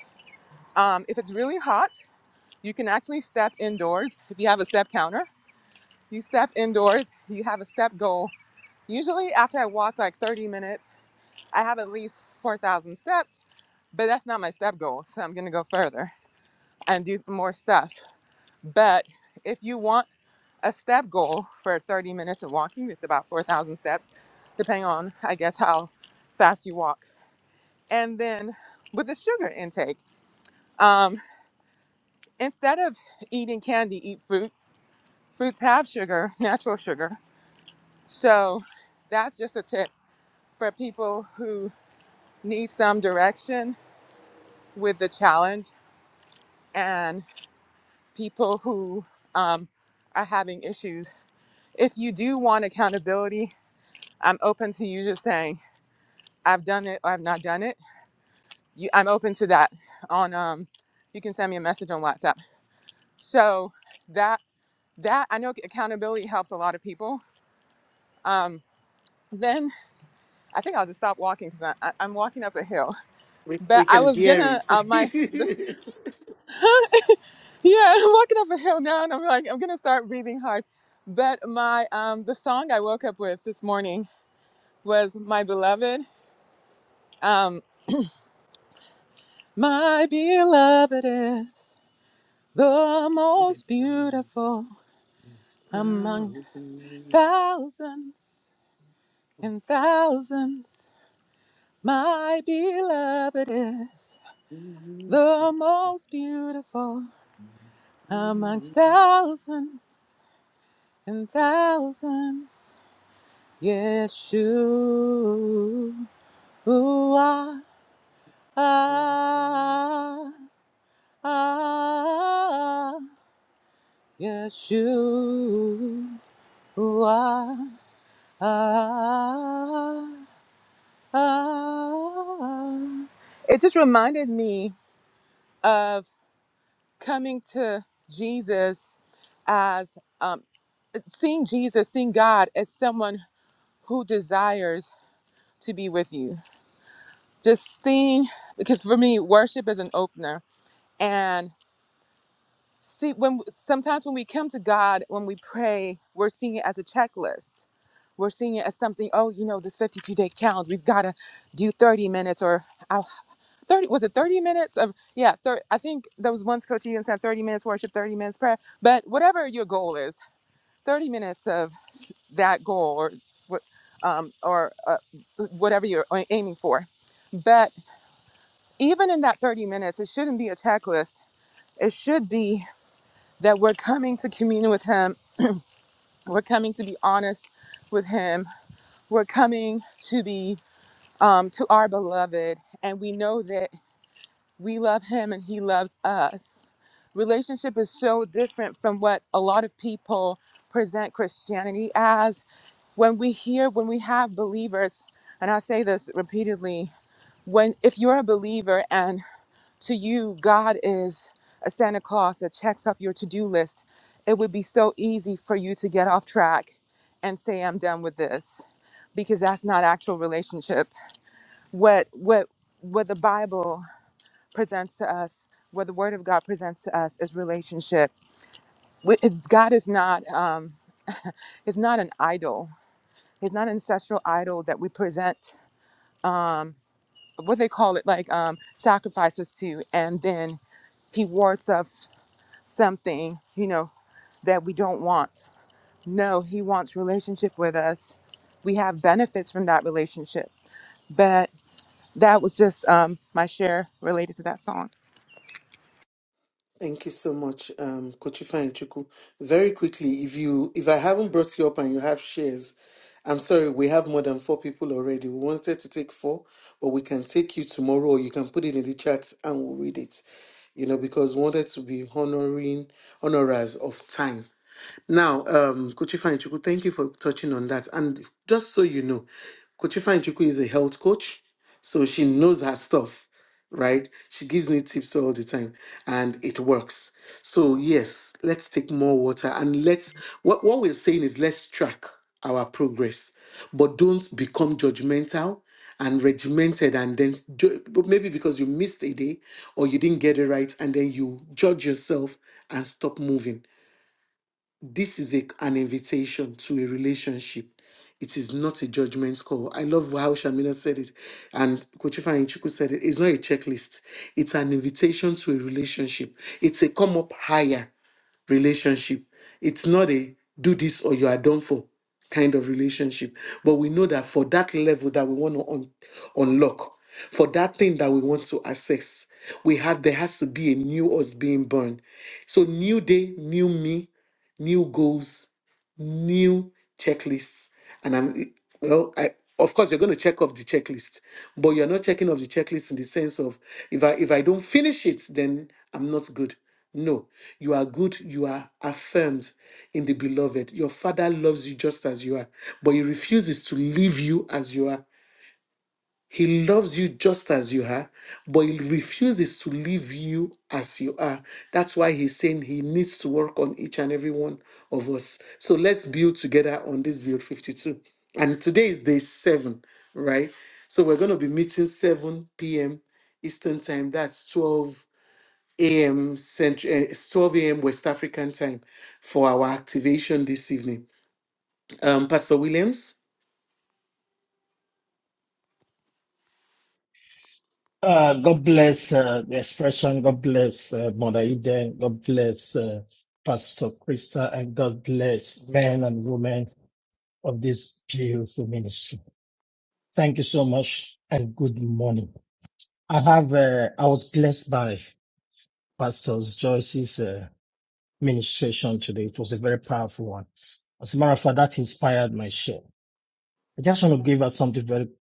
Speaker 4: Um, if it's really hot, you can actually step indoors. If you have a step counter, you step indoors, you have a step goal. Usually, after I walk like 30 minutes, I have at least 4,000 steps, but that's not my step goal. So I'm gonna go further and do more stuff. But if you want a step goal for 30 minutes of walking, it's about 4,000 steps, depending on, I guess, how fast you walk. And then with the sugar intake, um, instead of eating candy, eat fruits Fruits have sugar, natural sugar. So that's just a tip for people who need some direction with the challenge and people who um, are having issues. If you do want accountability, I'm open to you just saying, I've done it or I've not done it. You, I'm open to that on, um, you can send me a message on WhatsApp. So that, that I know accountability helps a lot of people. Um, then I think I'll just stop walking because I'm walking up a hill.
Speaker 2: We,
Speaker 4: But
Speaker 2: we
Speaker 4: I
Speaker 2: can
Speaker 4: was
Speaker 2: hear
Speaker 4: gonna
Speaker 2: it.
Speaker 4: uh, my this, yeah, I'm walking up a hill now, and I'm like, I'm gonna start breathing hard. But my um the song I woke up with this morning was "My Beloved." Um, my beloved is the most beautiful among thousands and thousands. My beloved is the most beautiful amongst thousands and thousands. Yeshua. Yeshua. It just reminded me of coming to Jesus as um, seeing Jesus, seeing God as someone who desires to be with you. Just seeing, because for me, worship is an opener and see when sometimes when we come to god when we pray we're seeing it as a checklist we're seeing it as something oh you know this 52 day challenge. we've got to do 30 minutes or uh, 30 was it 30 minutes of yeah thir- i think there was once coach Ian said 30 minutes worship 30 minutes prayer but whatever your goal is 30 minutes of that goal or what um, or uh, whatever you're aiming for but even in that 30 minutes it shouldn't be a checklist it should be that we're coming to commune with Him. We're coming to be honest with Him. We're coming to be um, to our beloved, and we know that we love Him and He loves us. Relationship is so different from what a lot of people present Christianity as. When we hear, when we have believers, and I say this repeatedly, when if you're a believer and to you, God is a Santa Claus that checks off your to do list, it would be so easy for you to get off track and say, I'm done with this, because that's not actual relationship. What, what, what the Bible presents to us, what the Word of God presents to us is relationship. We- it- God is not, um, is not an idol. He's not an ancestral idol that we present, um, what they call it, like um, sacrifices to, and then he wards off. something, you know, that we don't want. No, he wants relationship with us. We have benefits from that relationship. But that was just um, my share related to that song.
Speaker 2: Thank you so much, um, Kochifa and Chuku. Very quickly, if you if I haven't brought you up and you have shares, I'm sorry, we have more than four people already. We wanted to take four, but we can take you tomorrow, or you can put it in the chat and we'll read it. You know, because we wanted to be honoring honorers of time Now, um, Kochi Fanichuku, thank you for touching on that. And just so you know, Kochi Fanichuku is a health coach, so she knows her stuff, right? She gives me tips all the time, and it works. So yes, let's take more water and let's. What what we're saying is let's track our progress, but don't become judgmental and regimented and then ju- but maybe because you missed a day or you didn't get it right and then you judge yourself and stop moving this is a, an invitation to a relationship. It is not a judgment call. I love how Shamina said it, and Kochifa Ichuku said it. It's not a checklist. It's an invitation to a relationship. It's a come up higher relationship. It's not a do this or you are done for kind of relationship. But we know that for that level that we want to un- unlock, for that thing that we want to access, we have there has to be a new us being born. So new day, new me, new goals, new checklists. And I'm, well, I, of course, you're going to check off the checklist, but you're not checking off the checklist in the sense of if I if I don't finish it, then I'm not good. No, you are good. You are affirmed in the beloved. Your father loves you just as you are, but he refuses to leave you as you are. He loves you just as you are, but he refuses to leave you as you are. That's why he's saying he needs to work on each and every one of us. So let's build together on this build 52. And today is day seven, right? So we're going to be meeting 7 p.m. Eastern time. That's 12 a.m. Central, 12 a.m. West African time for our activation this evening. Um, Pastor Williams,
Speaker 7: Uh, God bless uh, the expression. God bless uh, Mother Eden. God bless uh, Pastor Krista, and God bless men and women of this beautiful ministry. Thank you so much, and good morning. I have. Uh, I was blessed by Pastor Joyce's uh, ministration today. It was a very powerful one. As a matter of fact, that inspired my share. I just want to give us something very. brief.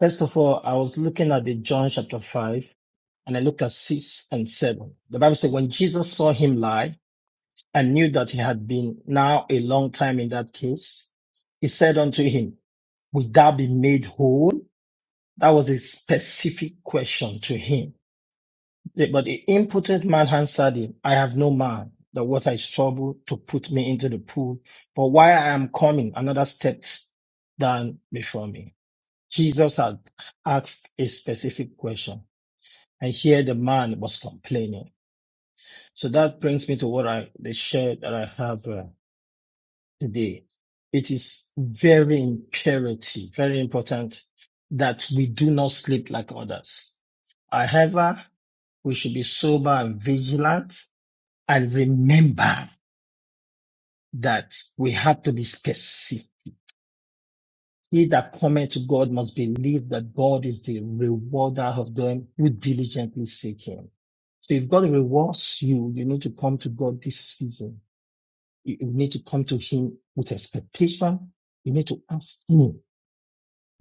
Speaker 7: First of all, I was looking at the John chapter five. and I looked at six and seven. The Bible said, when Jesus saw him lie and knew that he had been now a long time in that case, he said unto him, Would thou be made whole? That was a specific question to him. But the impotent man answered him, I have no man. The water is troubled to put me into the pool, but while I am coming, another steps down before me. Jesus had asked a specific question, and here the man was complaining. So that brings me to what I the share that I have uh, today. It is very imperative, very important that we do not sleep like others. However, we should be sober and vigilant and remember that we have to be specific. He that cometh to God must believe that God is the rewarder of them who diligently seek him. So if God rewards you, you need to come to God this season You, you need to come to Him with expectation. You need to ask Him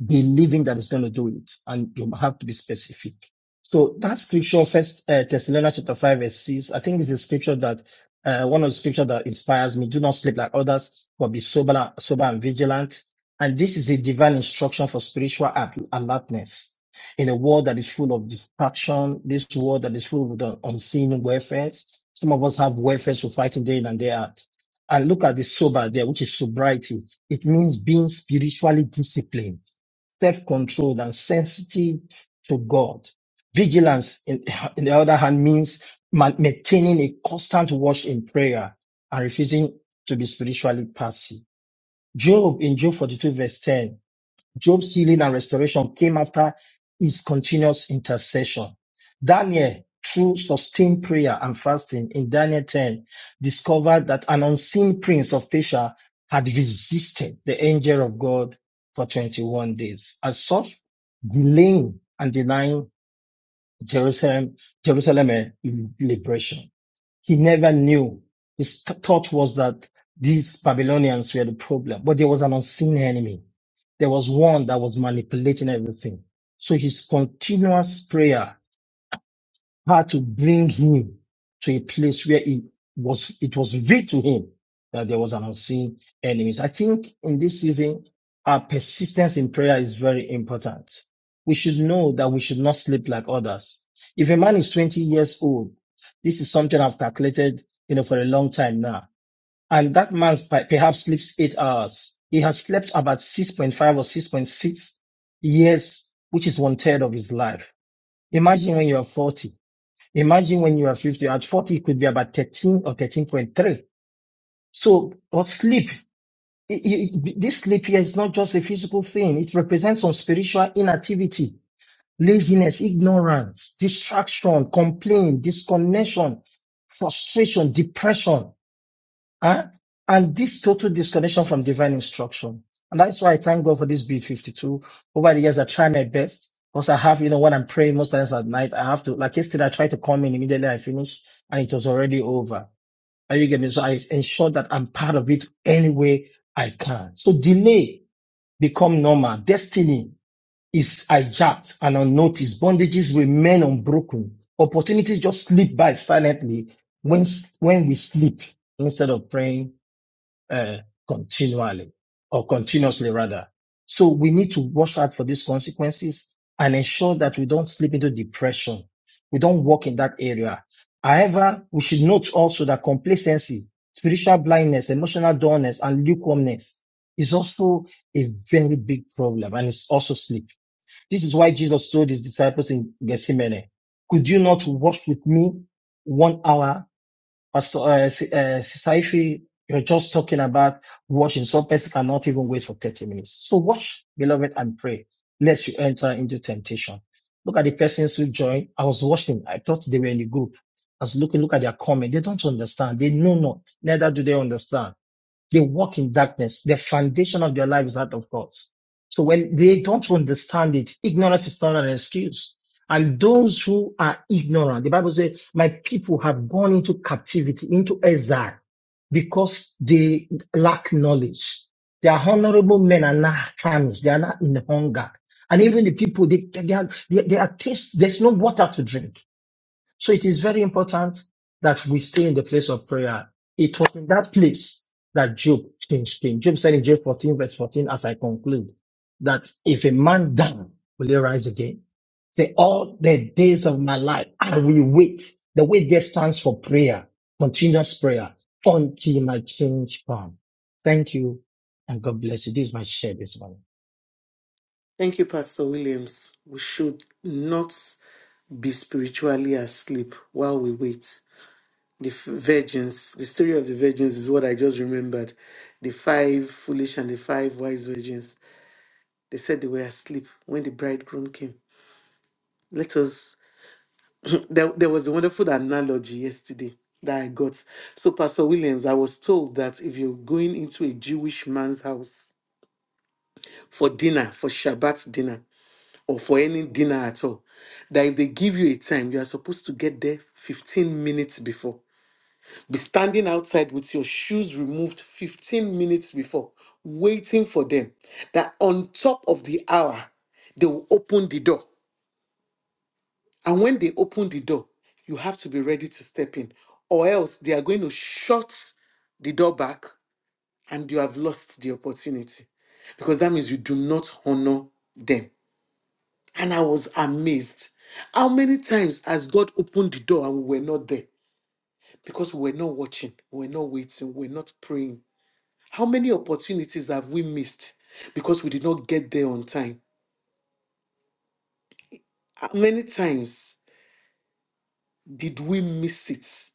Speaker 7: believing that he's going to do it. And you have to be specific. So that scripture, first uh, Thessalonians chapter five verse six, I think is a scripture that uh, one of the scripture that inspires me. Do not sleep like others, but be sober, sober and vigilant. And this is a divine instruction for spiritual alertness in a world that is full of distraction. This world that is full with un- unseen warfares. Some of us have warfares to fighting day in and day out. And look at the sober there, which is sobriety. It means being spiritually disciplined self-controlled and sensitive to God. Vigilance, in, in the other hand, means ma- maintaining a constant watch in prayer and refusing to be spiritually passive. Job in Job 42 verse 10 Job's healing and restoration came after his continuous intercession. Daniel, through sustained prayer and fasting in Daniel 10, discovered that an unseen prince of Persia had resisted the angel of God for 21 days. As such, delaying and denying Jerusalem, Jerusalem eh, liberation. He never knew. His th- thought was that these Babylonians were the problem, but there was an unseen enemy. There was one that was manipulating everything. So his continuous prayer had to bring him to a place where it was it was revealed to him that there was an unseen enemies. I think in this season, our persistence in prayer is very important. We should know that we should not sleep like others. If a man is 20 years old, this is something I've calculated, you know, for a long time now. And that man per- perhaps sleeps eight hours. He has slept about 6.5 or 6.6 years, which is one third of his life. Imagine when you are 40 Imagine when you are 50, at 40, it could be about 13 or 13.3. So, or sleep. I- I- this sleep here is not just a physical thing. It represents some spiritual inactivity, laziness, ignorance, distraction, complaint, disconnection, frustration, depression. Uh, and this total disconnection from divine instruction. And that's why I thank God for this beat 52. Over the years, I try my best because I have, you know, when I'm praying most times at night, I have to, like yesterday, I tried to come in immediately. I finished and it was already over. Are you getting me? So I ensure that I'm part of it any way I can. So delay become normal. Destiny is hijacked and unnoticed. Bondages remain unbroken. Opportunities just slip by silently when, when we sleep instead of praying uh, continually or continuously rather. So we need to watch out for these consequences and ensure that we don't slip into depression. We don't walk in that area. However, we should note also that complacency, spiritual blindness, emotional dullness, and lukewarmness is also a very big problem and it's also sleep. This is why Jesus told his disciples in Gethsemane, could you not watch with me one hour Pastor uh, Si- uh, Sister Ife, you're just talking about washing Some person cannot even wait for 30 minutes. So watch, beloved, and pray, lest you enter into temptation. Look at the persons who joined. I was watching. I thought they were in the group. I was looking, look at their comment. They don't understand. They know not. Neither do they understand. They walk in darkness. The foundation of their life is out of God. So when they don't understand it, ignorance is not an excuse. And those who are ignorant, the Bible says, my people have gone into captivity, into exile, because they lack knowledge. They are honorable men are not famished. They are not in hunger. And even the people, they, they, are, they, they are taste, there's no water to drink. So it is very important that we stay in the place of prayer. It was in that place that Job changed came. Job said in Job 14 verse 14, as I conclude, that if a man die, will he rise again? Say, all the days of my life, I will wait. The wait there stands for prayer, continuous prayer, until my change comes. Thank you, and God bless you. This is my share this morning.
Speaker 2: thank you, Pastor Williams. We should not. be spiritually asleep while we wait. The f- virgins, the story of the virgins is what I just remembered. The five foolish and the five wise virgins, they said they were asleep when the bridegroom came. Let us, there, there was a wonderful analogy yesterday that I got. So, Pastor Williams, I was told that if you're going into a Jewish man's house for dinner, for Shabbat dinner, or for any dinner at all, that if they give you a time, you are supposed to get there 15 minutes before. be standing outside with your shoes removed 15 minutes before, waiting for them, that on top of the hour, they will open the door. And when they open the door, you have to be ready to step in, or else they are going to shut the door back and you have lost the opportunity because that means you do not honor them. And I was amazed. How many times has God opened the door and we were not there? Because we were not watching, we were not waiting, we were not praying. How many opportunities have we missed because we did not get there on time? How many times did we miss it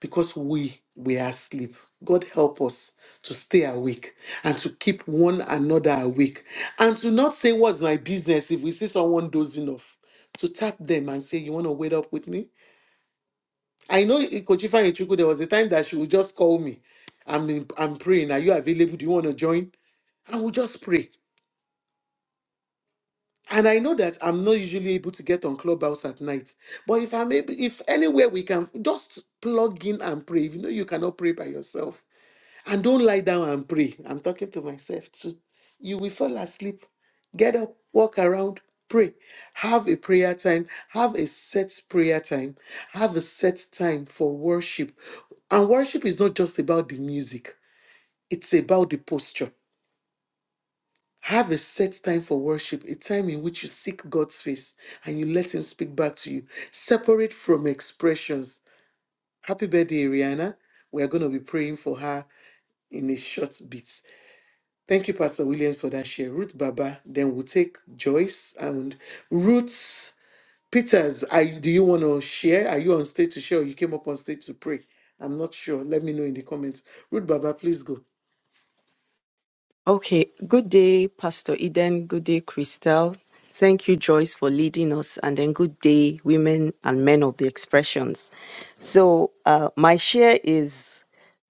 Speaker 2: because we were asleep? God help us to stay awake and to keep one another awake and to not say, What's my business if we see someone dozing off? To tap them and say, You want to wait up with me? I know Kochifa Ichuku, there was a time that she would just call me. I'm, in, I'm praying. Are you available? Do you want to join? And we'll just pray. And I know that I'm not usually able to get on Clubhouse at night. But if I'm able, if anywhere we can just plug in and pray. If you know you cannot pray by yourself, and don't lie down and pray. I'm talking to myself too. You will fall asleep. Get up, walk around, pray. Have a prayer time. Have a set prayer time. Have a set time for worship. And worship is not just about the music, it's about the posture have a set time for worship, a time in which you seek God's face and you let Him speak back to you. Separate from expressions. Happy birthday, Rihanna. We are going to be praying for her in a short bit. Thank you, Pastor Williams, for that share. Ruth Baba, then we'll take Joyce and Ruth Peters. Are you, do you want to share? Are you on stage to share or you came up on stage to pray? I'm not sure. Let me know in the comments. Ruth Baba, please go.
Speaker 8: Okay, good day, Pastor Eden. Good day, Christelle. Thank you, Joyce, for leading us. And then good day, women and men of the expressions. So, uh, my share is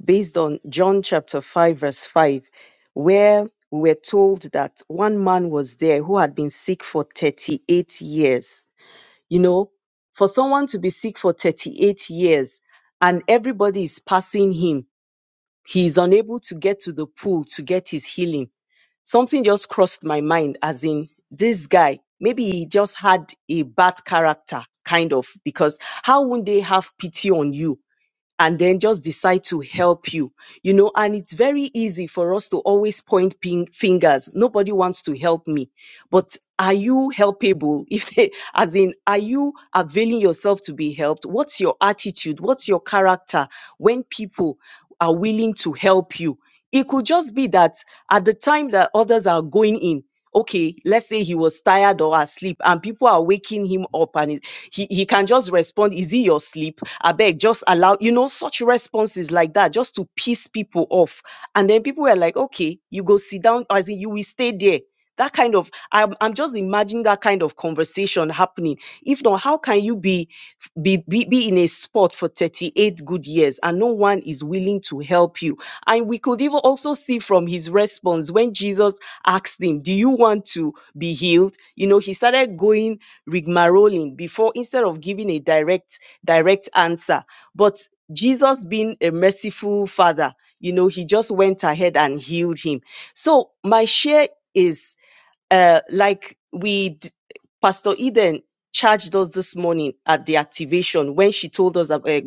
Speaker 8: based on John chapter 5, verse 5, where we were told that one man was there who had been sick for 38 years. You know, for someone to be sick for 38 years and everybody is passing him, he is unable to get to the pool to get his healing something just crossed my mind as in this guy maybe he just had a bad character kind of because how would they have pity on you and then just decide to help you. You know, and it's very easy for us to always point ping fingers. Nobody wants to help me. But are you helpable? If they, as in, are you availing yourself to be helped? What's your attitude? What's your character when people are willing to help you? It could just be that at the time that others are going in, okay, let's say he was tired or asleep and people are waking him up and he he can just respond, is he your sleep? I beg, just allow, you know, such responses like that just to piss people off. And then people were like, okay, you go sit down, I think you will stay there. That kind of, I'm, I'm just imagining that kind of conversation happening. If not, how can you be, be, be, be in a spot for 38 good years and no one is willing to help you? And we could even also see from his response when Jesus asked him, Do you want to be healed? You know, he started going rigmaroling before instead of giving a direct direct answer but jesus being a merciful father you know he just went ahead and healed him so my share is uh, like we, d- Pastor Eden charged us this morning at the activation when she told us that, uh,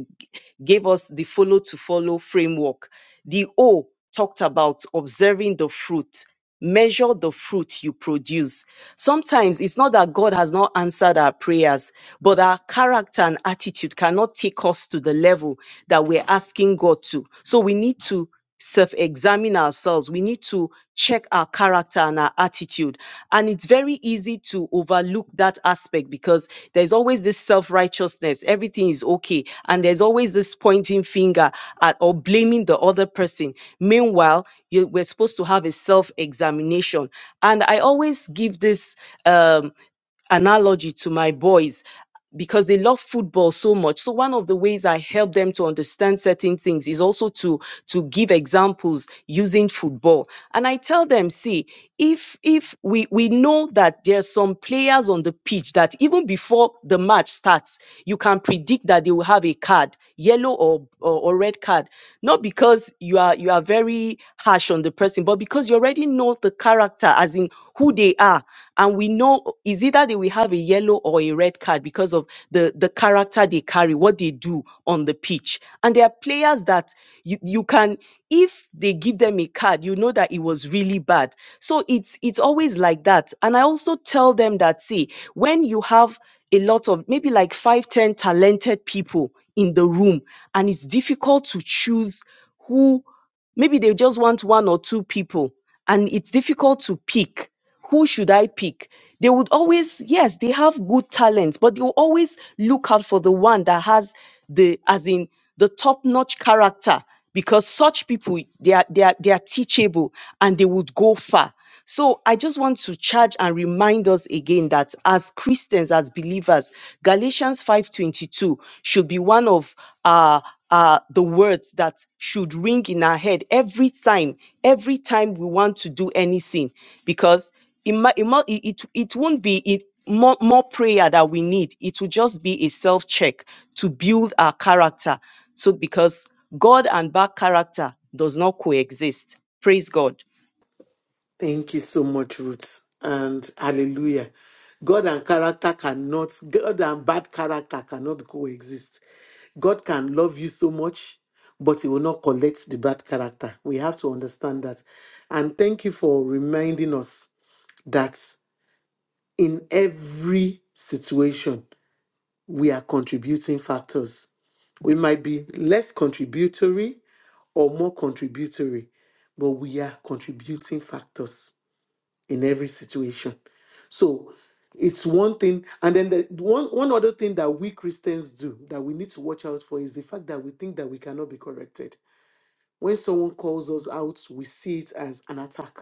Speaker 8: gave us the follow to follow framework. The O talked about observing the fruit. Measure the fruit you produce. Sometimes it's not that God has not answered our prayers, but our character and attitude cannot take us to the level that we're asking God to. So we need to self examine ourselves. We need to check our character and our attitude. And it's very easy to overlook that aspect because there's always this self righteousness. Everything is okay. And there's always this pointing finger at or blaming the other person. Meanwhile, you, we're supposed to have a self examination. And I always give this. Um, analogy to my boys because they love football so much so one of the ways i help them to understand certain things is also to to give examples using football and i tell them see if if we we know that there's some players on the pitch that even before the match starts you can predict that they will have a card yellow or or, or red card not because you are you are very harsh on the person but because you already know the character as in who they are and we know is either they will have a yellow or a red card because of the the character they carry what they do on the pitch and there are players that you, you can if they give them a card you know that it was really bad so it's it's always like that and i also tell them that see when you have a lot of maybe like five ten talented people in the room and it's difficult to choose who maybe they just want one or two people and it's difficult to pick who should i pick they would always yes they have good talents, but they will always look out for the one that has the as in the top notch character because such people they are they are they are teachable and they would go far so I just want to charge and remind us again that as Christians, as believers, Galatians 5:22 should be one of uh, uh, the words that should ring in our head every time, every time we want to do anything, because it might, it, mu- it, it it won't be it, more, more prayer that we need. It will just be a self check to build our character. So because God and bad character does not coexist. Praise God.
Speaker 2: Thank you so much, Ruth. And hallelujah. God and character cannot, God and bad character cannot coexist. God can love you so much, but he will not collect the bad character. We have to understand that. And thank you for reminding us that in every situation, we are contributing factors. We might be less contributory or more contributory, but we are contributing factors in every situation. So it's one thing, and then the one one other thing that we Christians do that we need to watch out for is the fact that we think that we cannot be corrected. When someone calls us out, we see it as an attack,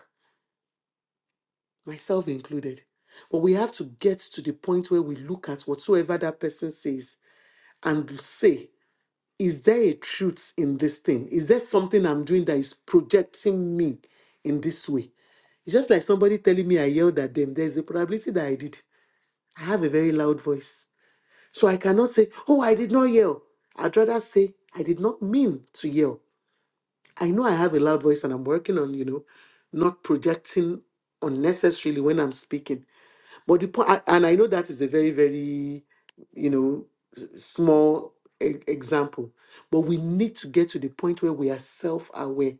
Speaker 2: myself included. But we have to get to the point where we look at whatsoever that person says and say, is there a truth in this thing? Is there something I'm doing that is projecting me in this way? It's just like somebody telling me I yelled at them. There's a probability that I did I have a very loud voice. So I cannot say, oh, I did not yell. I'd rather say, I did not mean to yell. I know I have a loud voice and I'm working on, you know, not projecting unnecessarily when I'm speaking. But the point, and I know that is a very, very, you know, s- small e- example. But we need to get to the point where we are self aware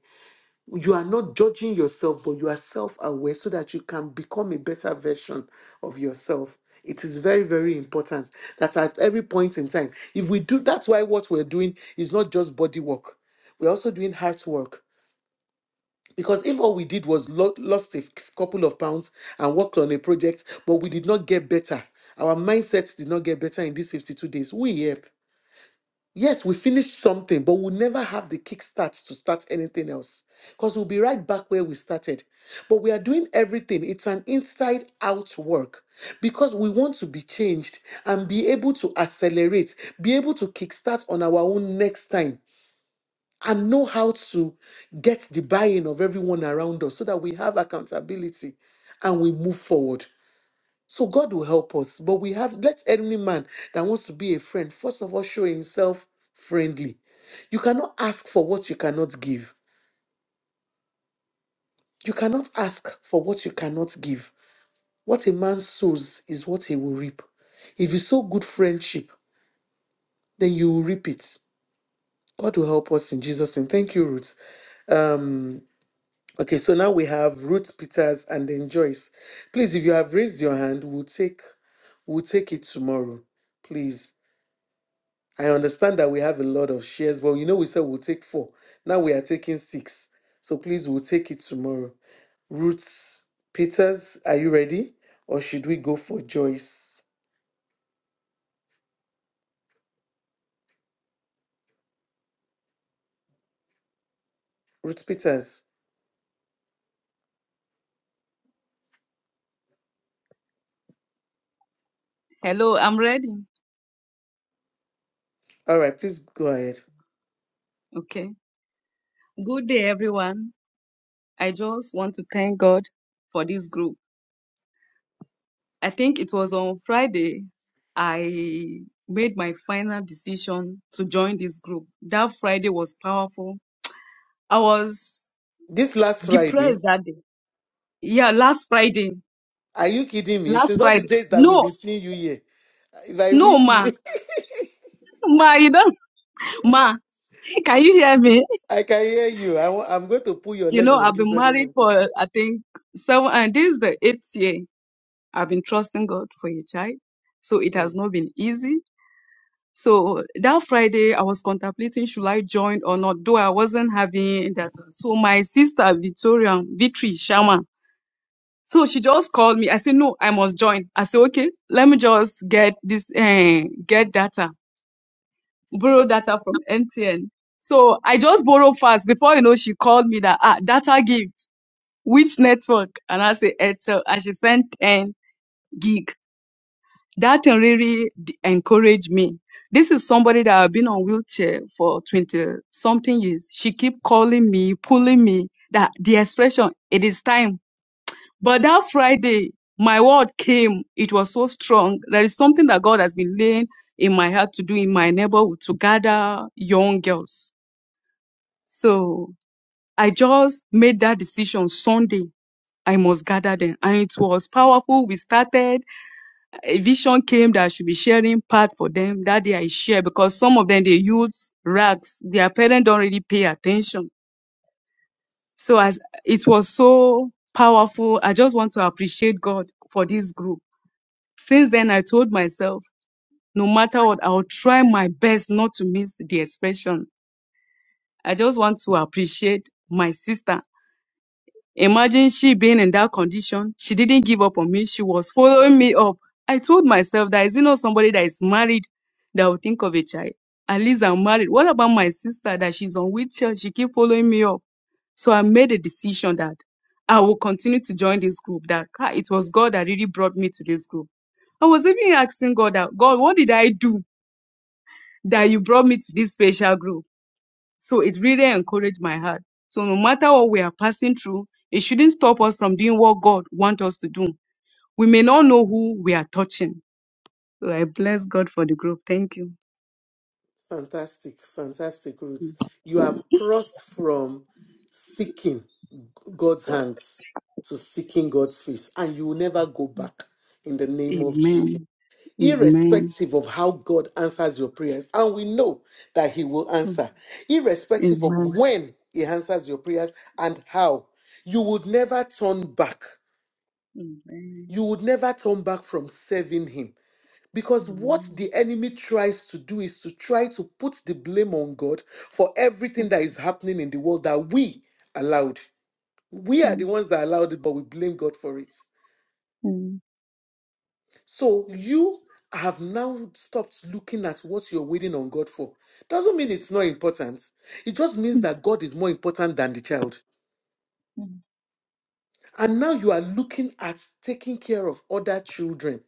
Speaker 2: you are not judging yourself, but you are self aware so that you can become a better version of yourself. It is very, very important that at every point in time, if we do that's why what we're doing is not just body work, we're also doing heart work. Because if all we did was lo- lost a c- couple of pounds and worked on a project, but we did not get better, our mindset did not get better in these 52 days, we, yep. Yes, we finish something, but we'll never have the kickstart to start anything else because we'll be right back where we started. But we are doing everything, it's an inside out work because we want to be changed and be able to accelerate, be able to kickstart on our own next time, and know how to get the buy in of everyone around us so that we have accountability and we move forward. So God will help us. But we have let any man that wants to be a friend, first of all, show himself friendly. You cannot ask for what you cannot give. You cannot ask for what you cannot give. What a man sows is what he will reap. If you sow good friendship, then you will reap it. God will help us in Jesus' name. Thank you, Ruth. Um, okay, so now we have Ruth Peters and then Joyce. Please, if you have raised your hand, we'll take we'll take it tomorrow. Please. I understand that we have a lot of shares, but you know, we said we'll take four. Now we are taking six. So please, we'll take it tomorrow. Ruth Peters, are you ready? Or should we go for Joyce? Ruth Peters.
Speaker 9: Hello, I'm ready.
Speaker 2: All right, please go ahead.
Speaker 9: Okay. Good day, everyone. I just want to thank God for this group. I think it was on Friday I made my final decision to join this group. That Friday was powerful. I was
Speaker 2: This last
Speaker 9: depressed
Speaker 2: Friday,
Speaker 9: that day. Yeah, last Friday.
Speaker 2: are you kidding me?
Speaker 9: Last
Speaker 2: Since all the
Speaker 9: Friday.
Speaker 2: days that we've
Speaker 9: No,
Speaker 2: been seeing you here, if I
Speaker 9: no,
Speaker 2: whip
Speaker 9: ma.
Speaker 2: you,
Speaker 9: Ma, you don't, ma. Can you hear me?
Speaker 2: I can hear you. I, wa- I'm going to pull your
Speaker 9: You
Speaker 2: leg
Speaker 9: know,
Speaker 2: on
Speaker 9: I've
Speaker 2: this
Speaker 9: been
Speaker 2: very
Speaker 9: married
Speaker 2: well.
Speaker 9: for, I think, seven, and this is the eighth year. I've been trusting God for a child. So it
Speaker 2: Hmm.
Speaker 9: has not been easy. So that Friday, I was contemplating should I join or not, though I wasn't having that. So my sister, Victoria, Victory Sharma, so she just called me. I said, no, I must join. I said, okay, let me just get this, eh, get data, borrow data from MTN. So I just borrow fast. Before you know, she called me that, ah, data gift, which network? And I said, Airtel. And she sent 10 gig. That really d- encouraged me. This is somebody that I've been on wheelchair for 20 something years. She keep calling me, pulling me that the expression, it is time. But that Friday, my word came. It was so strong. There is something that God has been laying in my heart to do in my neighborhood to gather young girls. So I just made that decision Sunday. I must gather them. And it was powerful. We started a vision came that I should be sharing part for them. That day I share because some of them they use rags. Their parents don't really pay attention. So as it was so powerful, I just want to appreciate God for this group. Since then I told myself, no matter what, I'll try my best not to miss the expression. I just want to appreciate my sister Imagine she being in that condition. She didn't give up on me. She was following me up. I told myself that is it not somebody that is married that will think of a child? At least I'm married. What about my sister that she's on wheelchair? She keep following me up. So I made a decision that I will continue to join this group. That ah, it was God that really brought me to this group. I was even asking God that God, what did I do that you brought me to this special group? So it really encouraged my heart. So no matter what we are passing through, it shouldn't stop us from doing what God wants us to do. We may not know who we are touching. So I bless God for the group. Thank you.
Speaker 2: Fantastic, fantastic, Ruth. You have crossed from seeking God's hands to seeking God's face, and you will never go back in the name of Jesus,
Speaker 9: Amen. Amen.
Speaker 2: irrespective of how God answers your prayers. And we know that He will
Speaker 9: Mm.
Speaker 2: answer, irrespective of
Speaker 9: Amen.
Speaker 2: when He answers your prayers and how. You would never turn back.
Speaker 9: Amen.
Speaker 2: You would never turn back from serving Him because what
Speaker 9: Amen.
Speaker 2: the enemy tries to do is to try to put the blame on God for everything that is happening in the world that we allowed. We are the ones that allowed it, but we blame God for it. So you have now stopped looking at what you're waiting on God for. Doesn't mean it's not important. It just means that God is more important than the child. And now you are looking at taking care of other children.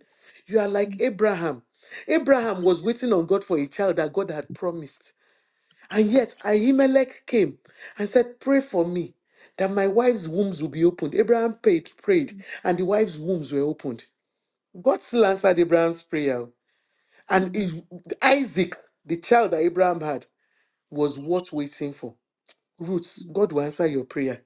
Speaker 2: You are like Abraham. Abraham was waiting on God for a child that God had promised. And yet Ahimelech came and said, Pray for me that my wife's wombs will be opened. Abraham prayed, prayed, and the wife's wombs were opened. God still answered Abraham's prayer. And is- Isaac, the child that Abraham had, was worth waiting for. Ruth, God will answer your prayer.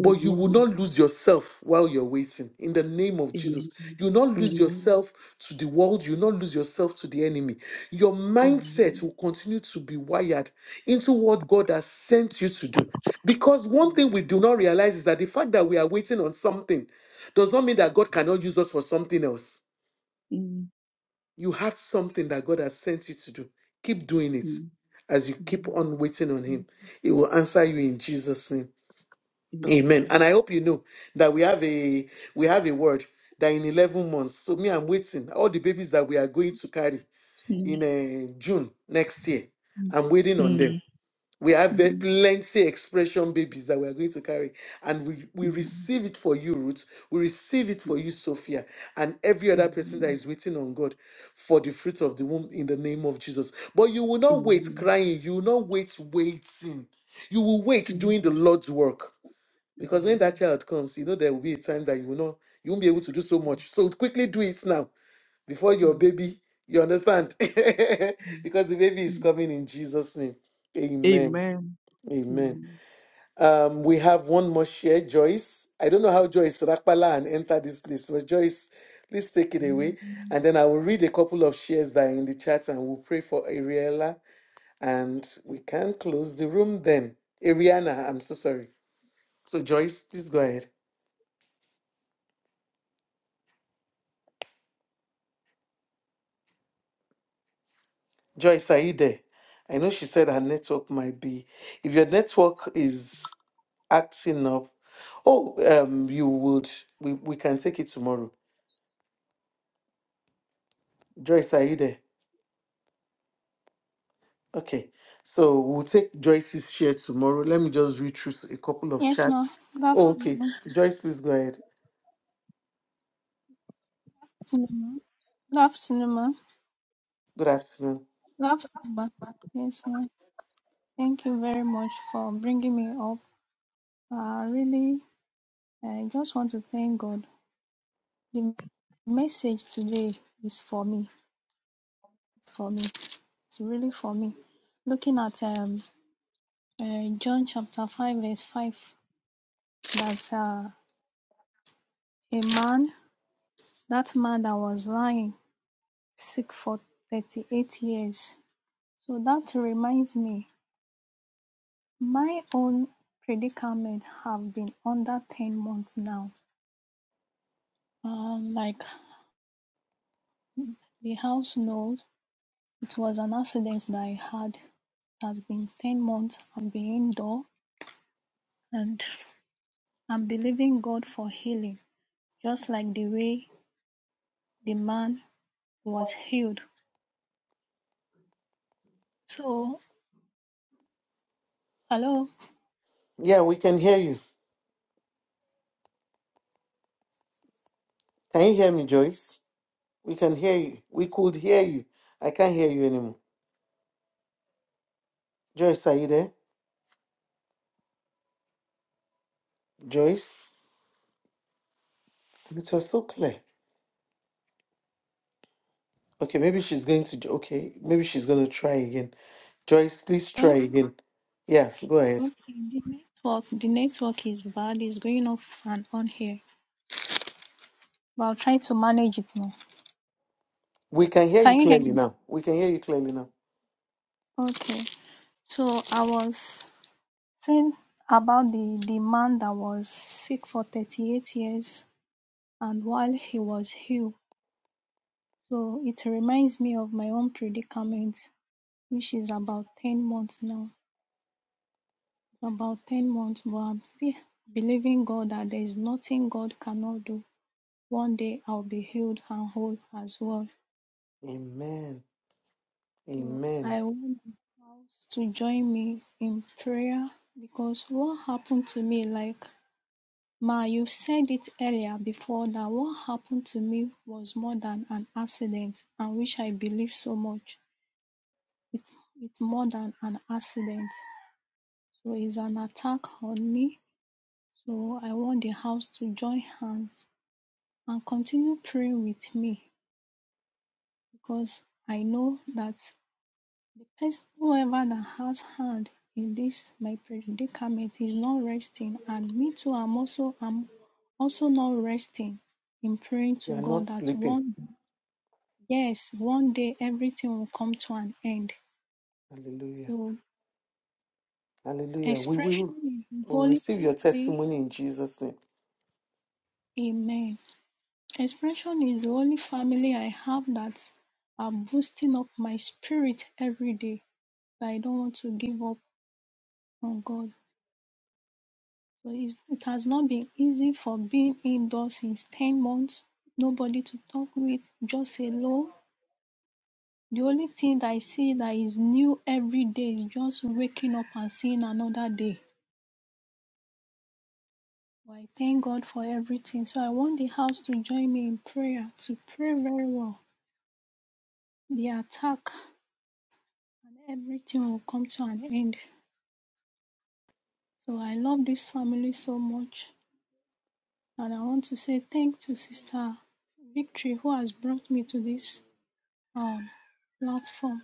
Speaker 2: But you will
Speaker 9: Amen.
Speaker 2: not lose yourself while you're waiting. In the name of Jesus, you will not lose
Speaker 9: Amen.
Speaker 2: yourself to the world. You will not lose yourself to the enemy. Your mindset will continue to be wired into what God has sent you to do. Because one thing we do not realize is that the fact that we are waiting on something does not mean that God cannot use us for something else. You have something that God has sent you to do. Keep doing it as you keep on waiting on Him. He will answer you in Jesus' name. Amen. And I hope you know that we have a we have a word that in eleven months. So me, I'm waiting. All the babies that we are going to carry in uh, June next year, I'm waiting on
Speaker 9: Mm.
Speaker 2: them. We have ve- plenty expression babies that we are going to carry, and we we receive it for you, Ruth. We receive it for you, Sophia, and every other person that is waiting on God for the fruit of the womb in the name of Jesus. But you will not wait crying. You will not wait waiting. You will wait doing the Lord's work. Because when that child comes, you know there will be a time that you will not, you won't be able to do so much. So quickly do it now before your baby. You understand? because the baby is coming in Jesus' name. Amen.
Speaker 9: Amen.
Speaker 2: Amen. Um, we have one more share, Joyce. I don't know how Joyce Rakpala and enter this place, but Joyce, please take it away. And then I will read a couple of shares that are in the chat and we'll pray for Ariella. And we can close the room then. Ariana, I'm so sorry. So Joyce, please go ahead. Joyce, are you there? I know she said her network might be. If your network is acting up, oh, um, you would. We, we can take it tomorrow. Joyce, are you there? Okay. So we'll take Joyce's share tomorrow. Let me just read through s- a couple of
Speaker 10: Yes, ma.
Speaker 2: chats.
Speaker 10: Love
Speaker 2: Oh, okay.
Speaker 10: cinema.
Speaker 2: Joyce, please go ahead.
Speaker 10: Cinema. Love cinema.
Speaker 2: Good afternoon.
Speaker 10: Love cinema. Yes, ma. Thank you very much for bringing me up. I really, I just want to thank God. The message today is for me. It's for me. It's really for me. Looking at um, uh, John chapter five, verse five, that uh, a man, that man that was lying sick for thirty-eight years. So that reminds me My own predicament have been under ten months now. Um, like the house knows, it was an accident that I had. It has been ten months. I've been indoor, and I'm believing God for healing, just like the way the man was healed. So, hello.
Speaker 2: Yeah, we can hear you. Can you hear me, Joyce? We can hear you. We could hear you. I can't hear you anymore. Joyce, are you there? Joyce, it was so clear. Okay, maybe she's going to. Okay, maybe she's going to try again. Joyce, please try
Speaker 10: Huh?
Speaker 2: again. Yeah, go ahead.
Speaker 10: Okay, the network, the network is bad. It's going off and on here, but I'll try to manage it now.
Speaker 2: We can hear you
Speaker 10: Can you hear
Speaker 2: clearly
Speaker 10: me?
Speaker 2: now. We can hear you clearly now.
Speaker 10: Okay. So I was Saying about the, the man that was sick for 38 years and while he was healed. So it reminds me of my own predicament, which is about 10 months now. It's about 10 months, but I'm still believing God that there is nothing God cannot do. One day I'll be healed and whole as well.
Speaker 2: Amen.
Speaker 10: So
Speaker 2: Amen.
Speaker 10: I want you to join me in prayer because what happened to me, like Ma, you said it earlier before that what happened to me was more than an accident, and which I believe so much. It's it's more than an accident. So it's an attack on me. So I want the house to join hands and continue praying with me because I know that the person whoever that has hand in this my predicament is not resting and me too I'm also I'm also not resting in praying
Speaker 2: You
Speaker 10: to
Speaker 2: are not
Speaker 10: God that
Speaker 2: sleeping.
Speaker 10: one Yes, one day everything will come to an end.
Speaker 2: Hallelujah.
Speaker 10: So
Speaker 2: Hallelujah. We
Speaker 10: expression
Speaker 2: will
Speaker 10: is the
Speaker 2: we'll
Speaker 10: holy
Speaker 2: receive your
Speaker 10: family.
Speaker 2: testimony in Jesus' name.
Speaker 10: Amen. Expression is the only family I have that are boosting up my spirit every day. That I don't want to give up on God. So it's, it has not been easy for being indoors since 10 months. Nobody to talk with, just alone. The only thing that I see that is new every day is just waking up and seeing another day Well, I thank God for everything. So I want the house to join me in prayer, to pray very well. The attack and everything will come to an end. So I love this family so much. And I want to say thank to Sister Victory who has brought me to this um, platform.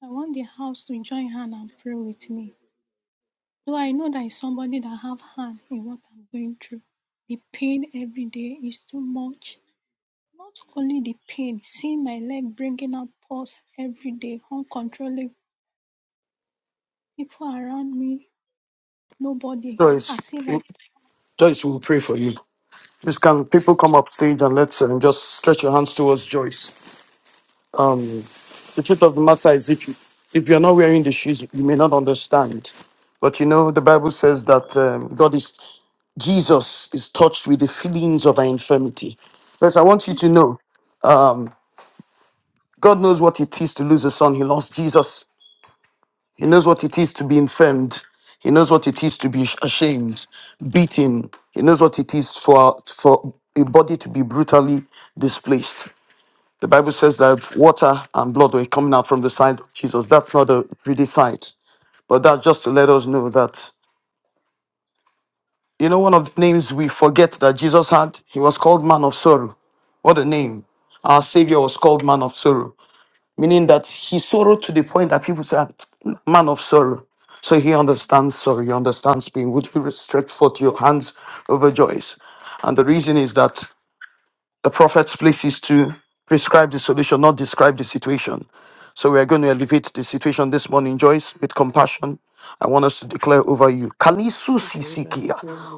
Speaker 10: So I want the house to join hand and pray with me. Though I know there is somebody that have hand in what I'm going through. The pain every day is too much Not only the pain, seeing my leg bringing out pus every day uncontrollably, people around me, nobody, as if I In
Speaker 3: Joyce will pray for you. Please, can people come up stage and let's um, just stretch your hands towards Joyce? Um, the truth of the matter is, if you if you're not wearing the shoes, you may not understand. But you know, the Bible says that um, God is Jesus is touched with the feelings of our infirmity. Because I want you to know, um, God knows what it is to lose a son. He lost Jesus. He knows what it is to be infirmed. He knows what it is to be ashamed, beaten. He knows what it is for for a body to be brutally displaced. The Bible says that water and blood were coming out from the side of Jesus. That's not a pretty sight. But that's just to let us know that, you know, one of the names we forget that Jesus had, he was called Man of Sorrow. What a name. Our Savior was called Man of Sorrow, meaning that he sorrowed to the point that people said, Man of Sorrow. So he understands sorrow, he understands pain. Would you stretch forth your hands over joys? And the reason is that The prophet's place is to prescribe the solution, not describe the situation. So we are going to elevate the situation this morning, Joyce, with compassion. I want us to declare over you. Kalisu sisikia,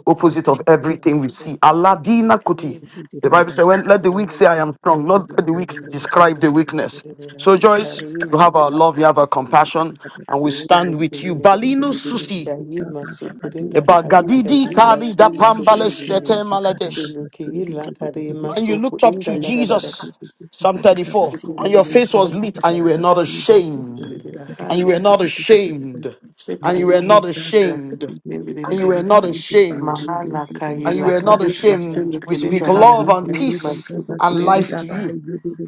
Speaker 3: opposite of everything we see. Aladina kuti.
Speaker 8: Msikiti
Speaker 3: The Bible says,
Speaker 8: badala
Speaker 3: when, let the weak
Speaker 8: msikiti
Speaker 3: say, I am
Speaker 8: msikiti
Speaker 3: strong. Lord, let the weak
Speaker 8: badala
Speaker 3: describe the
Speaker 8: badala
Speaker 3: weakness. So,
Speaker 8: msikiti
Speaker 3: Joyce,
Speaker 8: deka
Speaker 3: you have
Speaker 8: msikiti
Speaker 3: our love, you have our compassion,
Speaker 8: badala
Speaker 3: and we
Speaker 2: Sini kurindi
Speaker 3: stand with you.
Speaker 8: msikiti
Speaker 3: Balino
Speaker 2: kurindi
Speaker 3: susi,
Speaker 8: msikiti
Speaker 2: yayi
Speaker 8: sada
Speaker 2: masur
Speaker 8: sabatu
Speaker 2: kurinda
Speaker 3: eba
Speaker 8: msikiti
Speaker 2: ayi
Speaker 8: deka
Speaker 3: gadidi
Speaker 10: the
Speaker 2: yayi
Speaker 8: deka
Speaker 3: kari da
Speaker 10: name
Speaker 2: basulu
Speaker 10: of
Speaker 8: ina
Speaker 3: pambale
Speaker 2: kurindi kurindi
Speaker 8: msikiti
Speaker 3: shete
Speaker 10: Jesus.
Speaker 8: sekara deka
Speaker 3: maladesh
Speaker 2: sulu kiyi
Speaker 8: msikiti
Speaker 2: la
Speaker 8: deka deka
Speaker 2: kare
Speaker 8: deka
Speaker 3: and
Speaker 2: masu
Speaker 3: you
Speaker 8: deka
Speaker 3: looked up
Speaker 2: kurinda
Speaker 3: to
Speaker 2: da
Speaker 8: lima
Speaker 2: da da da
Speaker 3: Jesus.
Speaker 8: msikiti
Speaker 3: Psalm
Speaker 8: sekara deka
Speaker 3: 34.
Speaker 2: kurindi
Speaker 3: And
Speaker 8: msikiti
Speaker 3: your
Speaker 2: kurindi
Speaker 8: deka
Speaker 3: face
Speaker 8: deka
Speaker 3: was lit,
Speaker 8: deka
Speaker 3: and you
Speaker 2: ayi
Speaker 3: were
Speaker 8: deka
Speaker 3: not
Speaker 8: msikiti
Speaker 3: ashamed.
Speaker 8: msikiti
Speaker 2: kurindi da
Speaker 8: deka
Speaker 3: And
Speaker 8: deka
Speaker 3: you
Speaker 2: hayi
Speaker 3: were not
Speaker 8: deka deka
Speaker 3: ashamed.
Speaker 2: se
Speaker 3: And you were
Speaker 2: kalima
Speaker 3: not
Speaker 8: Likes that
Speaker 2: da
Speaker 8: that
Speaker 3: ashamed.
Speaker 8: city,
Speaker 2: kurindi
Speaker 8: that
Speaker 3: And you
Speaker 8: that
Speaker 3: were not
Speaker 2: kurindi
Speaker 8: city, that
Speaker 3: ashamed.
Speaker 8: city, that
Speaker 2: mahala kayi
Speaker 3: And
Speaker 8: that that
Speaker 3: you
Speaker 2: la
Speaker 3: were not
Speaker 8: that
Speaker 2: kare
Speaker 8: that that that.
Speaker 2: basulu
Speaker 3: ashamed. We
Speaker 8: You
Speaker 3: speak
Speaker 2: kurinda da da
Speaker 8: can't
Speaker 2: da
Speaker 3: love
Speaker 8: see
Speaker 3: and
Speaker 8: the
Speaker 2: yayi
Speaker 8: city,
Speaker 3: peace
Speaker 8: that
Speaker 2: masulu
Speaker 8: that
Speaker 3: and
Speaker 8: city,
Speaker 3: life
Speaker 2: kurindi
Speaker 8: that
Speaker 3: to
Speaker 8: that that
Speaker 3: you.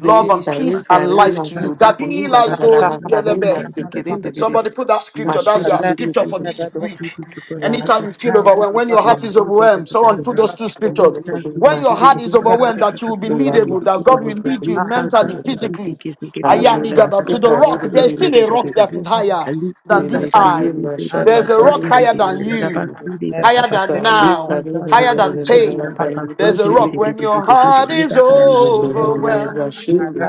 Speaker 2: se
Speaker 3: Love and
Speaker 8: that that that
Speaker 2: kare
Speaker 8: that.
Speaker 3: peace and
Speaker 2: kare
Speaker 8: You
Speaker 3: life to
Speaker 8: can't
Speaker 3: you.
Speaker 2: masulu
Speaker 8: see the city,
Speaker 2: kurinda
Speaker 3: Gabila
Speaker 2: da da
Speaker 8: that
Speaker 3: Zodi
Speaker 2: da
Speaker 8: that
Speaker 2: kare
Speaker 8: city,
Speaker 3: Gelebe.
Speaker 8: that
Speaker 2: masu
Speaker 8: that that that
Speaker 2: kurindi
Speaker 8: that that that.
Speaker 3: Somebody
Speaker 2: kurindi
Speaker 3: put that
Speaker 8: Not
Speaker 3: scripture. That's
Speaker 8: that
Speaker 3: your
Speaker 8: city,
Speaker 3: scripture
Speaker 8: city,
Speaker 3: for
Speaker 8: that
Speaker 3: this
Speaker 8: that city,
Speaker 3: week.
Speaker 8: that that that
Speaker 3: Anytime
Speaker 8: that
Speaker 2: Yes.
Speaker 3: you
Speaker 8: city,
Speaker 3: feel
Speaker 8: that
Speaker 3: overwhelmed, when
Speaker 8: that
Speaker 3: your
Speaker 8: that
Speaker 3: heart is overwhelmed, someone put those two scriptures. When your
Speaker 2: Mercy,
Speaker 3: heart is overwhelmed, that you will be
Speaker 2: Ulam,
Speaker 3: leadable, that God will lead you mentally, physically.
Speaker 2: Kali,
Speaker 3: Ayaligada,
Speaker 2: Mercy,
Speaker 3: To the
Speaker 2: Kali,
Speaker 3: rock, there's still a rock that is higher
Speaker 8: Lika
Speaker 3: than this eye.
Speaker 2: Wiliki, Mashallah,
Speaker 3: There's a
Speaker 2: Kali,
Speaker 3: rock higher than you, higher than
Speaker 2: Sali, Kali,
Speaker 3: now, higher than
Speaker 2: Kali,
Speaker 3: pain. There's a
Speaker 2: Bashili,
Speaker 3: rock when your heart is overwhelmed.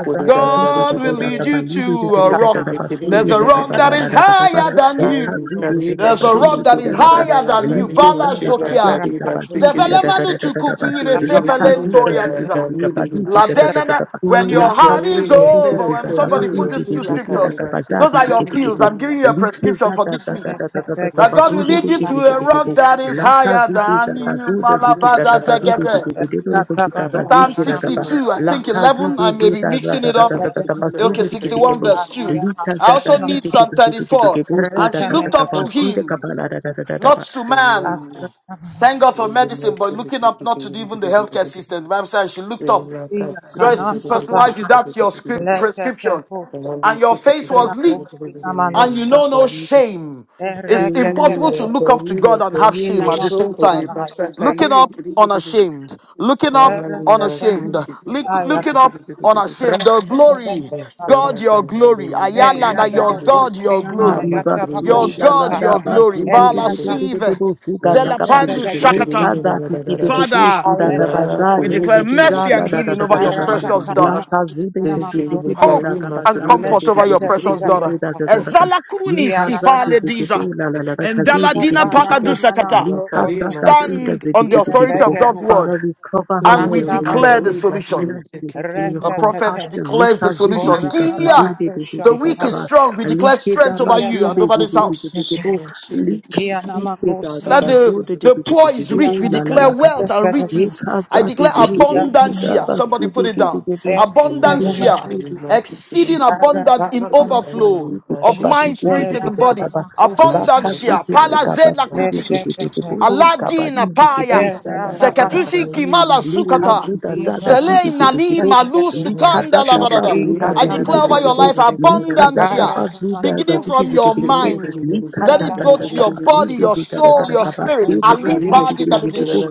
Speaker 2: Kali, Bashili, Kali, da
Speaker 4: And
Speaker 2: da da da
Speaker 3: God
Speaker 2: da da
Speaker 3: will lead you to a rock. There's a
Speaker 2: da
Speaker 3: rock that is
Speaker 2: da.
Speaker 3: higher than you.
Speaker 2: Kali,
Speaker 3: There's a rock
Speaker 2: Mashulu,
Speaker 3: that is
Speaker 2: Kali, da da
Speaker 3: higher
Speaker 2: da,
Speaker 3: than you.
Speaker 2: Kali,
Speaker 3: Bala
Speaker 2: Mashili,
Speaker 3: Zokia.
Speaker 2: Kali, Bashili,
Speaker 3: Zevelemanu
Speaker 2: Thank
Speaker 3: tukupire tefelento yadiza. diza. La denana- When
Speaker 8: La
Speaker 3: your heart
Speaker 8: kasu
Speaker 3: is
Speaker 8: da
Speaker 3: over,
Speaker 8: zikiti
Speaker 3: when
Speaker 8: zaka
Speaker 3: somebody
Speaker 8: patu
Speaker 3: put these
Speaker 8: titi
Speaker 3: two
Speaker 8: titi da
Speaker 3: scriptures,
Speaker 8: kaka sa
Speaker 3: those are your
Speaker 8: titi titi
Speaker 3: pills. I'm giving you a prescription for this week. That God will lead you to a rock that is higher than you. Malabada zegete. Psalm 62, I think 11, I may be mixing it up. Okay, 61 verse 2. I also need Psalm 34. And she looked up to him,
Speaker 8: Luka
Speaker 3: not to man. Thank God for medicine, but looking up not to even the healthcare system. The Bible says she looked up. Joyce, personalize it. That's your script, prescription. And your face was lit and you know no
Speaker 2: you.
Speaker 3: shame. It's
Speaker 4: Rekete
Speaker 3: impossible to
Speaker 2: Aleluya,
Speaker 4: bedos,
Speaker 3: look up to
Speaker 2: caída,
Speaker 3: God and have shame at
Speaker 2: caída,
Speaker 3: the same
Speaker 2: sobre
Speaker 3: time.
Speaker 4: inamasunana,
Speaker 2: pasa
Speaker 3: Looking
Speaker 2: caída,
Speaker 3: up
Speaker 4: yatabakum,
Speaker 2: querida.
Speaker 3: unashamed, looking up
Speaker 4: Let
Speaker 2: Aleluya, shiri,
Speaker 3: unashamed,
Speaker 2: kiri,
Speaker 3: Look,
Speaker 2: kiri,
Speaker 3: looking up
Speaker 2: kiri, kiri.
Speaker 3: unashamed. The glory,
Speaker 2: basa
Speaker 3: God,
Speaker 2: la
Speaker 3: your
Speaker 2: cama,
Speaker 3: glory. Ayala, na your
Speaker 2: aleluya.
Speaker 3: God, your glory.
Speaker 2: Ama, querida,
Speaker 3: Your
Speaker 8: Libasudi
Speaker 2: shiri,
Speaker 3: God,
Speaker 2: kiri,
Speaker 8: kazada
Speaker 3: your
Speaker 2: kiri,
Speaker 3: glory.
Speaker 8: basudi
Speaker 2: kiri,
Speaker 3: Bala
Speaker 2: kiri.
Speaker 3: Sive,
Speaker 8: busu
Speaker 2: Mm,
Speaker 8: kazakaba
Speaker 2: shiri,
Speaker 3: Zelapandu
Speaker 2: kiri, kiri,
Speaker 3: Shakata.
Speaker 2: ra,
Speaker 8: likaza
Speaker 2: ra, ra, ra, ra, ra.
Speaker 8: tikibu
Speaker 3: Father,
Speaker 8: suda
Speaker 2: La
Speaker 3: we
Speaker 8: kabazadi
Speaker 3: declare
Speaker 2: cuina, shiri,
Speaker 3: mercy and
Speaker 8: tikizada
Speaker 2: kiri,
Speaker 8: da da da
Speaker 3: healing
Speaker 2: kiri,
Speaker 8: da
Speaker 3: over
Speaker 8: da
Speaker 3: your
Speaker 2: kiri,
Speaker 8: da da
Speaker 2: kiri,
Speaker 3: precious
Speaker 8: la
Speaker 3: daughter
Speaker 2: kiri.
Speaker 8: kazube
Speaker 2: de shiri,
Speaker 8: segizibu
Speaker 3: hope
Speaker 8: da
Speaker 2: caída,
Speaker 3: and
Speaker 8: kabazadi
Speaker 2: querida,
Speaker 3: comfort over
Speaker 2: shiri,
Speaker 3: your precious
Speaker 8: tikibu
Speaker 3: daughter.
Speaker 8: suda da da da da
Speaker 3: Ezala kuruni
Speaker 8: likaza
Speaker 3: sifale diza.
Speaker 8: tikibu la la la
Speaker 2: kiri,
Speaker 8: la kazidi
Speaker 3: Endalatina
Speaker 8: tikibu
Speaker 3: pakadushakata.
Speaker 2: la
Speaker 8: likaza
Speaker 2: carina,
Speaker 8: da suda
Speaker 3: Stand on the authority
Speaker 8: tikibu
Speaker 3: of
Speaker 2: querida,
Speaker 3: God's word
Speaker 8: Father we cover
Speaker 2: Thank
Speaker 8: her
Speaker 3: and
Speaker 8: with
Speaker 3: we
Speaker 8: your
Speaker 3: declare the
Speaker 8: mercy
Speaker 3: solution.
Speaker 8: mercy in your
Speaker 3: A prophet
Speaker 4: Rete
Speaker 8: compassion
Speaker 3: declares the
Speaker 8: likazubi
Speaker 3: solution.
Speaker 4: Ora
Speaker 3: Gilead,
Speaker 4: babana kusha
Speaker 3: the weak
Speaker 8: tikabadu
Speaker 3: is
Speaker 4: tabo.
Speaker 3: strong. We declare
Speaker 8: Likeda
Speaker 3: strength over
Speaker 4: Iya
Speaker 3: you
Speaker 8: bazu
Speaker 3: and
Speaker 8: de
Speaker 3: over
Speaker 4: babana
Speaker 8: de
Speaker 3: this
Speaker 8: de de
Speaker 3: house.
Speaker 8: de de
Speaker 4: kusha te.
Speaker 8: bo. Lik-
Speaker 4: Iya nama
Speaker 8: Likeda da
Speaker 4: kusya.
Speaker 3: Let the,
Speaker 8: bazu de de
Speaker 3: the
Speaker 2: you.
Speaker 8: de de
Speaker 3: poor
Speaker 8: de
Speaker 3: is
Speaker 8: de
Speaker 4: Iya
Speaker 3: rich.
Speaker 8: bo.
Speaker 3: We
Speaker 8: La
Speaker 4: nama
Speaker 8: la
Speaker 3: declare
Speaker 8: la
Speaker 4: kusya
Speaker 3: wealth and
Speaker 4: kadabo.
Speaker 3: riches. I
Speaker 8: Yekazati
Speaker 3: declare
Speaker 4: Iya
Speaker 8: zikide
Speaker 3: abundance
Speaker 4: nama
Speaker 3: here. Somebody put
Speaker 8: dabasidi
Speaker 3: it down.
Speaker 8: gidebo
Speaker 4: kusya
Speaker 3: Abundance here.
Speaker 4: kadabo.
Speaker 8: libasudi basudi
Speaker 3: Exceeding
Speaker 4: Ara
Speaker 3: abundant in
Speaker 4: babana kusya.
Speaker 3: overflow
Speaker 8: bakasidi
Speaker 3: of
Speaker 8: babadi
Speaker 3: mind, spirit,
Speaker 4: Era
Speaker 3: and body.
Speaker 8: dididididaba
Speaker 4: babana kusya
Speaker 3: Abundance
Speaker 4: nama.
Speaker 3: here.
Speaker 8: lakasudi
Speaker 3: Palazela
Speaker 8: dabasudi
Speaker 3: kuti.
Speaker 4: Eche te te
Speaker 8: didididibusi
Speaker 4: kusya.
Speaker 8: kabadi
Speaker 3: Aladina paya.
Speaker 8: didibusi
Speaker 4: Era babana
Speaker 3: Zekatushi
Speaker 8: adadadadadadaba
Speaker 4: kusya.
Speaker 3: kimala sukata.
Speaker 8: likazuda
Speaker 4: Iya
Speaker 8: zada
Speaker 4: babana
Speaker 3: Zele nali
Speaker 4: kusya
Speaker 8: dididididibo
Speaker 3: malu
Speaker 4: kadabo.
Speaker 3: sukanda la
Speaker 8: likadadaba
Speaker 3: barada.
Speaker 8: zuda
Speaker 4: Ika
Speaker 3: I declare over your
Speaker 4: tamanosha.
Speaker 8: zididizigebo
Speaker 3: life abundance here,
Speaker 8: likadadaba
Speaker 4: Ara babana
Speaker 8: zuda
Speaker 3: beginning from
Speaker 4: kusya
Speaker 3: your
Speaker 4: te.
Speaker 8: zadigizigidegebo
Speaker 3: mind.
Speaker 4: Iya
Speaker 3: Let it go to
Speaker 4: babana.
Speaker 3: your
Speaker 8: likadadadadaba
Speaker 3: body,
Speaker 8: zudu
Speaker 3: your
Speaker 4: Ara
Speaker 3: soul, your
Speaker 4: babana
Speaker 8: zikadakadakaba
Speaker 3: spirit.
Speaker 8: sidi
Speaker 4: kusya
Speaker 3: Ali
Speaker 4: nama
Speaker 8: kazidi
Speaker 3: padi
Speaker 4: kusya.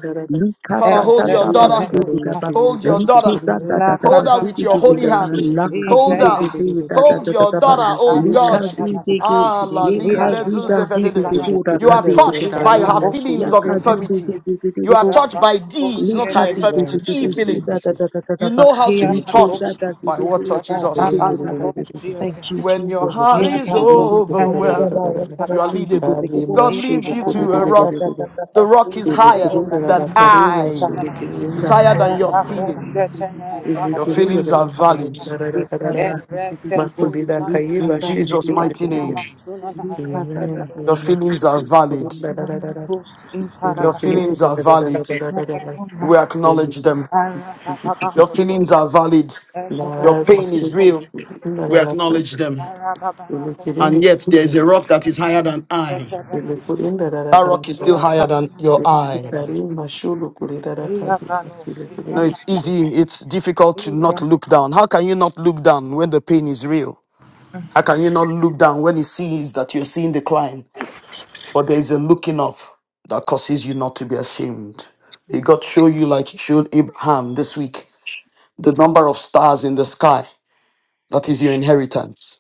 Speaker 3: Father,
Speaker 4: Eh,
Speaker 3: hold your
Speaker 2: la
Speaker 3: daughter.
Speaker 2: cara de
Speaker 4: vetemenushka,
Speaker 8: Likadadadabazudezigaba,
Speaker 2: que
Speaker 3: Hold your
Speaker 2: basu
Speaker 3: daughter.
Speaker 2: corriendo el
Speaker 3: Hold her with your
Speaker 4: lakatabada,
Speaker 3: holy
Speaker 8: likizadadadabazudegezigaba,
Speaker 2: que
Speaker 3: hands. Hold her.
Speaker 4: ibrekenusha,
Speaker 3: Hold your
Speaker 8: lakazudegezegedadadadaba,
Speaker 2: la
Speaker 3: daughter,
Speaker 10: In
Speaker 3: oh
Speaker 2: licorina
Speaker 3: God.
Speaker 4: adadadadadada,
Speaker 8: likazudege-
Speaker 2: que
Speaker 3: Ah,
Speaker 2: que
Speaker 3: la
Speaker 2: viene de
Speaker 3: li le
Speaker 2: de
Speaker 3: zu ze fe de de.
Speaker 4: iapakusikanana,
Speaker 2: lo que
Speaker 3: You are
Speaker 2: venda de la
Speaker 3: touched by
Speaker 2: carne
Speaker 8: yekazudazidegeborakazidegedagaba,
Speaker 3: her
Speaker 2: más se le
Speaker 3: feelings of
Speaker 2: corre
Speaker 4: iapakusukedede,
Speaker 3: infirmity. You are
Speaker 8: yakazudegezegedegebo,
Speaker 3: touched by these, not her
Speaker 10: the name
Speaker 4: rabakusjedede,
Speaker 10: of
Speaker 3: infirmity,
Speaker 2: la se
Speaker 3: the
Speaker 2: le que que
Speaker 3: feelings. You
Speaker 8: likazudegezegedegudadadadadaba,
Speaker 3: know how to
Speaker 2: que
Speaker 3: be
Speaker 2: le que
Speaker 3: touched
Speaker 4: iapakusu,
Speaker 2: que que
Speaker 3: by
Speaker 2: que que
Speaker 3: what touches
Speaker 2: pero
Speaker 3: us.
Speaker 2: no lo
Speaker 8: likezadazidegezegedagaba.
Speaker 2: debe de
Speaker 8: Thank
Speaker 4: rababanakusjedede,
Speaker 8: you,
Speaker 3: When your
Speaker 2: de
Speaker 8: Jesus.
Speaker 2: no
Speaker 3: heart
Speaker 2: sé de
Speaker 3: is
Speaker 2: de de de
Speaker 8: Likazudegezegedegaba,
Speaker 3: overwhelmed,
Speaker 2: de de
Speaker 3: you
Speaker 4: iapakusenemenuskata,
Speaker 3: are leadable.
Speaker 2: Ali
Speaker 8: lakazudegezegebo,
Speaker 3: God
Speaker 2: mashi
Speaker 3: leads
Speaker 2: le
Speaker 3: you
Speaker 2: kuri
Speaker 3: to
Speaker 2: le
Speaker 3: a
Speaker 4: iadadadada,
Speaker 2: le le
Speaker 3: rock.
Speaker 2: le le.
Speaker 3: The rock is
Speaker 2: Tuli
Speaker 4: Thank
Speaker 3: higher than
Speaker 8: likadadadadabazudezigaba,
Speaker 3: I. It's higher
Speaker 8: Rikaza
Speaker 3: than your
Speaker 8: Kaza City
Speaker 3: feelings.
Speaker 8: People,
Speaker 2: La
Speaker 3: Your
Speaker 8: Rakaba
Speaker 2: masih indah
Speaker 3: feelings are
Speaker 8: Baby,
Speaker 2: dalam
Speaker 3: valid
Speaker 8: Rikaza to City People,
Speaker 3: in
Speaker 8: Rikaza to
Speaker 3: Jesus'
Speaker 8: City
Speaker 3: mighty
Speaker 8: People,
Speaker 3: name.
Speaker 8: Rikaza
Speaker 3: Your feelings are valid. Your feelings are valid. We acknowledge them. Your feelings are valid. Your pain is real. We acknowledge them.
Speaker 2: selikirin di
Speaker 3: And yet there is a
Speaker 2: sini,
Speaker 3: rock that is higher than I.
Speaker 2: selikurin darah
Speaker 3: That rock is
Speaker 2: darah
Speaker 3: still higher than
Speaker 2: darah
Speaker 3: your eye.
Speaker 2: dari masuk kulit darah kaki
Speaker 3: No, it's easy. It's difficult to
Speaker 4: you.
Speaker 3: not look down. How can you not look down when the pain is real? How can you not look down when it seems that you're seeing decline? But there is a looking up that causes you not to be ashamed. May God show you, like He showed Abraham this week, the number of stars in the sky. That is your
Speaker 10: Jesus.
Speaker 3: inheritance.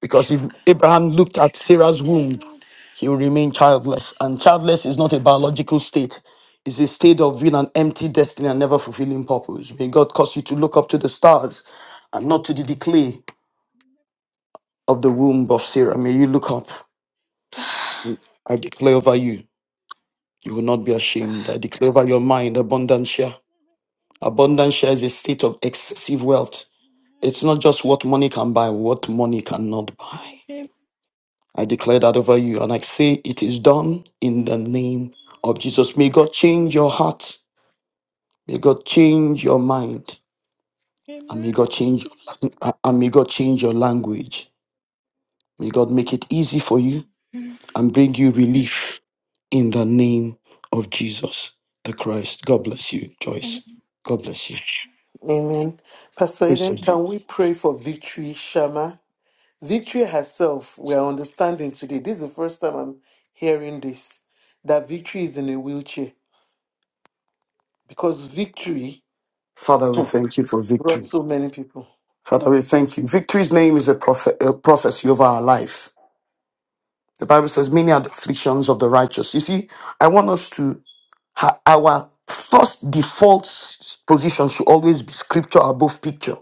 Speaker 3: Because if Abraham looked at Sarah's
Speaker 10: Yes,
Speaker 3: womb, he would remain childless.
Speaker 10: Yes.
Speaker 3: And childless is not a biological state, it's a state of being an empty destiny and never fulfilling purpose. May God cause you to look up to the stars and not to the decay of the womb of Sarah. May you look up. I declare over you, you will not be ashamed. I declare over your mind, abundance share. Abundance share is a state of excessive wealth. It's not just what money can buy, what money cannot buy. I declare that over you and I say it is done in the name of Jesus. May God change your heart. May God change your mind.
Speaker 10: Amen.
Speaker 3: And may
Speaker 10: Amen.
Speaker 3: God change your lang- uh, and may God change your language. May God make it easy for you
Speaker 10: Amen.
Speaker 3: and bring you relief in the name of Jesus the Christ. God bless you, Joyce. God bless you.
Speaker 10: Amen.
Speaker 2: Amen. Pastor
Speaker 3: Praise the
Speaker 2: Eden,
Speaker 3: Lord.
Speaker 2: can we pray for victory, Shama? Victory herself, we are understanding today. This is the first time I'm hearing this that victory is in a wheelchair because victory
Speaker 3: Father, we thank you for
Speaker 2: brought
Speaker 3: victory.
Speaker 2: so many people.
Speaker 3: Father, we thank you. Victory's name is a, prophet, a prophecy over our life. The Bible says, Many are the afflictions of the righteous. You see, I want us to, ha- our first default s- position should always be scripture above picture.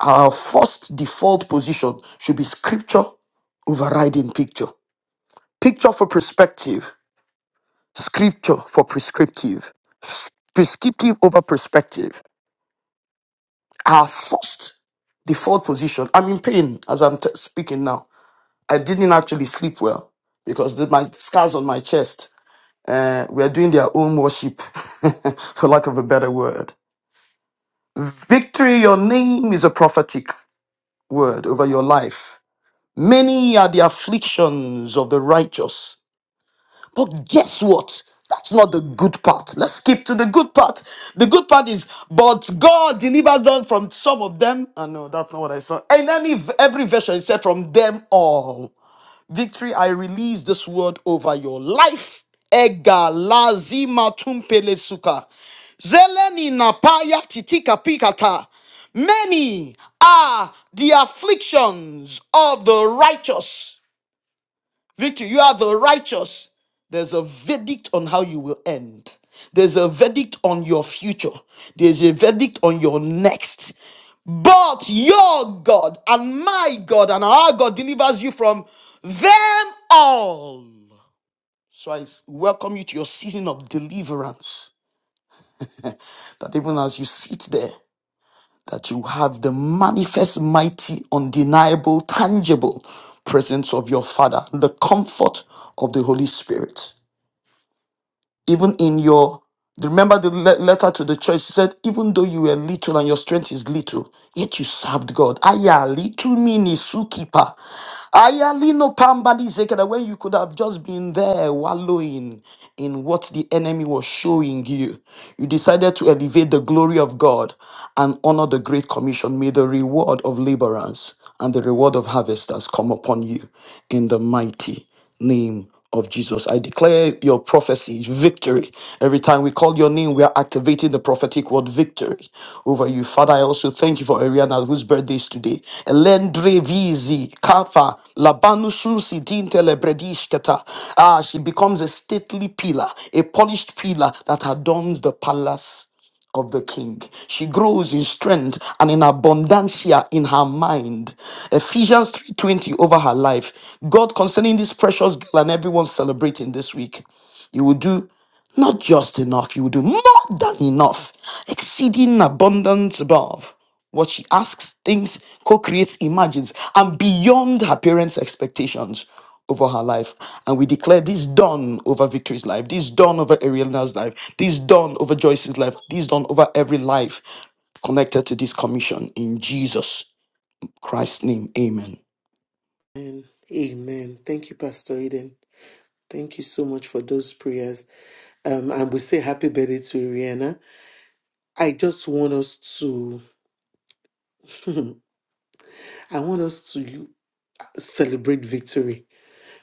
Speaker 3: Our first default position should be scripture overriding picture. Picture for perspective, scripture for prescriptive, prescriptive over perspective. Our first default position. I'm in pain as I'm t- speaking now. I didn't actually sleep well because the, my scars on my chest Uh, we are doing their own worship, for lack of a better word. Victory, your name is a prophetic word over your life. Many are the afflictions of the righteous. But guess what? That's not the good part. Let's skip to the good part. The good part is, but God delivered them from some of them. I know that's not what I saw. In any every version, it said from them all. Victory, I release this word over your life. Ega lazima tumpele suka. Zeleni napaya titika pikata. Many are the afflictions of the righteous. Victory, you are the righteous. There's a verdict on how you will end. There's a verdict on your future. There's a verdict on your next. But your God and my God and our God delivers you from them all. So I welcome you to your season of deliverance. That even as you sit there, that you have the manifest, mighty, undeniable, tangible presence of your Father, the comfort of the Holy Spirit. even in your remember the le- letter to the church he said even though you were little and your strength is little yet you served god ayali tumini sukipa ayali no pambali zekeda when you could have just been there wallowing in what the enemy was showing you you decided to elevate the glory of god and honor the great commission may the reward of laborers and the reward of harvesters come upon you in the mighty name of Jesus. I declare your prophecy victory. Every time we call your name, we are activating the prophetic word victory over you. Father, I also thank you for Ariana, whose birthday is today. Elendre Vizi, Kafa, Labanu Susi, Dintele Bredishketa. Ah, she becomes a stately pillar, a polished pillar that adorns the palace of the king. She grows in strength and in abundancia in her mind. Ephesians 3:20 over her life. God concerning this precious girl and everyone celebrating this week. You will do not just enough, you will do more than enough, exceeding abundance above what she asks, thinks, co creates, imagines, and beyond her parents' expectations over her life. And we declare this done over Victory's life, this done over Ariana's life, this done over Joyce's life, this done over every life connected to this commission. In Jesus Christ's name, amen.
Speaker 2: Amen. Amen. Thank you, Pastor Eden. Thank you so much for those prayers. Um, and we say happy birthday to Rihanna. I just want us to, I want us to celebrate victory.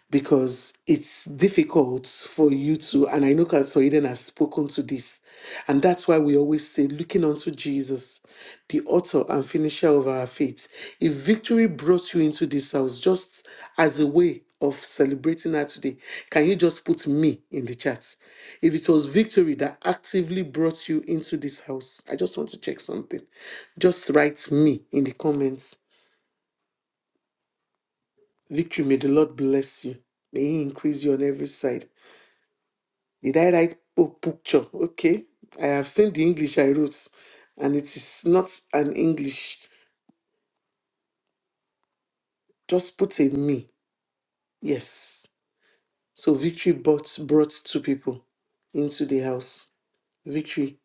Speaker 2: because it's difficult for you to, and I know Pastor Eden has spoken to this, and that's why we always say, looking unto Jesus, the author and finisher of our faith. If victory brought you into this house just as a way of celebrating her today, can you just put me in the chat? If it was victory that actively brought you into this house, I just want to check something. Just write me in the comments. Victory, may the Lord bless you. May He increase you on every side. Did I write oh, picture? Okay. I have seen the English I wrote, and it is not an English. Just put a me. Yes. So victory brought brought two people into the house. Victory,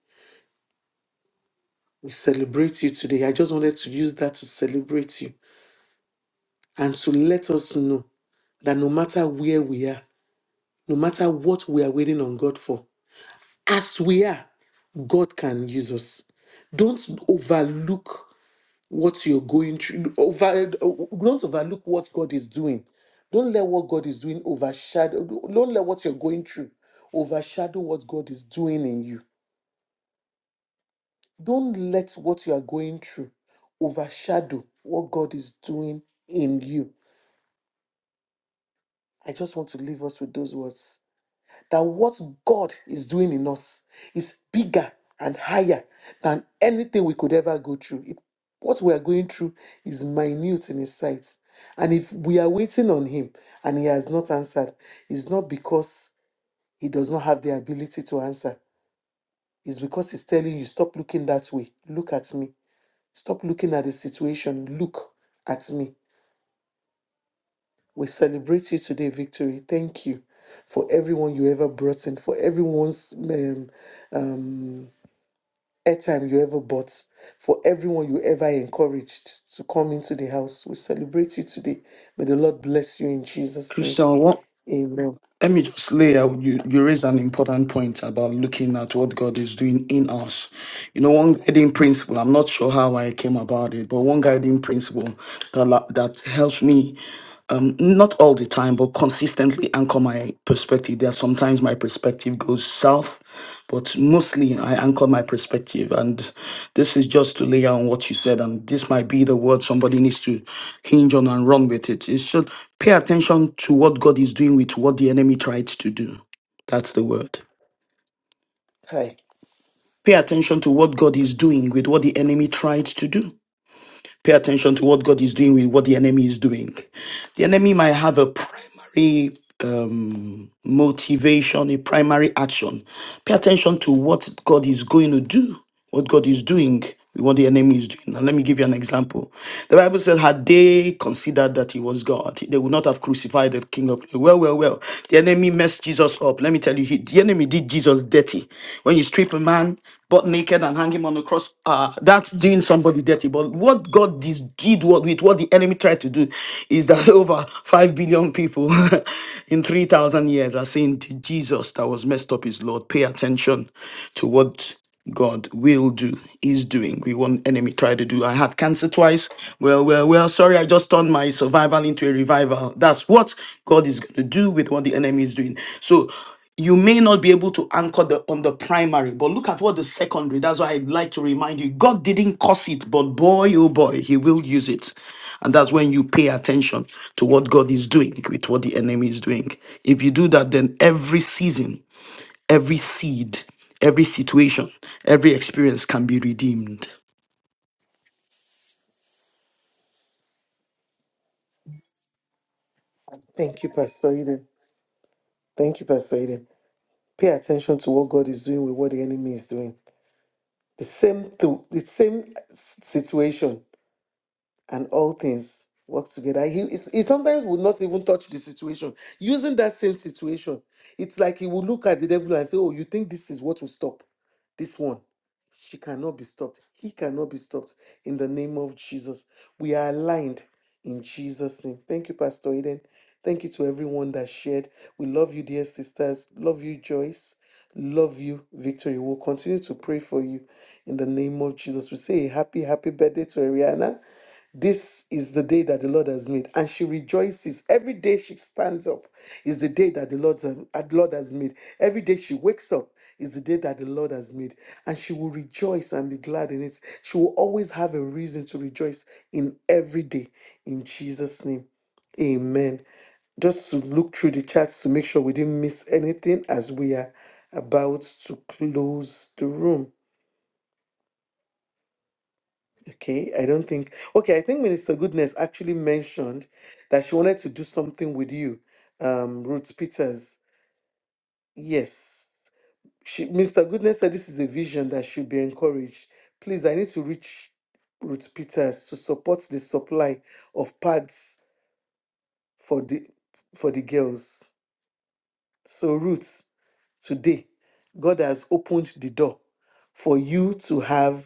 Speaker 2: we celebrate you today. I just wanted to use that to celebrate you and to let us know that no matter where we are, no matter what we are waiting on God for, as we are, God can use us. Don't overlook what you're going through. Over, don't overlook what God is doing. Don't let what God is doing overshadow. Don't let what you're going through overshadow what God is doing in you. Don't let what you are going through overshadow what God is doing in you. I just want to leave us with those words. that what God is doing in us is bigger and higher than anything we could ever go through. It, what we are going through is minute in His sight. And if we are waiting on Him and He has not answered, it's not because He does not have the ability to answer, it's because He's telling you, stop looking that way. Look at me. Stop looking at the situation. Look at me. We celebrate you today, Victory. Thank you for everyone you ever brought in, for everyone's um, um, airtime you ever bought, for everyone you ever encouraged to come into the house. We celebrate you today. May the Lord bless you in Jesus' name.
Speaker 3: Crystal, what?
Speaker 2: Amen.
Speaker 3: Let me just lay out. You, you raised an important point about looking at what God is doing in us. You know, one guiding principle, I'm not sure how I came about it, but one guiding principle that, la- that helps me um, not all the time, but consistently anchor my perspective. There are sometimes my perspective goes south, but mostly I anchor my perspective. And this is just to layer on what you said. And this might be the word somebody needs to hinge on and run with it. It should pay attention to what God is doing with what the enemy tried to do. That's the word.
Speaker 2: Hi.
Speaker 3: Pay attention to what God is doing with what the enemy tried to do. Pay attention to what God is doing with what the enemy is doing. The enemy might have a primary um, motivation, a primary action. Pay attention to what God is going to do, what God is doing with what the enemy is doing. And let me give you an example. The Bible says, had they considered that he was God, they would not have crucified the King of Glory. Well, well, well. The enemy messed Jesus up. Let me tell you, he, the enemy did Jesus dirty when you strip a man butt naked and hang him on a cross, uh, that's doing somebody dirty. But what God dis- did what, with what the enemy tried to do is that over 5 billion people in 3,000 years are saying, "The Jesus that was messed up is Lord. Pay attention to what God will do, is doing. We want enemy try to do. I had cancer twice. Well, well, well, sorry, I just turned my survival into a revival. That's what God is going to do with what the enemy is doing. So you may not be able to anchor the on the primary, but look at what the secondary. That's why I like to remind you, God didn't cause it, but boy, oh boy, He will use it, and that's when you pay attention to what God is doing with what the enemy is doing. If you do that, then every season, every seed, every situation, every experience can be redeemed.
Speaker 2: Thank you, Pastor Eden. Thank you, Pastor Eden. Pay attention to what God is doing with what the enemy is doing. The same, th- the same s- situation and all things work together. He, is- he sometimes would not even touch the situation. Using that same situation, it's like he would look at the devil and say, Oh, you think this is what will stop this one? She cannot be stopped. He cannot be stopped. In the name of Jesus, we are aligned in Jesus' name. Thank you, Pastor Eden. Thank you to everyone that shared. We love you, dear sisters. Love you, Joyce. Love you, Victory. We'll continue to pray for you in the name of Jesus. We say a happy, happy birthday to Ariana. This is the day that the Lord has made, and she rejoices. Every day she stands up is the day that the Lord, that the Lord has made. Every day she wakes up is the day that the Lord has made and she will rejoice and be glad in it. She will always have a reason to rejoice in every day. In Jesus' name, amen. Just to look through the charts to make sure we didn't miss anything as we are about to close the room. Okay, I don't think. Okay, I think Minister Goodness actually mentioned that she wanted to do something with you, um, Ruth Peters. Yes. She, Mr. Goodness said this is a vision that should be encouraged. Please, I need to reach Ruth Peters to support the supply of pads for the for the girls. So, Ruth, today, God has opened the door for you to have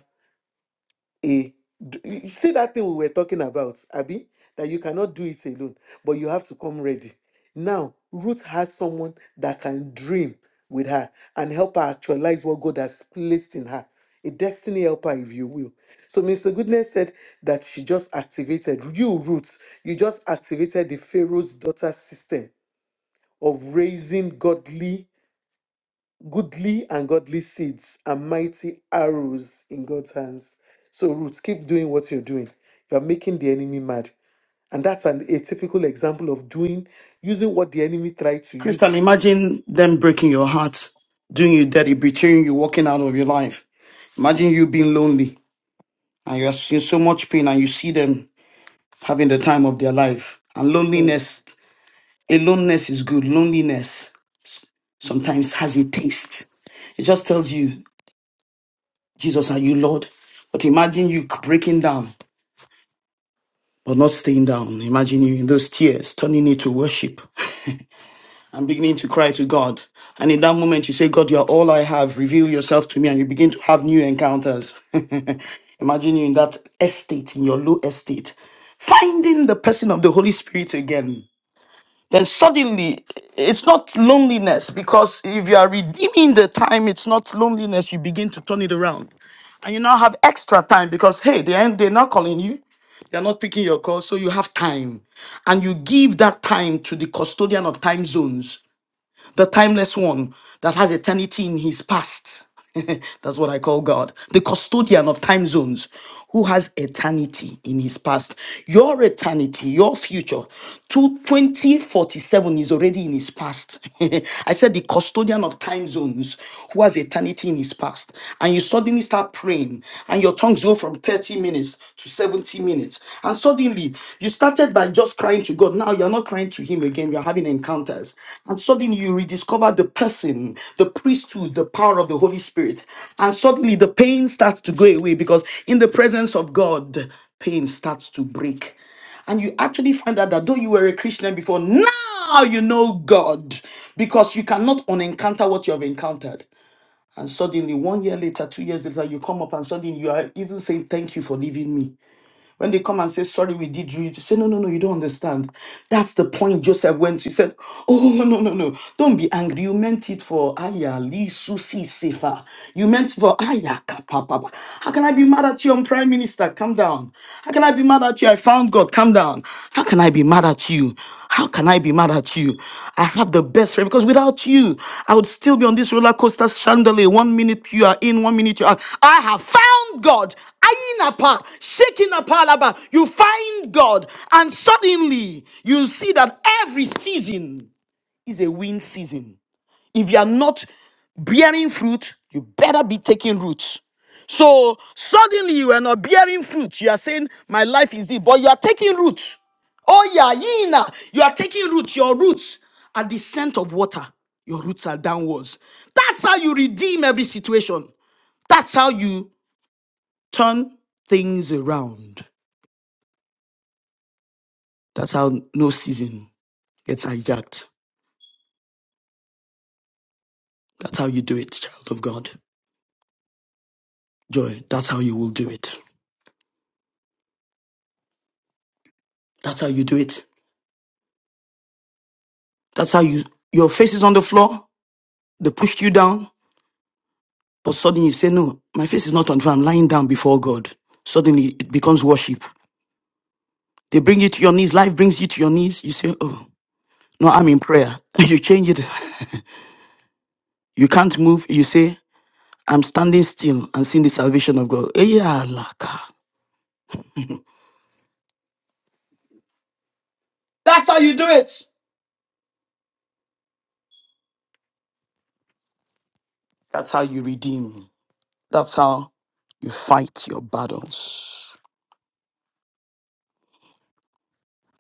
Speaker 2: a d- you see that thing we were talking about, Abby, that you cannot do it alone, but you have to come ready. Now, Ruth has someone that can dream with her and help her actualize what God has placed in her. A destiny helper, if you will. So, Mr. Goodness said that she just activated you, Ruth. You just activated the Pharaoh's daughter system of raising godly goodly and godly seeds and mighty arrows in God's hands. So, Ruth, keep doing what you're doing. You're making the enemy mad. And that's an, a typical example of doing, using what the enemy tried to use.
Speaker 3: Kristen, imagine them breaking your heart, doing you dirty, betraying you, walking out of your life. Imagine you being lonely and you are in so much pain and you see them having the time of their life. And
Speaker 2: Mm.
Speaker 3: loneliness, aloneness is good. Loneliness sometimes has a taste. It just tells you, Jesus, are you Lord? But imagine you breaking down, but not staying down. Imagine you in those tears, turning it to worship and beginning to cry to God. And in that moment, you say, God, you are all I have. Reveal yourself to me. And you begin to have new encounters. imagine you in that estate, in your low estate, finding the person of the Holy Spirit again then suddenly it's not loneliness because if you are redeeming the time, it's not loneliness. You begin to turn it around, and you now have extra time because hey, they ain't they're not calling you, they're not picking your call, so you have time, and you give that time to the custodian of time zones the timeless one that has eternity in his past. That's what I call God, the custodian of time zones, who has eternity in his past. Your eternity, your future, to 2047 is already in his past. I said the custodian of time zones, who has eternity in his past. And you suddenly start praying, and your tongues go from 30 minutes to 70 minutes and suddenly, you started by just crying to God. Now you're not crying to Him again. You're having encounters. And suddenly, you rediscover the person, the priesthood, the power of the Holy Spirit. And suddenly, the pain starts to go away because in the presence of God, pain starts to break. And you actually find out that though you were a Christian before, now you know God because you cannot unencounter what you have encountered. And suddenly, one year later, two years later, you come up and suddenly you are even saying, Thank you for leaving me. When they come and say, sorry, we did you, you say, no, no, no, you don't understand. That's the point Joseph went to. He said, oh, no, no, no, don't be angry. You meant it for Aya, Li, Susi, Sefa. You meant it for Aya, Kappa, Papa. How can I be mad at you, I'm Prime Minister? Calm down. How can I be mad at you? I found God. Calm down. How can I be mad at you? How can I be mad at you? I have the best friend because without you, I would still be on this roller coaster chandelier. One minute you are in, one minute you are. out. I have found God apart, shaking apart. Alaba. You find God, and suddenly you see that every season is a win season. If you are not bearing fruit, you better be taking root. So suddenly you are not bearing fruit. You are saying, My life is this, but you are taking root. Oh, yeah, Yina, you are taking roots. Your roots are the scent of water, your roots are downwards. That's how you redeem every situation. That's how you turn things around. That's how no season gets hijacked. That's how you do it, child of God. Joy, that's how you will do it. That's how you do it. That's how you, your face is on the floor, they pushed you down, but suddenly you say, No, my face is not on the floor, I'm lying down before God. Suddenly it becomes worship. They bring you to your knees, life brings you to your knees, you say, Oh, no, I'm in prayer. You change it. You can't move, you say, I'm standing still and seeing the salvation of God. Eh, yeah, laka. That's how you do it. That's how you redeem. That's how you fight your battles.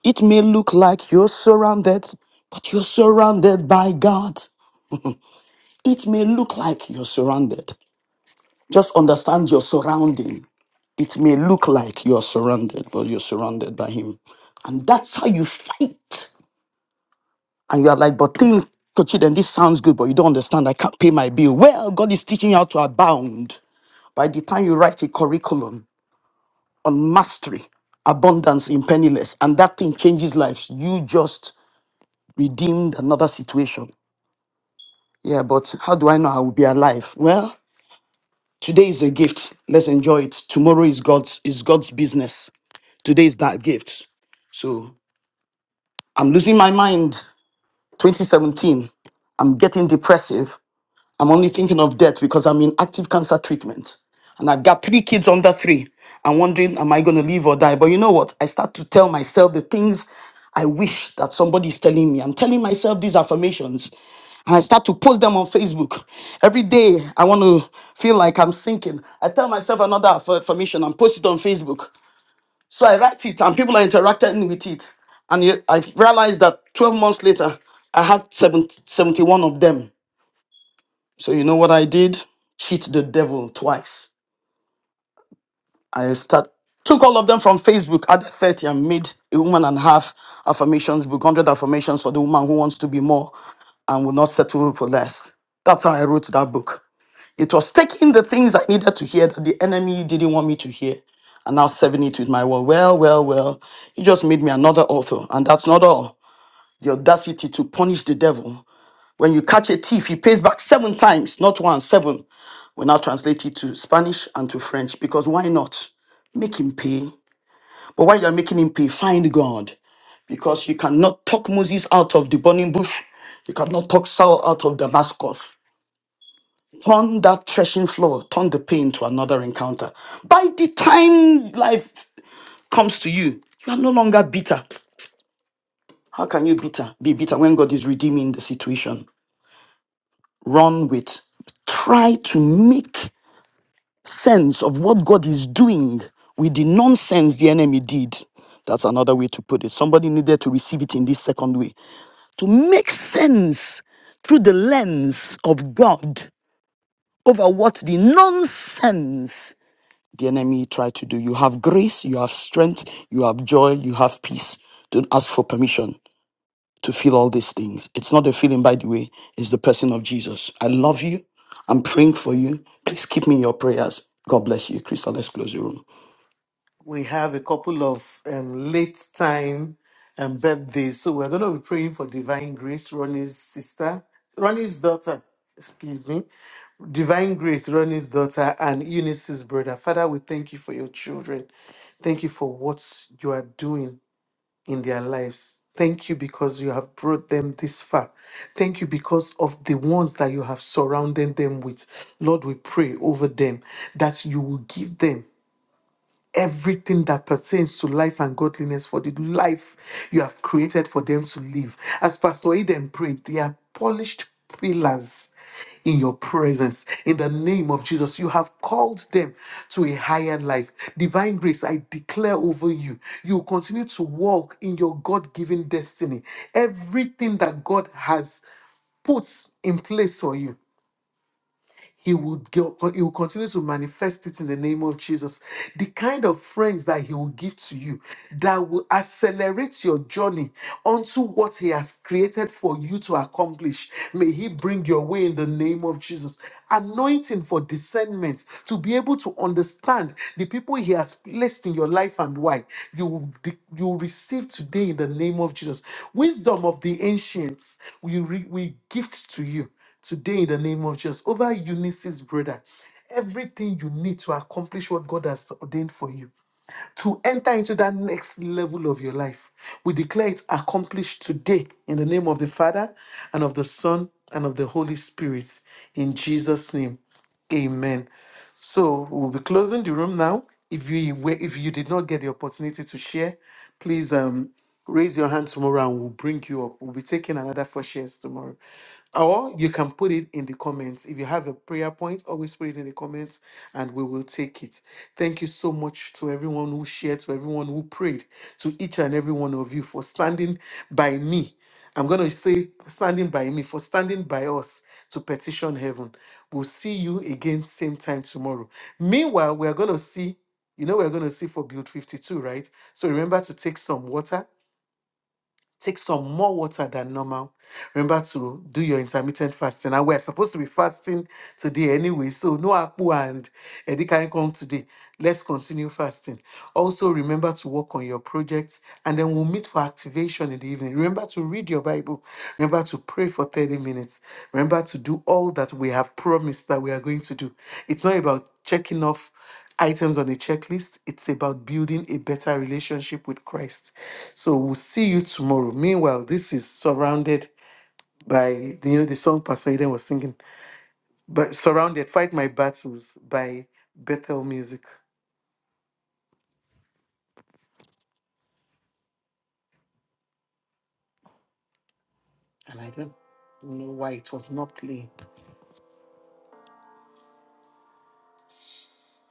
Speaker 3: It may look like you're surrounded, but you're surrounded by God. It may look like you're surrounded. Just understand your surrounding. It may look like you're surrounded, but you're surrounded by Him. And that's how you fight. And you are like, but think, coach, then this sounds good, but you don't understand. I can't pay my bill. Well, God is teaching you how to abound. By the time you write a curriculum, on mastery, abundance in penniless, and that thing changes lives. You just redeemed another situation. Yeah, but how do I know I will be alive? Well, today is a gift. Let's enjoy it. Tomorrow is God's is God's business. Today is that gift. So I'm losing my mind. 2017. I'm getting depressive. I'm only thinking of death because I'm in active cancer treatment. And I've got three kids under three. I'm wondering, am I going to live or die? But you know what? I start to tell myself the things I wish that somebody is telling me. I'm telling myself these affirmations. And I start to post them on Facebook. Every day, I want to feel like I'm sinking. I tell myself another aff- affirmation and post it on Facebook. So I write it, and people are interacting with it. And you- I realized that 12 months later, I had 70, 71 of them. So you know what I did? Cheat the devil twice. I start took all of them from Facebook, added 30 and made a woman and half affirmations book, 100 affirmations for the woman who wants to be more and will not settle for less. That's how I wrote that book. It was taking the things I needed to hear that the enemy didn't want me to hear and now serving it with my word. Well, well, well, you just made me another author. And that's not all. The audacity to punish the devil when you catch a thief, he pays back seven times, not one, seven. We now translate it to Spanish and to French because why not? Make him pay. But while you're making him pay, find God because you cannot talk Moses out of the burning bush. You cannot talk Saul out of Damascus. Turn that threshing floor, turn the pain to another encounter. By the time life comes to you, you are no longer bitter. How can you bitter be bitter when God is redeeming the situation? Run with. Try to make sense of what God is doing with the nonsense the enemy did. That's another way to put it. Somebody needed to receive it in this second way. To make sense through the lens of God over what the nonsense the enemy tried to do. You have grace, you have strength, you have joy, you have peace. Don't ask for permission to feel all these things. It's not a feeling, by the way, it's the person of Jesus. I love you. I'm praying for you. Please keep me in your prayers. God bless you. Crystal, let's close the room.
Speaker 2: We have a couple of um, late time um, birthdays. So, we're going to be praying for divine grace, Ronnie's sister, Ronnie's daughter, excuse me. Divine Grace, Ronnie's daughter, and Eunice's brother. Father, we thank you for your children. Thank you for what you are doing in their lives. Thank you because you have brought them this far. Thank you because of the ones that you have surrounded them with. Lord, we pray over them that you will give them everything that pertains to life and godliness for the life you have created for them to live. As Pastor Eden prayed, they are polished pillars in your presence. In the name of Jesus, you have called them to a higher life. Divine grace, I declare over you, you will continue to walk in your God given destiny. Everything that God has put in place for you he would go, he will continue to manifest it in the name of Jesus. The kind of friends that he will give to you that will accelerate your journey onto what he has created for you to accomplish. May he bring your way in the name of Jesus. Anointing for discernment to be able to understand the people he has placed in your life and why you will de- you will receive today in the name of Jesus. Wisdom of the ancients we re- we gift to you today in the name of Jesus over Eunice's brother. Everything you need to accomplish what God has ordained for you, to enter into that next level of your life, we declare it accomplished today in the name of the Father and of the Son and of the Holy Spirit. In Jesus' name, amen. So we'll be closing the room now. If you were, if you did not get the opportunity to share, please um Raise your hand tomorrow and we'll bring you up. We'll be taking another four shares tomorrow. Or you can put it in the comments. If you have a prayer point, always put it in the comments and we will take it. Thank you so much to everyone who shared, to everyone who prayed, to each and every one of you for standing by me. I'm going to say, standing by me, for standing by us to petition heaven. We'll see you again, same time tomorrow. Meanwhile, we're going to see, you know, we're going to see for Build 52, right? So remember to take some water Take some more water than normal. Remember to do your intermittent fasting. And we're supposed to be fasting today anyway. So no Apu and Eddie can come today. Let's continue fasting. Also remember to work on your projects and then we'll meet for activation in the evening. Remember to read your Bible. Remember to pray for 30 minutes. Remember to do all that we have promised that we are going to do. It's not about checking off items on a checklist. It's about building a better relationship with Christ. So we'll see you tomorrow. Meanwhile, this is surrounded by you know the song Pastor Eden was singing, but surrounded, fight my battles by Bethel Music, and I don't know why it was not playing.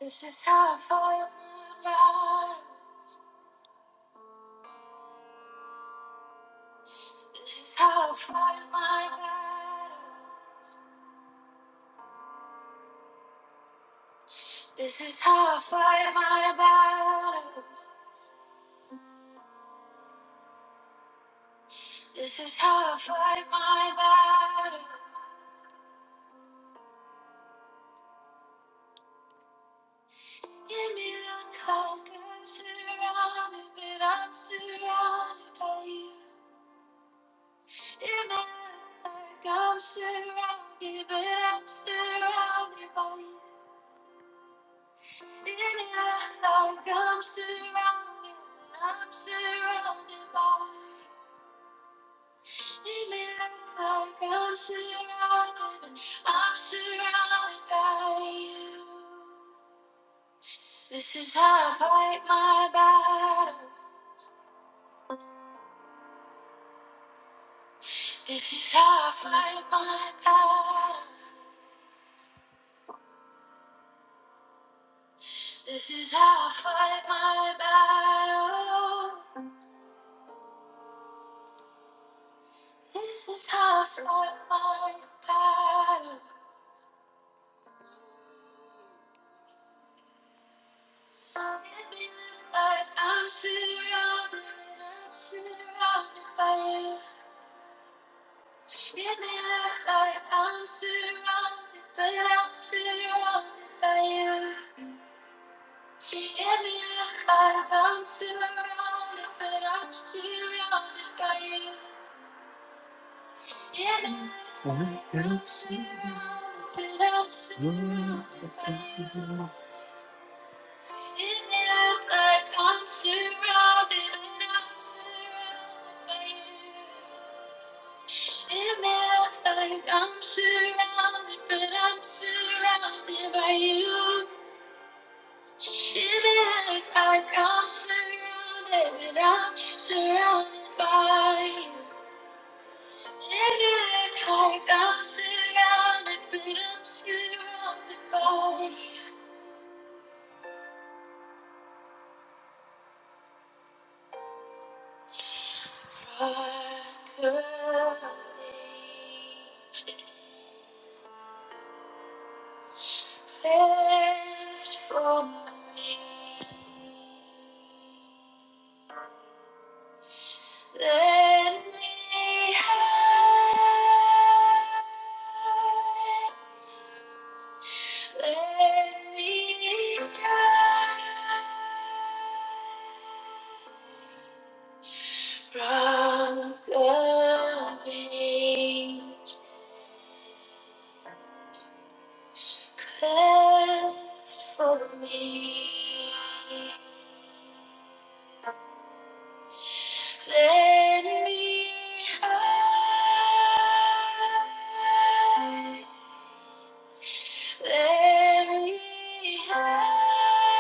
Speaker 2: This is how I fight my battle. This is how I fight my battle. This is how I fight my battle. This is how I fight my battle. It may look like I'm surrounded, but I'm surrounded by you. It may look like I'm surrounded, but I'm surrounded by you. It may look like I'm surrounded, but I'm surrounded by you. It may look like I'm surrounded, but I'm surrounded by you. This is how I fight my battle. This is how I fight my battle. This is how I fight my battle. This is how I fight my battle. It may look like I'm surrounded, and I'm surrounded by you. It may look like I'm surrounded, but I'm surrounded by you. It may look like I'm surrounded, but I'm surrounded by you. Surrounded by you. It looked like I'm surrounded, but I'm surrounded by purple cleansed from me. Let me hide. Let me hide. From the age cleft for me, let me hide, let me hide.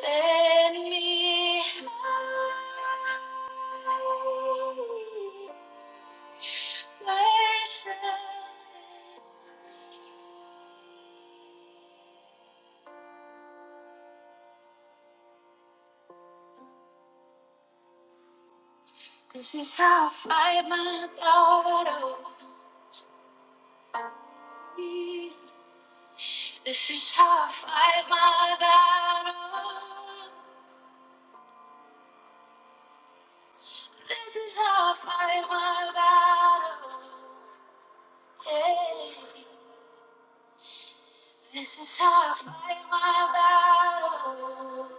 Speaker 2: Let me hide myself in thee. This is how I fight my battle. This is how I fight my battle. This is how I fight my battle. Hey. This is how I fight my battle.